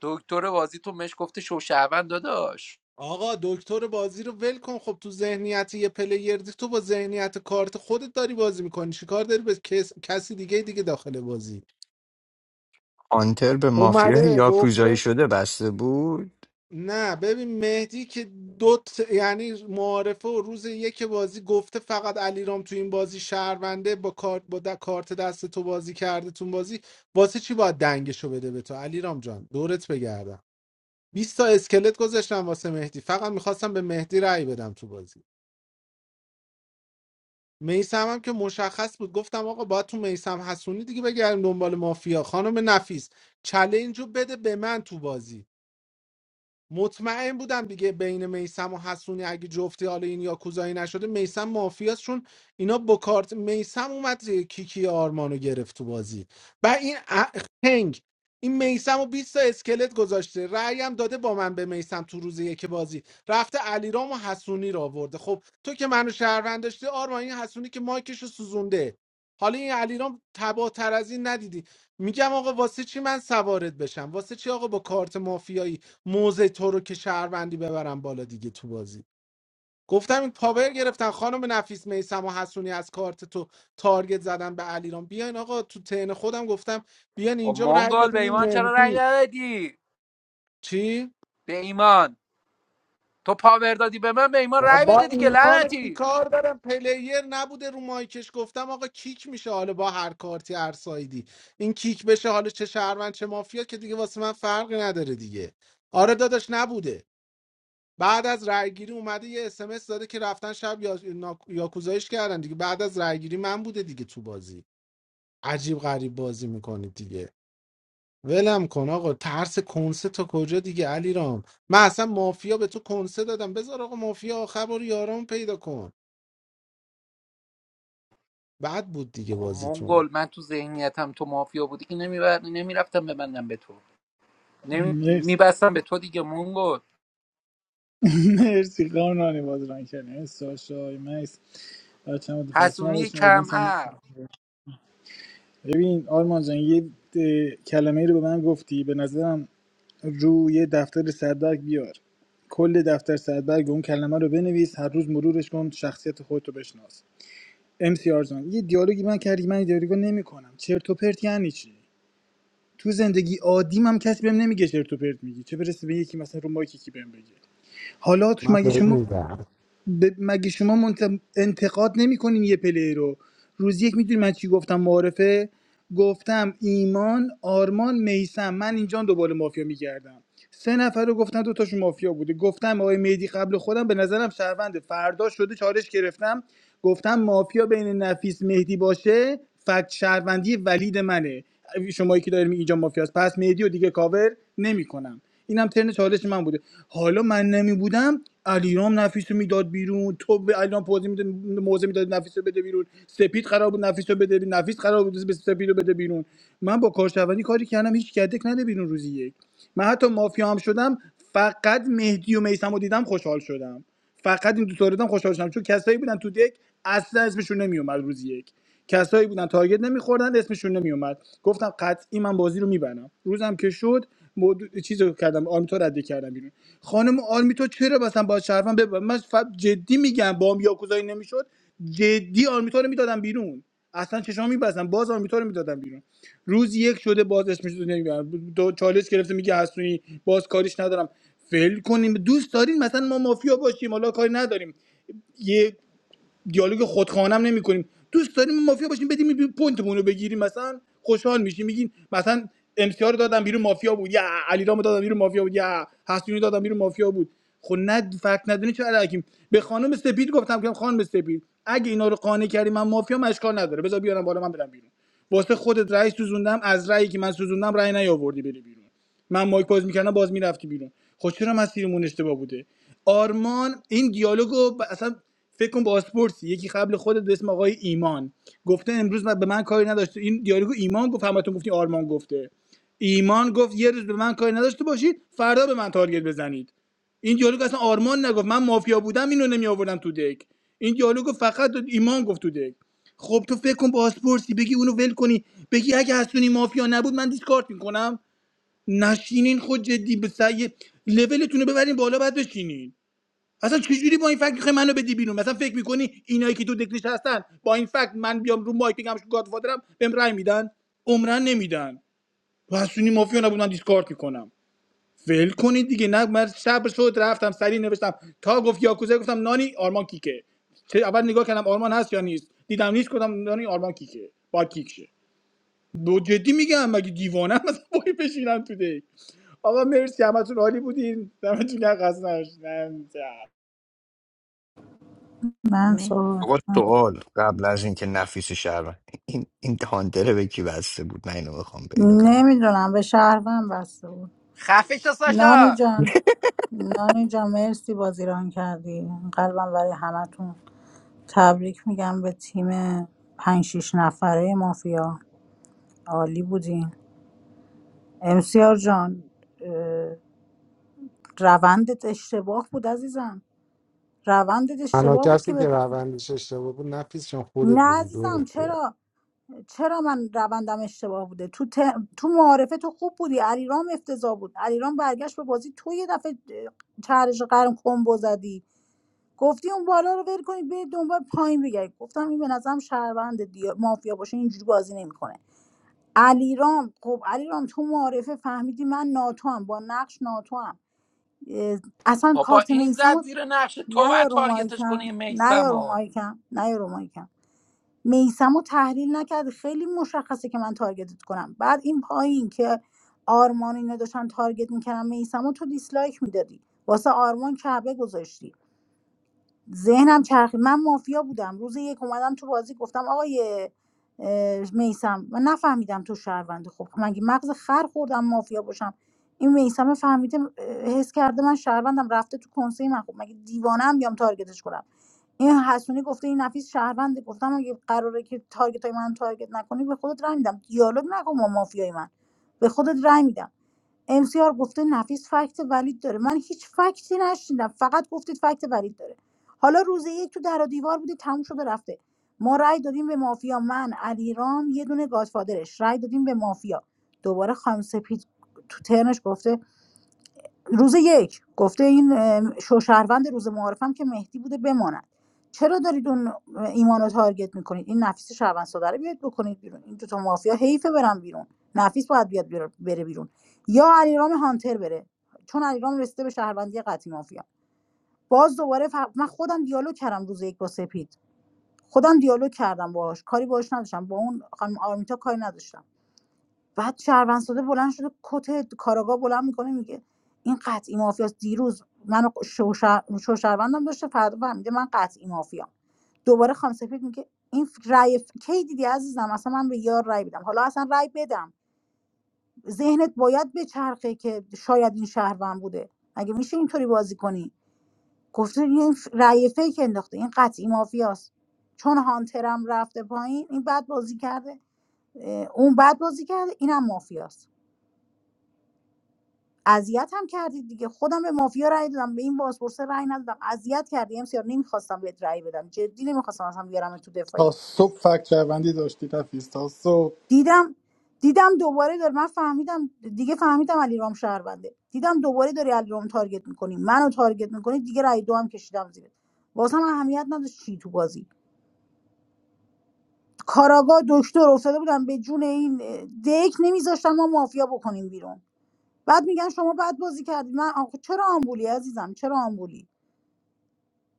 Speaker 6: دکتر بازی تو مش گفته شوشهوند داداش
Speaker 7: آقا دکتر بازی رو ول کن خب تو ذهنیت یه پلیر دی تو با ذهنیت کارت خودت داری بازی میکنی چیکار داری به کس... کسی دیگه دیگه داخل بازی
Speaker 9: هانتر به مافیا
Speaker 7: اومده
Speaker 9: یا کوزایی
Speaker 7: گفته
Speaker 9: شده بسته بود
Speaker 7: نه ببین مهدی که دو ت- یعنی معارفه و روز یک بازی گفته فقط علیرام تو این بازی شهرونده با کارت با د- کارت دست تو بازی کرده تو بازی واسه چی باید دنگشو بده به تو علیرام جان دورت بگردم 20 تا اسکلت گذاشتم واسه مهدی فقط میخواستم به مهدی رأی بدم تو بازی میسم هم که مشخص بود گفتم آقا باید تو میسم حسونی دیگه بگردیم دنبال مافیا خانم نفیس چلنج رو بده به من تو بازی مطمئن بودم دیگه بین میسم و حسونی اگه جفتی حالا این یاکوزایی نشده میسم مافیاست چون اینا با کارت میسم اومد کیکی آرمانو گرفت تو بازی و این ا- خنگ این میسم و 20 تا اسکلت گذاشته رأی هم داده با من به میسم تو روز یک بازی رفته علیرام و حسونی را آورده خب تو که منو شهروند داشتی آرمان این حسونی که مایکش رو سوزونده حالا این علیرام تباتر از این ندیدی میگم آقا واسه چی من سوارت بشم واسه چی آقا با کارت مافیایی موضع تو رو که شهروندی ببرم بالا دیگه تو بازی گفتم این پاور گرفتن خانم نفیس میسم و حسونی از کارت تو تارگت زدن به علیرام بیاین آقا تو تن خودم گفتم بیاین
Speaker 6: و
Speaker 7: اینجا رای
Speaker 6: مونگال به
Speaker 7: بدین
Speaker 6: ایمان چرا رای
Speaker 7: مهدی
Speaker 6: ندادی
Speaker 7: چی
Speaker 6: به ایمان تو پاور دادی به من به ایمان
Speaker 7: با
Speaker 6: رای
Speaker 7: با
Speaker 6: بده دیگه
Speaker 7: ایمان
Speaker 6: لعنتی
Speaker 7: کار دارم پلیر نبوده رو مایکش گفتم آقا کیک میشه حالا با هر کارتی هر سایدی این کیک بشه حالا چه شهروند چه مافیا که دیگه واسه من فرقی نداره دیگه آره داداش نبوده بعد از رأیگیری اومده یه اسمس داده که رفتن شب یا... نا... یاکوزایش کردن دیگه بعد از رأیگیری من بوده دیگه تو بازی عجیب غریب بازی میکنید دیگه ولم کن آقا ترس کنسه تا کجا دیگه علی من اصلا مافیا به تو کنسه دادم بذار آقا مافیا خبر یارم پیدا کن بعد بود دیگه
Speaker 6: خب
Speaker 7: بازیتون
Speaker 6: مونگال من تو ذهنیتم تو مافیا بودی که نمیبر... نمیرفتم ببندم به تو نمی...
Speaker 15: مرسی
Speaker 6: میبستم به تو دیگه مونگال
Speaker 15: مرسی خانم نانی باز ران کردیم مرسی ساشا آی مکس بچه هم خسته
Speaker 6: حسونی
Speaker 15: نباشین
Speaker 6: کم
Speaker 15: اودینس هم مرسی.
Speaker 6: عقل
Speaker 15: ببین آرمان جان یه اه، کلمه ای رو به من گفتی به نظرم روی دفتر صدبرگ بیار کل دفتر صدبرگ اون کلمه رو بنویس هر روز مرورش کن شخصیت خودت رو بشناس ام سی آر جان یه دیالوگی من کردی من این دیالوگو نمیکنم چرت و پرت یعنی چی تو زندگی عادیم هم کسی بهم نمیگه چرت و پرت میگی چه برسه به یکی مثلا رو مایک کی بهم بگه حالا تو
Speaker 7: من
Speaker 15: مگه
Speaker 7: بهت
Speaker 15: شما
Speaker 7: میدم
Speaker 15: ب- مگه شما منت- انتقاد نمیکنین یه پلی رو روز یک میدونی من چی گفتم معارفه گفتم ایمان آرمان میسم من اینجا دنبال مافیا میگردم سه نفر رو گفتن دو تاشون مافیا بوده گفتم آقای مهدی قبل خودم به نظرم شهروند فردا شده چالش گرفتم گفتم مافیا بین نفیس مهدی باشه فکت شهروندی ولید منه شمایی که داریم اینجا مافیاست پس مهدی و دیگه کاور نمیکنم اینم ترن چالش من بوده حالا من نمی بودم علیرام نفیس رو میداد بیرون تو به علیرام پوزی میده موزه میداد نفیس رو بده بیرون سپید قرار بود نفیس رو بده بیرون نفیس قرار بود به سپید رو بده بیرون من با کارشوانی کاری کردم هیچ کدک نده بیرون روزی یک من حتی مافیا هم شدم فقط مهدی و میسم رو دیدم خوشحال شدم فقط این دو تا رو دیدم خوشحال شدم چون کسایی بودن تو دک اصلا اسمشون نمیومد روز یک کسایی بودن تارگت نمیخوردن اسمشون نمیومد گفتم قطعی من بازی رو میبرم روزم که شد مود... چیز رو کردم آرمیتا رد کردم بیرون خانم آرمیتا چرا مثلا با شرفم بب... من ف- جدی میگم با هم یاکوزایی نمیشد جدی آرمیتا رو میدادم بیرون اصلا چشام میبستم باز آرمیتا رو میدادم بیرون روز یک شده باز اسمش رو نمیبرم دو چالش گرفته میگه حسونی باز کاریش ندارم فیل کنیم دوست دارین مثلا ما مافیا باشیم حالا کاری نداریم یه دیالوگ خودخوانم نمی‌کنیم. کنیم دوست داریم مافیا باشیم بدیم بی- رو بگیریم مثلا خوشحال میشیم میگین مثلا امسیار رو دادم بیرون مافیا بود یا علیرامو دادم بیرون مافیا بود یا حسینی دادم بیرون مافیا بود خب نه فکت ندونی چه علکیم به خانم سپید گفتم که خانم سپید اگه اینا رو قانع کردی من مافیا مشکل نداره بذار بیارم بالا من برم بیرون واسه خودت رأی سوزوندم از رأیی که من سوزوندم رأی نیاوردی بری بیرون من مایک باز میکردم باز میرفتی بیرون خب چرا مسیرمون اشتباه بوده آرمان این دیالوگو ب- اصلا فکر کن با اسپورتسی یکی قبل خودت به اسم آقای ایمان گفته امروز من- به من کاری نداشته این دیالوگو ایمان گفت همتون گفتی آرمان گفته ایمان گفت یه روز به من کاری نداشته باشید فردا به من تارگت بزنید این دیالوگ اصلا آرمان نگفت من مافیا بودم اینو نمی آوردم تو دک این دیالوگو فقط ایمان گفت تو دک خب تو فکر کن با اسپورتسی بگی اونو ول کنی بگی اگه حسونی مافیا نبود من دیسکارت میکنم نشینین خود جدی به سعی لولتون رو ببرین بالا بعد بشینین اصلا چجوری با این فکر میخوای منو بدی بیرون مثلا فکر میکنی اینایی که تو دکلش هستن با این فکر من بیام رو مایک بگم گاد فادرم بهم رای میدن عمرن نمیدن پسونی مافیا نبود من دیسکارد میکنم ول کنید دیگه نه من شب شد رفتم سری نوشتم تا گفت یاکوزا گفتم نانی آرمان کیکه چه- اول نگاه کردم آرمان هست یا نیست دیدم نیست گفتم نانی آرمان کیکه با کیک دو جدی میگم مگه دیوانه مثلا وای بشینم تو دک آقا مرسی همتون عالی بودین دمتون گرم خسته نباشید.
Speaker 2: من صحبت
Speaker 9: آقا سوال قبل از اینکه نفیس شهر این این هانتر به کی بسته بود من اینو بخوام پیدا کنم
Speaker 2: نمیدونم به شهروند بسته بود.
Speaker 6: خفش
Speaker 2: نانی
Speaker 6: ساشا
Speaker 2: جان نانی جان مرسی بازیران کردی قلبم برای همتون تبریک میگم به تیم پنج شیش نفره مافیا عالی بودین امسیار جان اه، روندت اشتباه بود عزیزم روندت
Speaker 7: تنها
Speaker 2: اشتباه بود که
Speaker 7: کسی که
Speaker 2: به
Speaker 7: روندش اشتباه بود نفیس چون خودت
Speaker 2: نه
Speaker 7: بودی
Speaker 2: عزیزم
Speaker 7: دورت بگردم.
Speaker 2: چرا چرا من روندم اشتباه بوده تو ت... تو معارفه تو خوب بودی علیرام افتضاح بود علیرام برگشت به بازی تو یه دفعه اه، چهرش قرن کمبو زدی گفتی اون بالا رو ول کنید برید دنبال پایین بگردید گفتم این به نظرم شهروند دیا... مافیا باشه اینجوری بازی نمیکنه علیرام خب علیرام تو معارفه فهمیدی من ناتو هم با نقش ناتو هم اصلا
Speaker 6: بابا
Speaker 2: کارت
Speaker 6: این زد
Speaker 2: میسمو
Speaker 6: زیر نقش تو و
Speaker 2: نیا رو
Speaker 6: تارگتش
Speaker 2: مایکم
Speaker 6: کنی
Speaker 2: نیا
Speaker 6: میسم
Speaker 2: رو
Speaker 6: و
Speaker 2: مایکم نیا رو مایکم میسمو تحلیل نکرد خیلی مشخصه که من تارگتت کنم بعد این پایین که آرمان اینا داشتن تارگت میکردم میسمو تو دیسلایک میدادی واسه آرمان کعبه گذاشتی ذهنم چرخی من مافیا بودم روز یک اومدم تو بازی گفتم آقای میسم من نفهمیدم تو شهروندی خب مگه مغز خر خوردم مافیا باشم این میسم فهمیده اه، حس کرده من شهروندم رفته تو کنسه من خب مگه دیوانه ام بیام تارگتش کنم این حسونی گفته این نفیس شهرونده گفتم اگه قراره که تارگت های من تارگت نکنی به خودت رای میدم دیالوگ نکن با مافیای من به خودت رای میدم امسیار گفته نفیس فکت ولید داره من هیچ فکتی نشیندم فقط گفتید فکت ولید داره حالا روز یک تو در و دیوار بودی تموم شده رفته ما رأی دادیم به مافیا من علیرام یه دونه گادفادرش رأی دادیم به مافیا دوباره خانم سپید تو ترنش گفته روز یک گفته این ام، شوشهروند روز معارفم که مهدی بوده بماند چرا دارید اون ایمانو رو تارگت میکنید این نفیس شهروند ساده رو بیاید بکنید بیرون این دوتا مافیا حیفه برن بیرون نفیس باید بیاد بیرون- بره بیرون یا علیرام هانتر بره چون علیرام رسیده به شهروندی قطعی مافیا باز دوباره ف... من خودم دیالوگ کردم روز یک با سپید خودم دیالوگ کردم باهاش کاری باهاش نداشتم با اون خانم آرمیتا کاری نداشتم بعد شهروند ساده بلند شده کت کاراگاه بلند میکنه میگه این قطعی مافیاست دیروز منو شوشر... شوشروندم داشته فردا فهمیده من قطعی مافیام دوباره خانم سفید میگه این ف- رای کی دیدی عزیزم اصلا من به یار رای بدم حالا اصلا رای بدم ذهنت باید به چرخه که شاید این شهروند بوده مگه میشه اینطوری بازی کنی گفته این ف- رای فیک انداخته این قطعی مافیاست چون هانترم رفته پایین این بد بازی کرده اه، اون بد بازی کرده اینم مافیاست اذیت هم کردید دیگه خودم به مافیا رأی دادم به این بازپرس رأی ندادم اذیت کردی ام سیار نمیخواستم بهت رأی بدم جدی نمیخواستم اصلا بیارم تو
Speaker 15: تا
Speaker 2: دفاعیه
Speaker 15: صبح فکر شهروندی داشتی تفیز تا صبح
Speaker 2: دیدم دیدم دوباره داره من فهمیدم دیگه فهمیدم علی رام شهرونده دیدم دوباره داری علی رام تارگت میکنی منو تارگت میکنی دیگه رأی دو هم کشیدم زیر من اهمیت نداشت چی تو بازی کاراگا دکتر افتاده بودم به جون این اه، دک نمیذاشتن ما مافیا بکنیم بیرون بعد میگن شما بعد بازی کردی من آخه چرا آمبولی عزیزم چرا آمبولی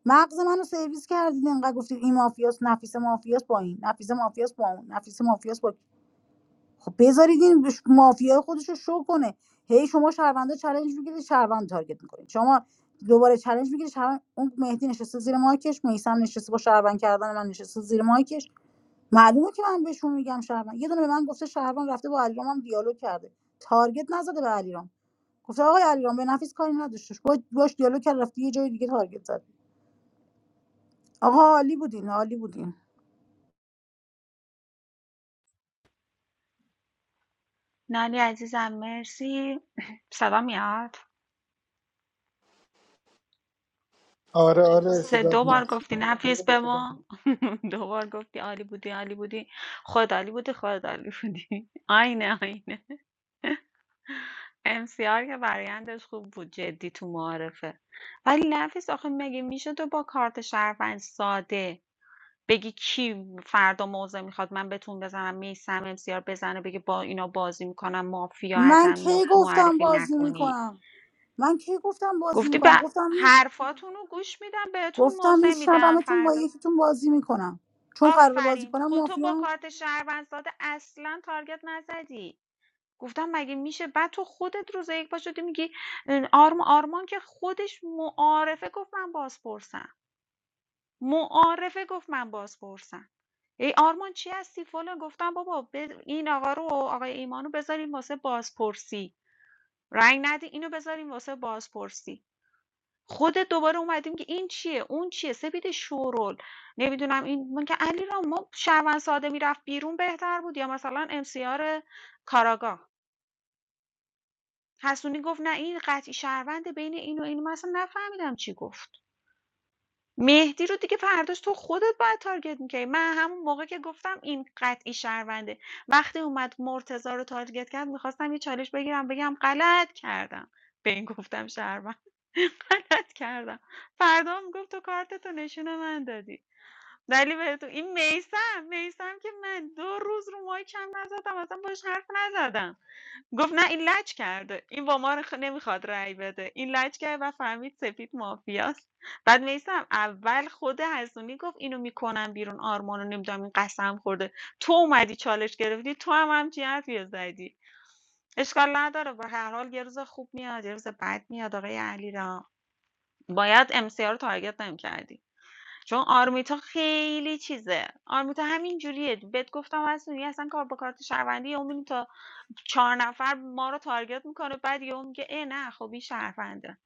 Speaker 2: مغز منو سرویس کردید انقدر گفتید این مافیاس نفیس مافیاس با این نفیس مافیاس با اون نفیس مافیاس با خب بذارید این بش- مافیای خودش رو شو کنه هی شما شهروندا چالش میگیرید شهروند تارگت میکنید شما دوباره چالش میگیرید شهروند اون مهدی نشسته زیر مایکش میسم نشسته با شهروند کردن من نشسته زیر مایکش معلومه که من بهشون میگم شهروند یه دونه به من گفته شهروند رفته با علیرام هم دیالوگ کرده تارگت نزده به علیرام گفته آقای علیرام به نفیس کاری نداشتش باش باش دیالوگ کرد رفته یه جای دیگه تارگت زد آقا عالی بودین عالی بودین
Speaker 5: نه
Speaker 15: آره آره صدات میاد
Speaker 5: گفتی نفیس به ما [LAUGHS] دوبار گفتی عالی بودی عالی بودی خود عالی بودی خود عالی بودی [LAUGHS] آینه آینه MCR که برایندش خوب بود جدی تو معارفه ولی نفیس آخه مگه میشه تو با کارت شهروند ساده بگی کی فردا موضع میخواد من بتون بزنم میسم امسیار بزنه بگی با اینا بازی میکنم مافیا
Speaker 2: من کی
Speaker 5: حتما م-
Speaker 2: گفتم
Speaker 5: معرفی
Speaker 2: بازی
Speaker 5: نکنی
Speaker 2: میکنم من کی گفتم بازی
Speaker 5: گفتی به
Speaker 2: میکنم گفتم میش
Speaker 5: حرفاتون رو گوش میدم بهتون
Speaker 2: گفتم
Speaker 5: موضع میدم
Speaker 2: میشنومتون با
Speaker 5: فردا
Speaker 2: یکیتون بازی میکنم چون قرار بازی
Speaker 5: آفرین
Speaker 2: کنم
Speaker 5: خودتو با
Speaker 2: مافیام
Speaker 5: کارت شهروند ساده اصلا تارگت نزدی گفتم مگه میشه بعد تو خودت روز یک پا شدی میگی اه، آرم آرمان که خودش معارفه گفت من بازپرسم معارفه گفت من بازپرسم ای آرمان چی هستی فلان گفتم بابا بذار این آقا رو آقای ایمانو بذاریم واسه بازپرسی رنگ ندی اینو بذاریم واسه بازپرسی خودت دوباره اومدیم که این چیه اون چیه سپید شورول نمیدونم این من که علی را ما شهروند ساده میرفت بیرون بهتر بود یا مثلا ام سی آر کاراگاه حسونی گفت نه این قطعی شهرونده بین این و این من اصلا نفهمیدم چی گفت مهدی رو دیگه فرداش تو خودت باید تارگت میکردی من همون موقع که گفتم این قطعی شهرونده وقتی اومد مرتضی رو تارگت کرد میخواستم یه چالش بگیرم بگم غلط کردم به این گفتم شهروند [LAUGHS] غلط کردم فردا میگفت تو کارتتو نشون من دادی ولی به تو این میسم میسم که من دو روز رو مای کم نزدم اصلا باش حرف نزدم گفت نه این لج کرده این با ما خ- نمیخواد رأی بده این لج کرد و فهمید سپید مافیاست بعد میسم اول خود حسونی گفت اینو میکنم بیرون آرمانو نمیدونم این قسم خورده تو اومدی چالش گرفتی تو هم همچین حرفی رو زدی اشکال نداره به هر حال یه روز خوب میاد یه روز بد میاد آقای علی را باید امسیار رو تارگت نمیکردی چون آرمیتا خیلی چیزه آرمیتا همین جوریه بهت گفتم حسونی اصلا کار با کارت شهروندی اون چهار نفر ما رو تارگت میکنه بعد یهو میگه ای نه خب این شهرونده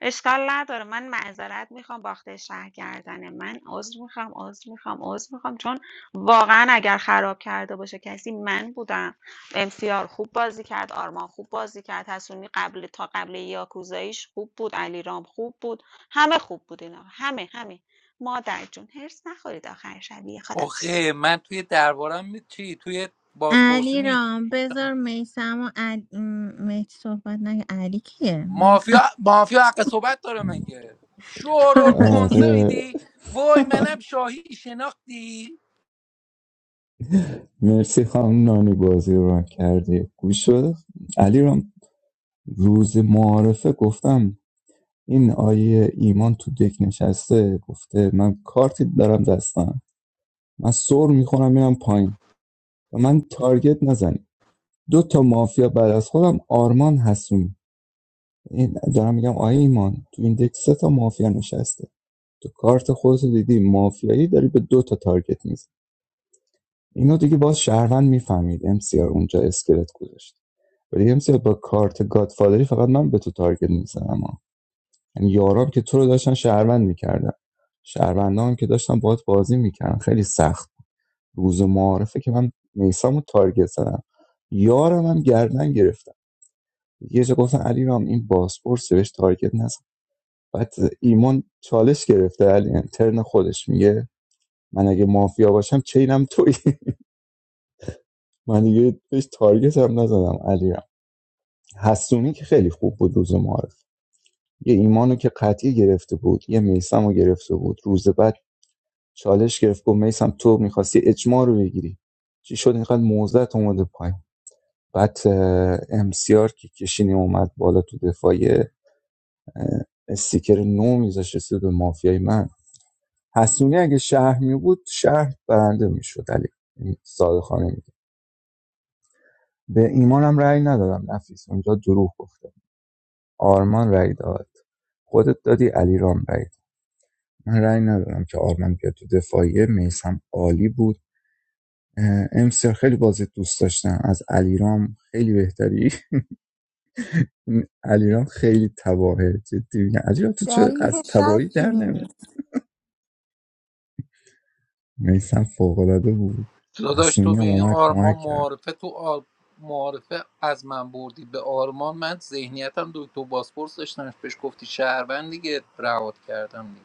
Speaker 5: اشکال نداره من معذرت میخوام باخته شهر کردنه من عذر میخوام عذر میخوام عذر میخوام چون واقعا اگر خراب کرده باشه کسی من بودم امسیار خوب بازی کرد آرمان خوب بازی کرد حسونی قبل تا قبل یاکوزاییش خوب بود علیرام خوب بود همه خوب بود اینا همه همه مادر جون هرس نخورید آخر شب یه خدا
Speaker 6: آخه من توی دربارم می چی توی بازپرسی
Speaker 1: علی
Speaker 6: می چی
Speaker 1: رام
Speaker 6: گفتم
Speaker 1: بذار میسم و علی م، مهدی صحبت نگه علی کیه
Speaker 6: مافیا مافیا حق صحبت داره مگه شورول کنسه
Speaker 1: [LAUGHS]
Speaker 16: آره
Speaker 6: میدی وای منم شاهی شناختی
Speaker 16: مرسی خانم نانی بازی رو ران کردی گوش شد علی رام روز معارفه گفتم این آیه ایمان تو دک نشسته گفته من کارتی دارم دستم من سر میخورم میرم پایین و من تارگت نزنیم دو تا مافیا بعد از خودم آرمان هستم. این دارم میگم آیه ایمان تو این دک سه تا مافیا نشسته تو کارت خودت دیدی مافیایی داری به دو تا تارگت میزنی اینو دیگه باز شهروند میفهمید امسیار اونجا اسکلت گذاشت ولی امسیار با کارت گادفادری فقط من به تو تارگت میزنم یعنی یارام که تو رو داشتن شهروند میکردن شهروندان هم که داشتن باهات بازی میکردن خیلی سخت روز معارفه که من میسامو تارگت زدم یارم هم گردن گرفتم یه جا گفتن علی این باسپورس بهش تارگت نزن بعد ایمان چالش گرفته علی ترن خودش میگه من اگه مافیا باشم چینم تویی [LAUGHS] من دیگه بهش تارگت هم نزدم علی حسونی که خیلی خوب بود روز معارف یه ایمانو که قطعی گرفته بود یه میسمو گرفته بود روز بعد چالش گرفت گفت میسم تو میخواستی اجماع رو بگیری چی شد اینقدر موزت اومده پایین بعد امسیار که کشینی اومد بالا تو دفاعی استیکر نو میذاشه سود به مافیای من حسونی اگه شهر می بود شهر برنده میشد علی این ساده خانه میگه به ایمانم رأی ندادم نفیس اونجا دروغ گفته آرمان رأی داد خودت دادی علی رام رأی داد. من رأی ندادم که آرمان بیاد تو دفاعیه میسم عالی بود اه، امسیار خیلی بازی دوست داشتم از علیرام خیلی بهتری علیرام خیلی تباهه جدی میگم علیرام تو
Speaker 2: در
Speaker 16: چه
Speaker 2: این که
Speaker 16: از تباهی
Speaker 2: شک
Speaker 16: در نمیاد میسم فوقالعاده بود
Speaker 6: داداش
Speaker 16: حسونی
Speaker 6: تو به
Speaker 16: هم
Speaker 6: این
Speaker 16: اومد کمک
Speaker 6: آرمان
Speaker 16: کرد
Speaker 6: معارفه تو آر... معارفه از من بردی به آرمان من ذهنیتم دو تو بازپرس داشتم بهش گفتی شهروند دیگه رعات کردم دیگه.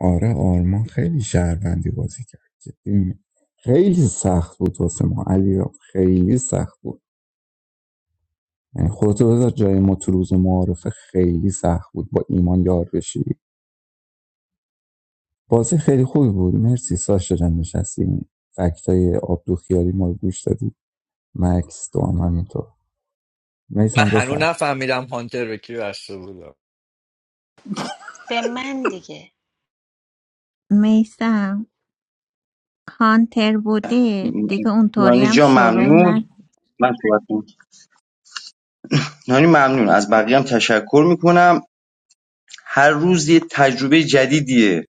Speaker 16: آره آرمان خیلی شهروندی بازی کرد جدی میگم خیلی سخت بود واسه ما علیرام خیلی سخت بود یعنی خودتو بذار جای ما تو روز معارفه خیلی سخت بود با ایمان یار بشی بازی خیلی خوبی بود مرسی ساشا جان نشستی فکتای های آبدو خیالی ما رو گوش دادی مکس تو هم همینطور
Speaker 9: من
Speaker 16: میسم
Speaker 9: هنوز
Speaker 16: بفرم
Speaker 9: نفهمیدم هانتر به کی بسته بود
Speaker 5: به من دیگه
Speaker 1: میسم کانتر بوده دیگه اونطوری
Speaker 3: نانی
Speaker 1: هم
Speaker 3: جان
Speaker 1: شورول
Speaker 3: ممنون
Speaker 1: نه
Speaker 3: من صحبت کنم. نانی ممنون از بقیه هم تشکر میکنم هر روز یه تجربه جدیدیه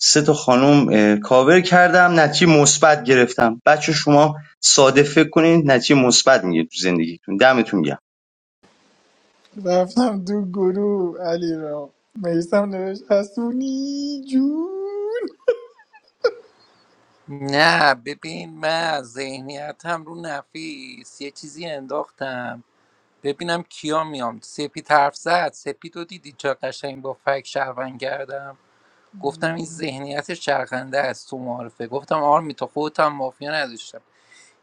Speaker 3: سه تا خانم کاور کردم نتیجه مثبت گرفتم بچه شما ساده فکر کنین نتیجه مثبت میگه تو زندگیتون دمتون گرم
Speaker 15: رفتم دو گروه علی را میسم نوشت حسونی جون
Speaker 6: نه ببین من ذهنیت هم رو نفیس یه چیزی انداختم ببینم کیا میام سپید حرف زد سپید رو دیدی چه قشنگ با فک شهروند کردم گفتم این ذهنیت شرقنده است تو معارفه گفتم آرمی تو خودت هم مافیا نداشتم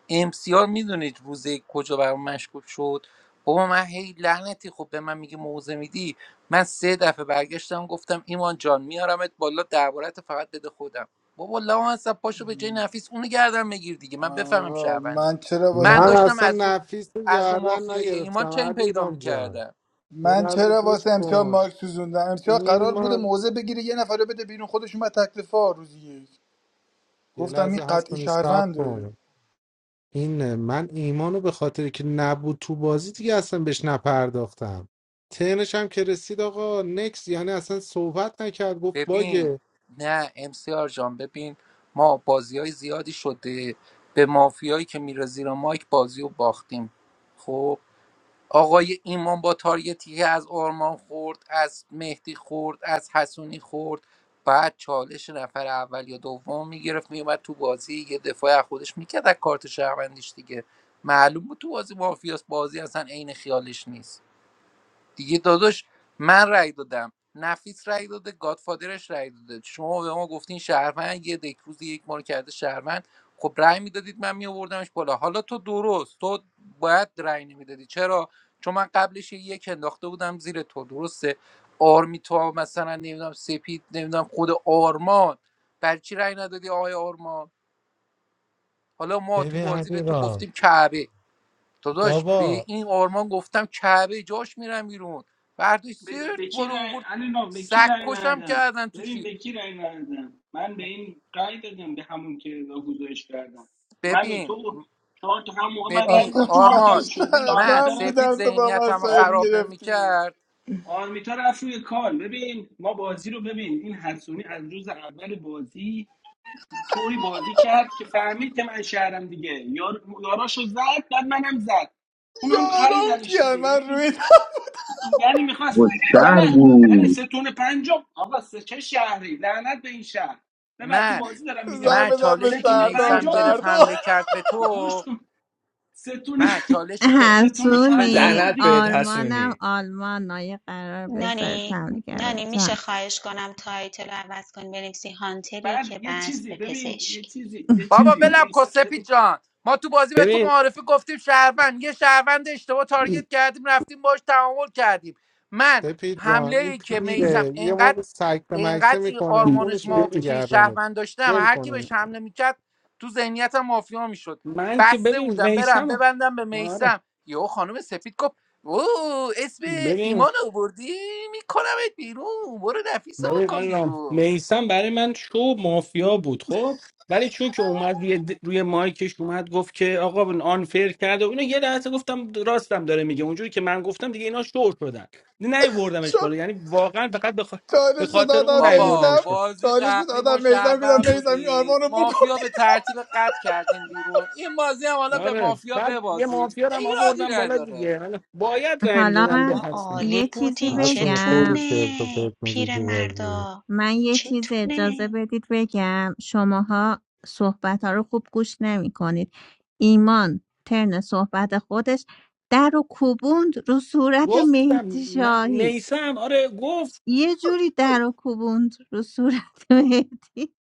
Speaker 6: امسیار میدونید روز یک کجا برام مشکوک شد بابا من هی لعنتی خب به من میگه موزه میدی من سه دفعه برگشتم گفتم ایمان جان میارمت بالا دربارت فقط بده خودم بابا لا اصلا پاشو به جای نفیس اونو گردن بگیر دیگه من بفهمم
Speaker 15: من
Speaker 6: شهروندی
Speaker 15: چرا
Speaker 6: من
Speaker 7: من
Speaker 15: واسه
Speaker 6: داشتم
Speaker 7: اصلا
Speaker 6: از رو
Speaker 7: نفیس رو
Speaker 6: از رو
Speaker 7: گردن
Speaker 6: مافیای
Speaker 7: نگرفتم
Speaker 6: ایمان چه این
Speaker 7: علیرام
Speaker 6: پیدا
Speaker 7: جان
Speaker 6: میکردم
Speaker 7: یه
Speaker 15: من
Speaker 7: لحظه
Speaker 15: چرا
Speaker 7: گوش
Speaker 15: واسه امسیار
Speaker 7: کن
Speaker 15: مارک سوزوندم امسیار قرار بوده
Speaker 7: ایمان
Speaker 15: موزه بگیره یه نفر رو بده بیرون خودش اومد تکلیفا روز یک
Speaker 7: یه
Speaker 15: گفتم این
Speaker 7: لحظه هست
Speaker 15: قطعی
Speaker 7: کنی سب
Speaker 15: شهرونده
Speaker 7: کن این من ایمانو به خاطر که نبود تو بازی دیگه اصلا بهش نپرداختم تنش هم که رسید آقا نکس یعنی اصلا صحبت نکرد گفت
Speaker 6: ببین
Speaker 7: باگه
Speaker 6: نه امسیار جان ببین ما بازی های زیادی شده به مافیایی که میره زیر مایک بازی رو باختیم خب آقای ایمان با تارگتی که از آرمان خورد از مهدی خورد از حسونی خورد بعد چالش نفر اول یا دوم میگرفت میومد تو بازی یه دفاع از خودش میکرد از کارت شهروندیش دیگه معلوم بود تو بازی مافیاس بازی اصلا عین خیالش نیست دیگه داداش من رأی دادم نفیس رأی داده گادفادرش رأی داده شما به ما گفتین شهروند یه دک روز یک ما رو کرده شهروند خب رأی میدادید من میآوردمش بالا حالا تو درست تو باید رأی نمیدادی چرا چون من قبلش یه یک انداخته بودم زیر تو درسته آرمیتا مثلا نمیدونم سپید نمیدونم خود آرمان بر چی رأی ندادی آقای آرمان حالا ما تو
Speaker 7: ببین
Speaker 6: بازی به تو
Speaker 7: علیرام
Speaker 6: گفتیم کعبه داداش به
Speaker 7: بابا
Speaker 6: این آرمان گفتم کعبه جاش میرم بیرون برداشت
Speaker 12: به
Speaker 6: زرت
Speaker 12: به کی
Speaker 6: بالا
Speaker 12: رای
Speaker 6: اوورد
Speaker 12: علینا به کی رای
Speaker 6: سگکشم
Speaker 12: ندادم
Speaker 6: کردن تو
Speaker 12: ببین
Speaker 6: چی
Speaker 12: به کی رای ندادم من به این رای دادم به همون که گزارش کردم من و
Speaker 6: ببین
Speaker 12: تو چهار تا هم موقع من رای
Speaker 6: ببین
Speaker 12: دادم چهار تا
Speaker 15: من
Speaker 12: هم
Speaker 6: آرمان
Speaker 12: شد این
Speaker 6: من
Speaker 12: آرمیتا
Speaker 15: شهرمن
Speaker 12: رفت
Speaker 6: سپید
Speaker 15: بودم تو با
Speaker 6: ذهنیتم رو
Speaker 15: مسائل
Speaker 12: آرمی
Speaker 6: خراب
Speaker 15: گرفتی
Speaker 6: نمیکرد
Speaker 12: آرمیتا رفت روی کال ببین ما بازی رو ببین این حسونی از روز اول بازی طوری بازی کرد که فهمید که من شهرم دیگه یار... یاراشو زد بعد منم زد اون هم
Speaker 15: آرام
Speaker 12: خریدنش
Speaker 15: کیان
Speaker 12: دیگه یعنی
Speaker 15: من
Speaker 12: این
Speaker 15: روی
Speaker 12: یعنی
Speaker 3: با
Speaker 12: میخواست نه
Speaker 3: شهر
Speaker 12: نه نه
Speaker 3: بود
Speaker 12: سه تون پنجم آقا سه چه شهری لعنت به این شهر نه بعد تو
Speaker 6: من
Speaker 12: بازی دارم میگم
Speaker 15: زنگ
Speaker 6: من
Speaker 12: آقا.
Speaker 15: بزن به
Speaker 12: سه
Speaker 6: چالشی که
Speaker 12: تون
Speaker 15: شهردار
Speaker 6: میسم
Speaker 12: پنجم
Speaker 6: گرفت
Speaker 12: بود
Speaker 15: شهردار
Speaker 6: حمله کرد به
Speaker 12: گوش
Speaker 6: تو
Speaker 12: کن سه تون
Speaker 6: من چالشی
Speaker 12: [LAUGHS]
Speaker 6: که
Speaker 12: سه تون
Speaker 6: گوش
Speaker 12: پنجم
Speaker 6: بده
Speaker 1: حسونی
Speaker 12: بود
Speaker 9: لعنت بهت
Speaker 12: دیگه
Speaker 1: آرمانم
Speaker 9: حسونی
Speaker 1: آلمان نایه قرار بذاره
Speaker 5: نانی
Speaker 1: تمدیگر
Speaker 5: نانی میشه
Speaker 1: بزن
Speaker 5: خواهش کنم تایتل رو عوض کنی بنویسی هانتری
Speaker 12: بعد
Speaker 5: که
Speaker 12: یه
Speaker 5: بست
Speaker 12: چیزی
Speaker 5: به
Speaker 12: ببین یه
Speaker 5: پزشک
Speaker 12: چیزی یه
Speaker 6: بابا
Speaker 12: چیزی
Speaker 1: [LAUGHS]
Speaker 6: ولم کن
Speaker 12: میسم
Speaker 6: سپید جان ما تو بازی به تو
Speaker 12: ببین
Speaker 6: معارفه گفتیم شهروند یه شهروند اشتباه تارگت کردیم رفتیم باش تعامل کردیم من
Speaker 7: سپید
Speaker 6: حمله
Speaker 7: ران این
Speaker 6: ای که میسم
Speaker 7: پیره یه
Speaker 6: انقدر
Speaker 7: موقع سکته مکته
Speaker 6: انقدر این
Speaker 7: میکنه
Speaker 12: ببین
Speaker 6: آرمانش
Speaker 7: خونش
Speaker 6: ما
Speaker 7: میفته
Speaker 12: ببین
Speaker 6: چی
Speaker 7: گردنت
Speaker 6: شهروند داشتم
Speaker 7: ول
Speaker 6: هر کی
Speaker 7: کنین
Speaker 6: بهش حمله میکرد تو ذهنیتم مافیا میشد
Speaker 12: من که
Speaker 6: بسته
Speaker 12: ببین
Speaker 6: بودم برم
Speaker 12: میسم
Speaker 6: ببندم به
Speaker 12: آره
Speaker 6: میسم یهو خانم سپید گفت او اسم
Speaker 12: ببین
Speaker 6: ایمان آوردی میکنمت بیرون برو نفیس رو
Speaker 12: ببین
Speaker 6: بکن
Speaker 12: الان
Speaker 6: بیرون
Speaker 12: میسم برای من شو مافیا بود خب ولی چون که اومد روی, د- روی مایکش اومد گفت که آقا آنفر کرده و اینو یه لحظه گفتم راستم داره میگه اونجوری که من گفتم دیگه اینا شور شدن نیوردمش بالا یعنی واقعا فقط بخ... به
Speaker 15: چالش رو
Speaker 12: خاطر اون
Speaker 15: دادم
Speaker 6: بابا
Speaker 15: میزم
Speaker 12: نیوردمش بالا
Speaker 6: بازی
Speaker 15: چالش رو
Speaker 6: قبلی ما
Speaker 15: دادم میزم گفتم
Speaker 6: شهروند
Speaker 15: میزم این
Speaker 6: بودیم
Speaker 15: آرمان رو
Speaker 6: مافیا به
Speaker 15: بکنی
Speaker 6: ترتیب قطع کردیم بیرون این بازی هم حالا به
Speaker 12: آره
Speaker 6: مافیا
Speaker 12: بعد یه
Speaker 6: ببازیم
Speaker 12: مافیا رو هم
Speaker 6: ایرادی
Speaker 12: آوردم بالا دیگه
Speaker 6: نداره
Speaker 12: حالا باید رأی
Speaker 1: حالا
Speaker 12: میدادن
Speaker 1: من
Speaker 12: به
Speaker 5: بابا
Speaker 12: هستم
Speaker 5: عالی
Speaker 1: یه چیزی
Speaker 5: بودین
Speaker 7: حسون خیلی
Speaker 1: بگم
Speaker 5: چتونه
Speaker 7: چرت و پرت می‌گی
Speaker 5: پیر
Speaker 7: تو بازی
Speaker 5: مردا
Speaker 1: من یه چیز اجازه
Speaker 5: چتونه
Speaker 1: بدید بگم شماها صحبت ها رو خوب گوش نمی کنید ایمان ترن صحبت خودش در و کوبوند رو صورت
Speaker 12: گفتم
Speaker 1: مهدی شاهی
Speaker 12: میسم آره گفت
Speaker 1: یه جوری در رو کوبوند رو صورت [LAUGHS] مهدی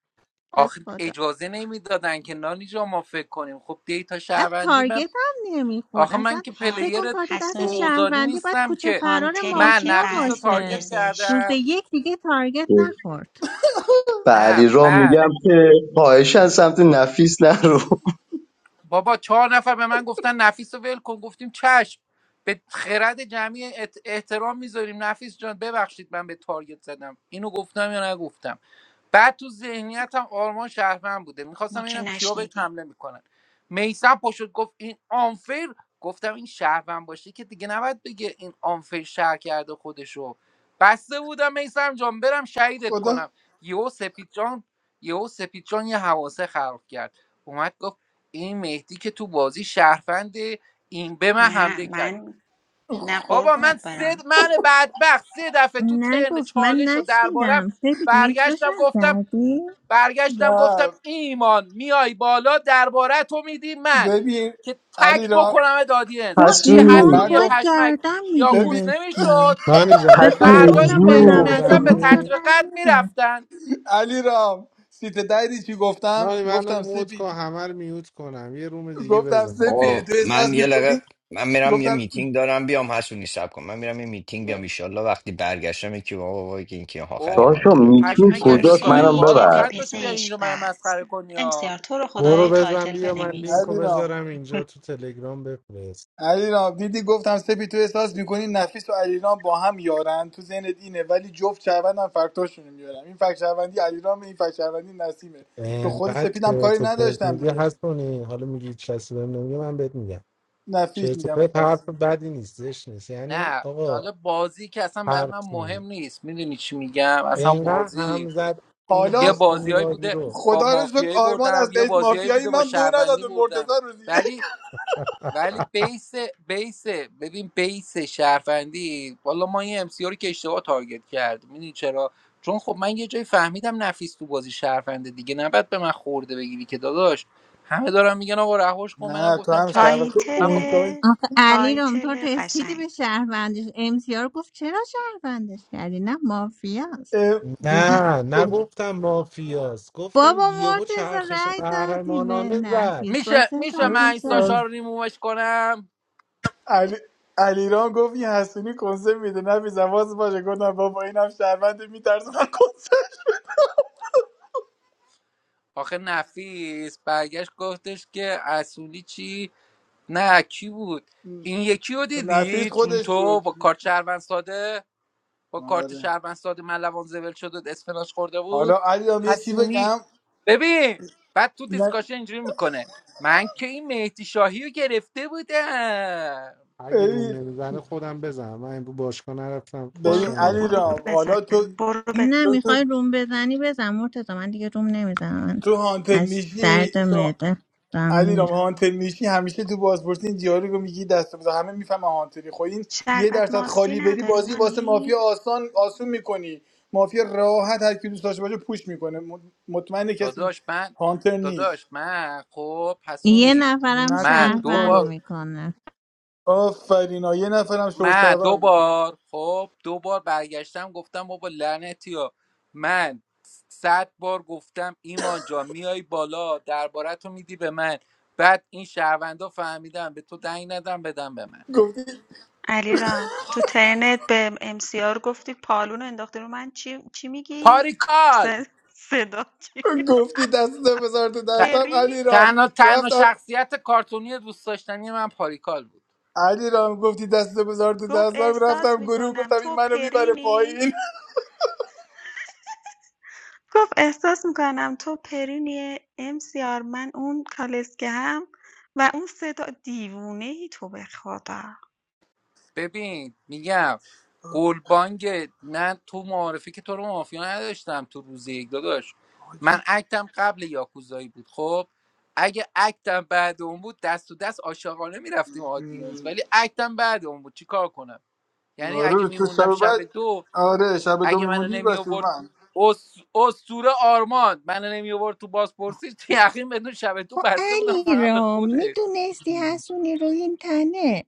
Speaker 1: به
Speaker 6: آخه
Speaker 1: خدا
Speaker 6: اجازه نمیدادن که نانی جا ما فکر کنیم خب دیتا
Speaker 1: از
Speaker 6: شهروندی من
Speaker 1: تارگت هم نمیخورد
Speaker 6: آخه من
Speaker 1: اصلا
Speaker 6: که
Speaker 1: فکر
Speaker 5: هان
Speaker 6: پلیر
Speaker 1: کن کارت دست
Speaker 5: حسونی
Speaker 6: دوزاری
Speaker 1: شهروندی باید
Speaker 6: نیستم
Speaker 1: کوچه
Speaker 6: که
Speaker 1: فرار
Speaker 5: هانتری
Speaker 6: من
Speaker 5: که
Speaker 1: مافیا
Speaker 6: نفیس رو
Speaker 5: بست به
Speaker 1: باشه
Speaker 6: تارگت
Speaker 1: روز
Speaker 5: پزشک
Speaker 6: کردم
Speaker 1: یک دیگه تارگت نخورد
Speaker 6: نه
Speaker 3: بله را
Speaker 6: من
Speaker 3: میگم که خواهش سمت نفیس نرو
Speaker 6: بابا چهار نفر به من گفتن نفیس رو ول کن گفتیم چشم به خرد جمعی احترام میذاریم نفیس جان ببخشید من به تارگت زدم اینو گفتم یا نگفتم بعد تو ذهنیتم آرمان شهرمن بوده
Speaker 5: ما
Speaker 6: میخواستم
Speaker 5: که
Speaker 6: ببینم کیا بهش
Speaker 5: نشنیدیم
Speaker 6: حمله میکنن میسم پاشد گفت این آنفیر گفتم این شهرمن باشه که دیگه نباید بگه این آنفیر شهر کرده خودشو بسته بودم میسم جان برم شهیدت
Speaker 15: خدا
Speaker 6: کنم یهو سپید جان یهو سپید جان یه حواسه خراب کرد اومد گفت این مهدی که تو بازی شهروند این به من
Speaker 5: نه
Speaker 6: حمله کرد
Speaker 5: من نه
Speaker 6: بابا من
Speaker 5: قربونت
Speaker 6: سه د-
Speaker 5: برم
Speaker 6: من بدبخت سه دفعه تو ترن
Speaker 1: نگفت من
Speaker 6: چالش و دربارم
Speaker 1: نشنیدم سپید متروش
Speaker 6: برگشتم
Speaker 1: هم
Speaker 6: گفتم
Speaker 1: کردی
Speaker 6: برگشتم گفتم
Speaker 15: نه
Speaker 6: ایمان میای بالا درباره تو میدی من
Speaker 15: ببین
Speaker 6: که
Speaker 15: علی
Speaker 6: تک
Speaker 15: رام
Speaker 6: بکنم دادینس
Speaker 1: با
Speaker 6: این
Speaker 3: حسونی
Speaker 1: ایمانو
Speaker 15: من
Speaker 6: حسونی
Speaker 1: باید
Speaker 15: گفت
Speaker 6: پشمک
Speaker 1: گردم
Speaker 15: ببین
Speaker 6: یاکوز
Speaker 1: میگرفتی
Speaker 6: نمیشد
Speaker 7: نانی جان
Speaker 1: به
Speaker 7: یه
Speaker 1: خدا
Speaker 3: حسونی
Speaker 6: فردا
Speaker 7: قرون
Speaker 1: گفتم
Speaker 6: این
Speaker 1: با
Speaker 7: دیگه
Speaker 6: میتی
Speaker 3: جون
Speaker 6: میسم
Speaker 1: 99
Speaker 6: به
Speaker 1: تا
Speaker 7: بزنی
Speaker 6: ترتیب
Speaker 1: رای
Speaker 6: قد
Speaker 1: می‌ره.
Speaker 6: میرفتن
Speaker 15: علی رام سیت دایری چی گفتم
Speaker 7: نانی منو
Speaker 15: گفتم
Speaker 7: موت
Speaker 15: سپید
Speaker 7: کن همه رو میوت کنم یه روم دیگه
Speaker 15: گفتم
Speaker 7: بزنم
Speaker 9: آقا
Speaker 7: بابا
Speaker 15: سپید تو احساس
Speaker 9: من یه لقه
Speaker 15: میکنی
Speaker 9: من میرم یه
Speaker 15: گفتم
Speaker 9: میتینگ دارم بیام حسونی سب کن من میرم یه میتینگ بیام ایشالله وقتی برگشتم یکی بابا بابا که این که آخری
Speaker 6: او
Speaker 3: داشم
Speaker 9: هانتره به کی
Speaker 3: میتین
Speaker 6: پشمک
Speaker 9: بس
Speaker 3: کجاست
Speaker 9: مرسی
Speaker 6: امریکایی
Speaker 3: منم
Speaker 5: هانتری
Speaker 6: بار
Speaker 5: که به
Speaker 3: ببر
Speaker 6: آخرت باشه بیا
Speaker 5: پزشک
Speaker 6: اینجا من
Speaker 5: بست
Speaker 6: مسخره کنی ها
Speaker 5: امسیار تو رو
Speaker 7: برو
Speaker 5: خدای
Speaker 7: بزن
Speaker 5: تایتل
Speaker 7: بیا من
Speaker 5: بنویس
Speaker 7: لینک رو
Speaker 15: علی رام
Speaker 7: بذارم اینجا تو تلگرام بفرست
Speaker 15: علیرام دیدی گفتم سپی تو احساس میکنی نفیس و علیرام با هم یارن تو ذهنت اینه ولی جفت شهروند هم فکتاشونو میارم این فکت شهروندی علیرام این فکت شهروندی نسیمه به خود
Speaker 7: انقدر
Speaker 15: سپیدم کاری
Speaker 7: چرت و پرت
Speaker 15: نداشتم
Speaker 7: میگی
Speaker 15: دیگه
Speaker 7: هستونی حالا میگی کسی بهم نمیگه من بهت میگم
Speaker 15: نفیس
Speaker 7: چرت و
Speaker 15: میگم این
Speaker 7: پرت حرف
Speaker 15: نسیم
Speaker 7: بدی نیست زشت نیست یعنی
Speaker 6: نه
Speaker 7: آقا
Speaker 6: حالا بازی که اصلا برای من
Speaker 7: حرف
Speaker 6: مهم
Speaker 7: میگه
Speaker 6: نیست میدونی چی میگم اصلا
Speaker 7: انقدر هم
Speaker 6: بازی
Speaker 7: زد این
Speaker 15: حالا
Speaker 6: یه
Speaker 7: هستونی
Speaker 6: بازیهایی
Speaker 7: بازی
Speaker 6: بوده
Speaker 7: رو
Speaker 6: با
Speaker 15: خدا رو شکر
Speaker 6: مافیایی
Speaker 15: آرمان
Speaker 6: بردم
Speaker 15: از
Speaker 6: یه
Speaker 15: بیت
Speaker 6: بازیایی
Speaker 15: مافیایی
Speaker 6: بوده با
Speaker 15: من دو نداد
Speaker 6: شهروندی
Speaker 15: به مرتضی
Speaker 6: بردم
Speaker 15: روزیه
Speaker 6: ولی ولی بیس بیس ببین بیس شهروندی والا ما این ام سی رو که اشتباه تارگت کرد میدونی چرا چون خب من یه جایی فهمیدم نفیس تو بازی شهرونده دیگه نباید به من خورده بگیری که داداش همه دارن میگن آقا رهاش کن منم
Speaker 15: نه تو
Speaker 6: گفتم
Speaker 15: هم
Speaker 6: چش
Speaker 15: شهروند تو
Speaker 6: من
Speaker 5: تایتل
Speaker 6: با...
Speaker 15: اونجا
Speaker 1: آخه علی رام تو
Speaker 5: تایتل
Speaker 1: رسیدی
Speaker 5: قشنگ
Speaker 1: به شهروندش امسیار گفت چرا شهروندش کردی نه مافیاست
Speaker 15: اه، دیدی
Speaker 7: نه نگفتم مافیاست گفتم
Speaker 1: بابا
Speaker 7: یهو
Speaker 1: مرتزا
Speaker 7: چرخش
Speaker 1: رای دادی به
Speaker 7: قهرمانانه زد
Speaker 1: نفیس با
Speaker 6: میشه
Speaker 1: سه تا
Speaker 6: میشه
Speaker 15: [LAUGHS]
Speaker 6: من این ساشا
Speaker 15: اون-
Speaker 1: نشست
Speaker 6: رو ریمووش کنم
Speaker 15: علی علیرام گفت این حسونی کنسه میده نفیس حواس باشه گفتم بابا اینم شرمنده میترسه من کنسه
Speaker 6: آخه نفیس برگشت گفتش که اصولی چی نه کی بود این یکی رو
Speaker 15: نفیس
Speaker 6: دیدی چون
Speaker 15: خودش
Speaker 6: تو با
Speaker 15: بود
Speaker 6: کارت شهروند ساده با کارت
Speaker 15: آره
Speaker 6: شهروند ساده ملوان زول شد و اسفناج خورده
Speaker 15: حالا
Speaker 6: بود
Speaker 15: علیرام یه چی
Speaker 6: حسونی
Speaker 15: بگم
Speaker 6: ببین بعد تو
Speaker 15: نه
Speaker 6: دیسکاشن اینجوری میکنه من که این مهدی شاهی رو گرفته بودم
Speaker 7: اگه روم
Speaker 15: ببین
Speaker 7: نمیزنه خودم بزنم من امروز باشگاه نرفتم
Speaker 15: ببین
Speaker 5: برو
Speaker 7: بشینم بود
Speaker 5: برو
Speaker 15: علیرام
Speaker 5: بزن
Speaker 15: حالا تو
Speaker 5: برو بزن
Speaker 1: نه
Speaker 15: تو تو,
Speaker 1: میخوای روم بزنی بزن مرتزا من دیگه روم نمیزنم من
Speaker 15: تو هانتر
Speaker 1: از درد
Speaker 15: میشی
Speaker 1: معده دارم
Speaker 15: علیرام
Speaker 1: میمیرم
Speaker 15: هانتر میشی همیشه تو بازپرسی این دیالوگو میگی دست بزن همه میفهمن هانتری خب این یه
Speaker 5: شربت
Speaker 15: درصد
Speaker 5: ماستی
Speaker 15: خالی بری
Speaker 5: نداری
Speaker 15: بازی واسه مافیا
Speaker 5: نانی
Speaker 15: آسان آسون میکنی مافیا راحت هر کی دوست داشته باشه پوش میکنه مطمئن کسی
Speaker 6: داداش من
Speaker 15: هانتر نیست
Speaker 6: داداش من خب
Speaker 1: یه
Speaker 6: حسونی
Speaker 1: نفرم
Speaker 6: من
Speaker 15: نکنی
Speaker 6: دو
Speaker 1: شهروند
Speaker 6: بار
Speaker 15: کارو
Speaker 1: میکنه
Speaker 15: آفرین ها. یه نفرم
Speaker 6: من دو
Speaker 15: شوشوم میکنه
Speaker 6: بار خب دو بار برگشتم گفتم بابا لعنتی ها من صد بار گفتم ایمان جان میای بالا درباره تو میدی به من بعد این شهروندا فهمیدم به تو دنگ ندم بدم به من
Speaker 15: گفتی
Speaker 5: علی را تو ترنت به ام سی آر گفتی پالون رو انداختی رو من چی, چی میگی
Speaker 6: پاریکال
Speaker 5: س- صدا چی
Speaker 15: گفتی دست بذار تو
Speaker 6: ت-
Speaker 15: دستم
Speaker 5: پرینی
Speaker 15: علیرام
Speaker 6: تنها تنها
Speaker 15: رفتم
Speaker 6: شخصیت کارتونی دوست داشتنی من پاریکال بود
Speaker 15: علیرام گفتی دست بذار تو
Speaker 5: گفت
Speaker 15: دستم رفتم
Speaker 5: احساس
Speaker 15: گروه
Speaker 5: میکنم
Speaker 15: گفتم این
Speaker 5: تو
Speaker 15: منو میبره
Speaker 5: پرینی
Speaker 15: پایین
Speaker 5: گفت احساس میکنم تو پرینی ام سی آر من اون کالسکه هم و اون صدا دیوونه ای تو به خدا
Speaker 6: ببین میگم گلبانگ نه تو معارفی که تو رو مافیا نداشتم تو روز یک داداش من اکتم قبل یاکوزایی بود خب اگه اکتم بعد اون بود دست تو دست عاشقانه میرفتیم آدینس ولی اکتم بعد اون بود چیکار کنم یعنی اگه
Speaker 15: آره تو
Speaker 6: میموندم
Speaker 15: شب
Speaker 6: شب
Speaker 15: بعد
Speaker 6: دو
Speaker 15: آره شب دو
Speaker 6: اگه منو
Speaker 15: میموندی
Speaker 6: نمی
Speaker 15: بس
Speaker 6: آورد
Speaker 15: من
Speaker 6: اس... اسطوره آرمان منو نمی آورد تو بازپرسی یقین بدون شب دو
Speaker 1: خب
Speaker 6: بسته بودم
Speaker 1: علی
Speaker 6: فقط به
Speaker 1: را
Speaker 6: خوده
Speaker 1: میدونستی حسونی رو این تنه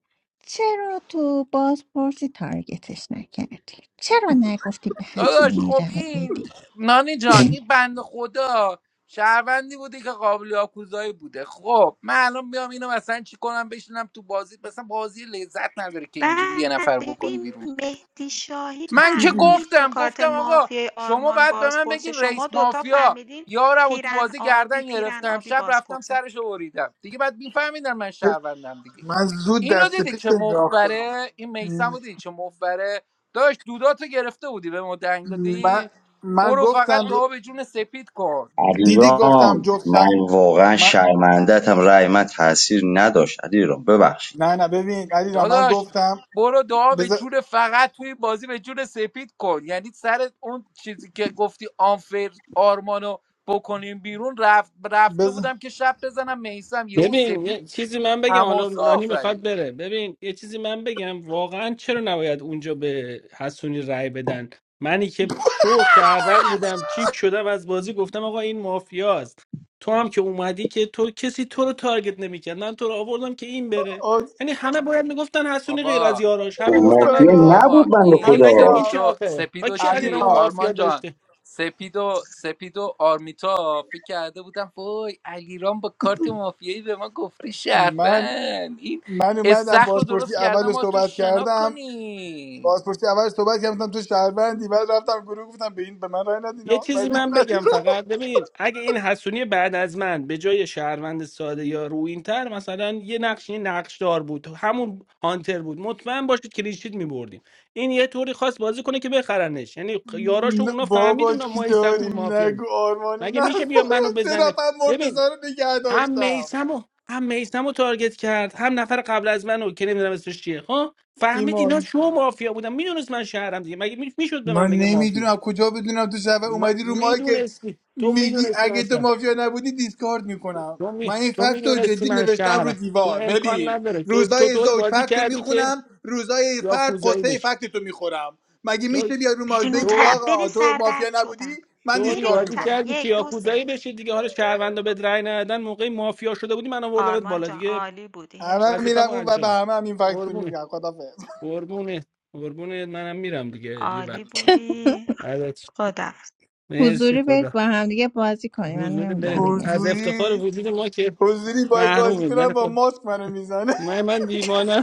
Speaker 1: چرا تو بازپرسی تارگتش نکردی؟ چرا نگفتی به
Speaker 6: داداش
Speaker 1: حسونی
Speaker 6: خب
Speaker 1: رأی
Speaker 6: این
Speaker 1: بدی؟
Speaker 6: نانی جان این
Speaker 1: [LAUGHS]
Speaker 6: بند خدا شهروندی بوده که قابل یاکوزایی بوده خب من الان بیام اینو مثلا چی کنم بشینم تو بازی مثلا بازی لذت نداره که اینجوری یه
Speaker 5: بعد
Speaker 6: نفر بکنی
Speaker 5: ببین
Speaker 6: بیرون
Speaker 5: مهدی شاهی
Speaker 6: من که
Speaker 5: فهمید با
Speaker 6: گفتم
Speaker 5: کارت
Speaker 6: گفتم آقا
Speaker 5: مافیای
Speaker 6: شما
Speaker 5: آرمان
Speaker 6: باید به من
Speaker 5: بازپرسه
Speaker 6: بگین
Speaker 5: شما
Speaker 6: رئیس
Speaker 5: دوتا
Speaker 6: مافیا
Speaker 5: فهمیدین
Speaker 6: یارم و تو
Speaker 5: پیرن
Speaker 6: بازی
Speaker 5: آبی
Speaker 6: گردن
Speaker 5: پیرن
Speaker 6: گرفتم
Speaker 5: آبی
Speaker 6: شب رفتم
Speaker 5: بازپرسه
Speaker 6: سرش رو بریدم دیگه بعد میفهمیدن من شهروندم دیگه
Speaker 15: من زود
Speaker 6: اینو
Speaker 15: دست
Speaker 6: دیدی
Speaker 15: پیت
Speaker 6: چه
Speaker 15: انداختم
Speaker 6: مفبره این میسم رو دیدی چه مفبره داشت دوداتو گرفته بودی به ما دنگ
Speaker 15: من
Speaker 6: دادی
Speaker 15: من
Speaker 6: برو
Speaker 15: گفتم
Speaker 6: فقط دعا به جون سپید کن
Speaker 15: دیدی گفتم
Speaker 3: علیرام
Speaker 15: جفت
Speaker 3: من
Speaker 15: ش-
Speaker 3: من واقعا
Speaker 15: من
Speaker 3: شرمندتم رای من تاثیر نداشت علی را ببخش
Speaker 15: نه نه ببین علی را من
Speaker 6: داداش
Speaker 15: گفتم
Speaker 6: برو دعا به
Speaker 15: بذار
Speaker 6: جون فقط توی بازی به جون سپید کن یعنی سر اون چیزی که گفتی آنفر آرمانو بکنیم بیرون رفت رفته
Speaker 15: بذار
Speaker 6: بودم که شب بزنم میسم یهو
Speaker 12: ببین
Speaker 6: سپید
Speaker 12: یه چیزی من بگم حالا
Speaker 6: حماسه
Speaker 12: رانی میخواد
Speaker 6: آفرید
Speaker 12: بره ببین یه چیزی من بگم واقعا چرا نباید اونجا به حسونی رأی بدن منی که شو شهروند بودم کیک شدم از بازی گفتم آقا این مافیاست تو هم که اومدی که تو کسی تو رو تارگت نمیکرد من تو رو آوردم که این بره
Speaker 15: آه،
Speaker 12: یعنی همه باید میگفتن حسونی غیر از
Speaker 6: بابا
Speaker 12: یاراش
Speaker 3: خب
Speaker 12: همه گفتن
Speaker 3: مافیا
Speaker 12: علی رو
Speaker 15: بابا
Speaker 3: نبود
Speaker 6: بابا
Speaker 3: بنده
Speaker 12: اگه
Speaker 6: این
Speaker 3: خدا
Speaker 15: علی
Speaker 12: مگه میشه
Speaker 15: را
Speaker 6: سپیدو
Speaker 12: آخه ها
Speaker 6: سپیدو
Speaker 12: کی علی
Speaker 15: علی
Speaker 6: چی
Speaker 12: رو
Speaker 15: را
Speaker 12: مافیا
Speaker 6: آرمان جان
Speaker 12: داشته
Speaker 6: سپیدو سپیدو آرمیتا فکر کرده بودم وای علیرام با کارت مافیایی به ما گفته
Speaker 15: من
Speaker 6: شرفن این
Speaker 15: من اومدم
Speaker 6: استخر رو
Speaker 15: بازپرسی
Speaker 6: درست کردم
Speaker 15: اول
Speaker 6: ما تو
Speaker 15: صحبت
Speaker 6: شنا
Speaker 15: کردم
Speaker 6: کنیم
Speaker 15: بازپرسی اول صحبت کردم گفتم تو شهروندی بعد رفتم گروه گفتم به این به من رای
Speaker 12: یه
Speaker 15: ندینا
Speaker 12: چیزی
Speaker 15: ولی
Speaker 12: من بگم
Speaker 15: ندینا
Speaker 12: فقط ببین اگه این حسونی بعد از من به جای شهروند ساده یا روینتر مثلا یه نقش یه نقش دار بود همون هانتر بود مطمئن باشید کلیشید میبردیم این یه طوری خواست بازی کنه که بخرنش یعنی یاراشو اونا فهمید
Speaker 15: بابا
Speaker 12: اونا ما
Speaker 15: چی
Speaker 12: ایسم و اون
Speaker 15: داریم
Speaker 12: مافیا
Speaker 15: نگو آرمانی
Speaker 12: مگه
Speaker 15: نه
Speaker 12: میشه بیا منو
Speaker 15: چرا
Speaker 12: بزنه
Speaker 15: من
Speaker 12: ببین
Speaker 15: مرتزا رو نگه
Speaker 12: هم
Speaker 15: داشتم
Speaker 12: میسم و هم میسم رو تارگت کرد هم نفر قبل از منو که نمیدونم اسمش چیه ها فهمید اینا
Speaker 15: ایمان
Speaker 12: شو مافیا بودن میدونست من شهرم دیگه مگه میشد به
Speaker 15: من
Speaker 12: من بگه مافیا
Speaker 15: نمیدونم کجا بدونم تو شب
Speaker 12: م-
Speaker 15: اومدی رو مایکت
Speaker 12: میدونستی تو
Speaker 15: میگی
Speaker 12: میدونستی من
Speaker 15: اگه تو
Speaker 12: شهر
Speaker 15: مافیا نبودی دیسکارد میکنم
Speaker 12: تو,
Speaker 15: من
Speaker 12: می...
Speaker 15: این
Speaker 12: تو
Speaker 15: فکت رو
Speaker 12: میدونستی
Speaker 15: جدی
Speaker 12: من
Speaker 15: نوشتم رو
Speaker 12: شهرم تو
Speaker 15: دیوار
Speaker 12: امکان
Speaker 15: ببین
Speaker 12: نداره تو تو
Speaker 15: روزای
Speaker 12: طوری
Speaker 15: زوج
Speaker 12: بازی
Speaker 15: فکت رو
Speaker 12: کردی که
Speaker 15: میخونم روزای فرد
Speaker 12: یاکوزایی
Speaker 15: قصه
Speaker 12: بشی
Speaker 15: فکت تو میخورم مگه
Speaker 12: تو
Speaker 15: میشه بیا رو مایک
Speaker 5: برین اون
Speaker 15: بگی
Speaker 5: طرف
Speaker 12: تو
Speaker 5: برین
Speaker 15: آقا تو مافیا
Speaker 5: سردرد
Speaker 15: نبودی
Speaker 5: شدم
Speaker 15: من
Speaker 12: طوری
Speaker 5: برین اون
Speaker 15: دیسکارد
Speaker 12: بازی
Speaker 5: طرف
Speaker 15: میکنم
Speaker 12: کردی که
Speaker 5: یک دو سه
Speaker 12: یاکوزایی بشی دیگه حالا شهروندا به رأی ندادن موقع مافیا شده بودی من آوردمت
Speaker 5: آرمان
Speaker 12: بالا
Speaker 5: جان
Speaker 12: دیگه
Speaker 5: عالی بودی هرس
Speaker 15: همه
Speaker 12: وظیفه‌مو
Speaker 5: نخور
Speaker 15: میرم اون و
Speaker 12: انجام
Speaker 15: به
Speaker 12: میدم
Speaker 15: همه هم این فکت رو
Speaker 12: قربونه
Speaker 15: میگم خدافظ
Speaker 12: قربونه قربونه منم میرم دیگه دیر وقت
Speaker 5: عالی بودی
Speaker 12: ازت شم.
Speaker 5: خدا
Speaker 12: مرسی
Speaker 1: حضوری برید
Speaker 12: خدا
Speaker 1: با همدیگه بازی کنیم من
Speaker 12: حضور
Speaker 1: نمیدونم
Speaker 12: برید
Speaker 1: دیگه
Speaker 12: از افتخار
Speaker 15: حضوری
Speaker 12: وجود ما که
Speaker 15: حضوری بای بازی
Speaker 12: محرومید من
Speaker 15: کنم با
Speaker 12: خب،
Speaker 15: ماسک منو میزنه [LAUGHS]
Speaker 12: من من دیوانم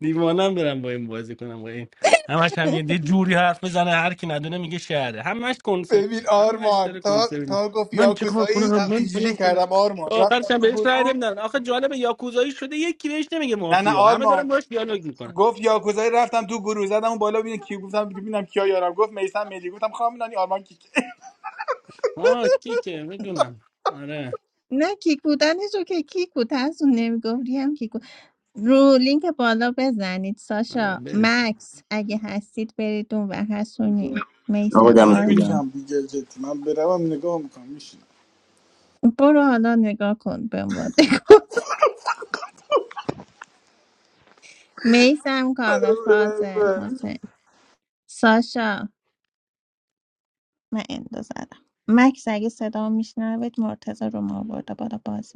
Speaker 12: دیوانم برم با این بازی کنم با این همش هم یه یه جوری حرف بزنه هر کی ندونه میگه شعره. همش کنسرت
Speaker 15: ببین
Speaker 12: همش
Speaker 15: آرمان
Speaker 12: داره
Speaker 15: تا
Speaker 12: کنسرت میده.
Speaker 15: تا گفت
Speaker 12: من چه کار
Speaker 15: یاکوزایی
Speaker 12: کنم من
Speaker 15: اینجوری
Speaker 12: فلان کنم
Speaker 15: کردم آرمان
Speaker 12: تا
Speaker 15: رفتم
Speaker 12: آخرش هم
Speaker 15: تو
Speaker 12: بهش رای
Speaker 15: گروه
Speaker 12: نمیدن آخه جالب یاکوزایی شده یکی بهش نمیگه
Speaker 15: نه نه
Speaker 12: مافیا همه
Speaker 15: آرمان
Speaker 12: دارن باش دیالوگ میکنن
Speaker 15: گفت یاکوزایی رفتم تو گروه زدم اون بالا ببینم کی گفتم ببینم کیا یارم گفت میسم مدی گفتم خواهم نانی آرمان کی
Speaker 12: آه کی که میدونم آره
Speaker 1: نه کیک بودنش رو که کیک بود ترسون نمیگفتی هم کیک بود رو لینک بالا بزنید ساشا
Speaker 12: آره
Speaker 1: مکس اگه هستید برید اون و هستونی
Speaker 3: آقا
Speaker 1: میسم
Speaker 3: دمتون گرم
Speaker 1: آرما
Speaker 15: [LAUGHS] نگاه میکنم میشینم
Speaker 1: برو حالا نگاه کن به عنوان [LAUGHS] میسم کاوه فاضل
Speaker 15: [LAUGHS]
Speaker 1: حسین ساشا من اندازه مکس اگه صدا میشنوید مرتضی رو ما آورده بالا باز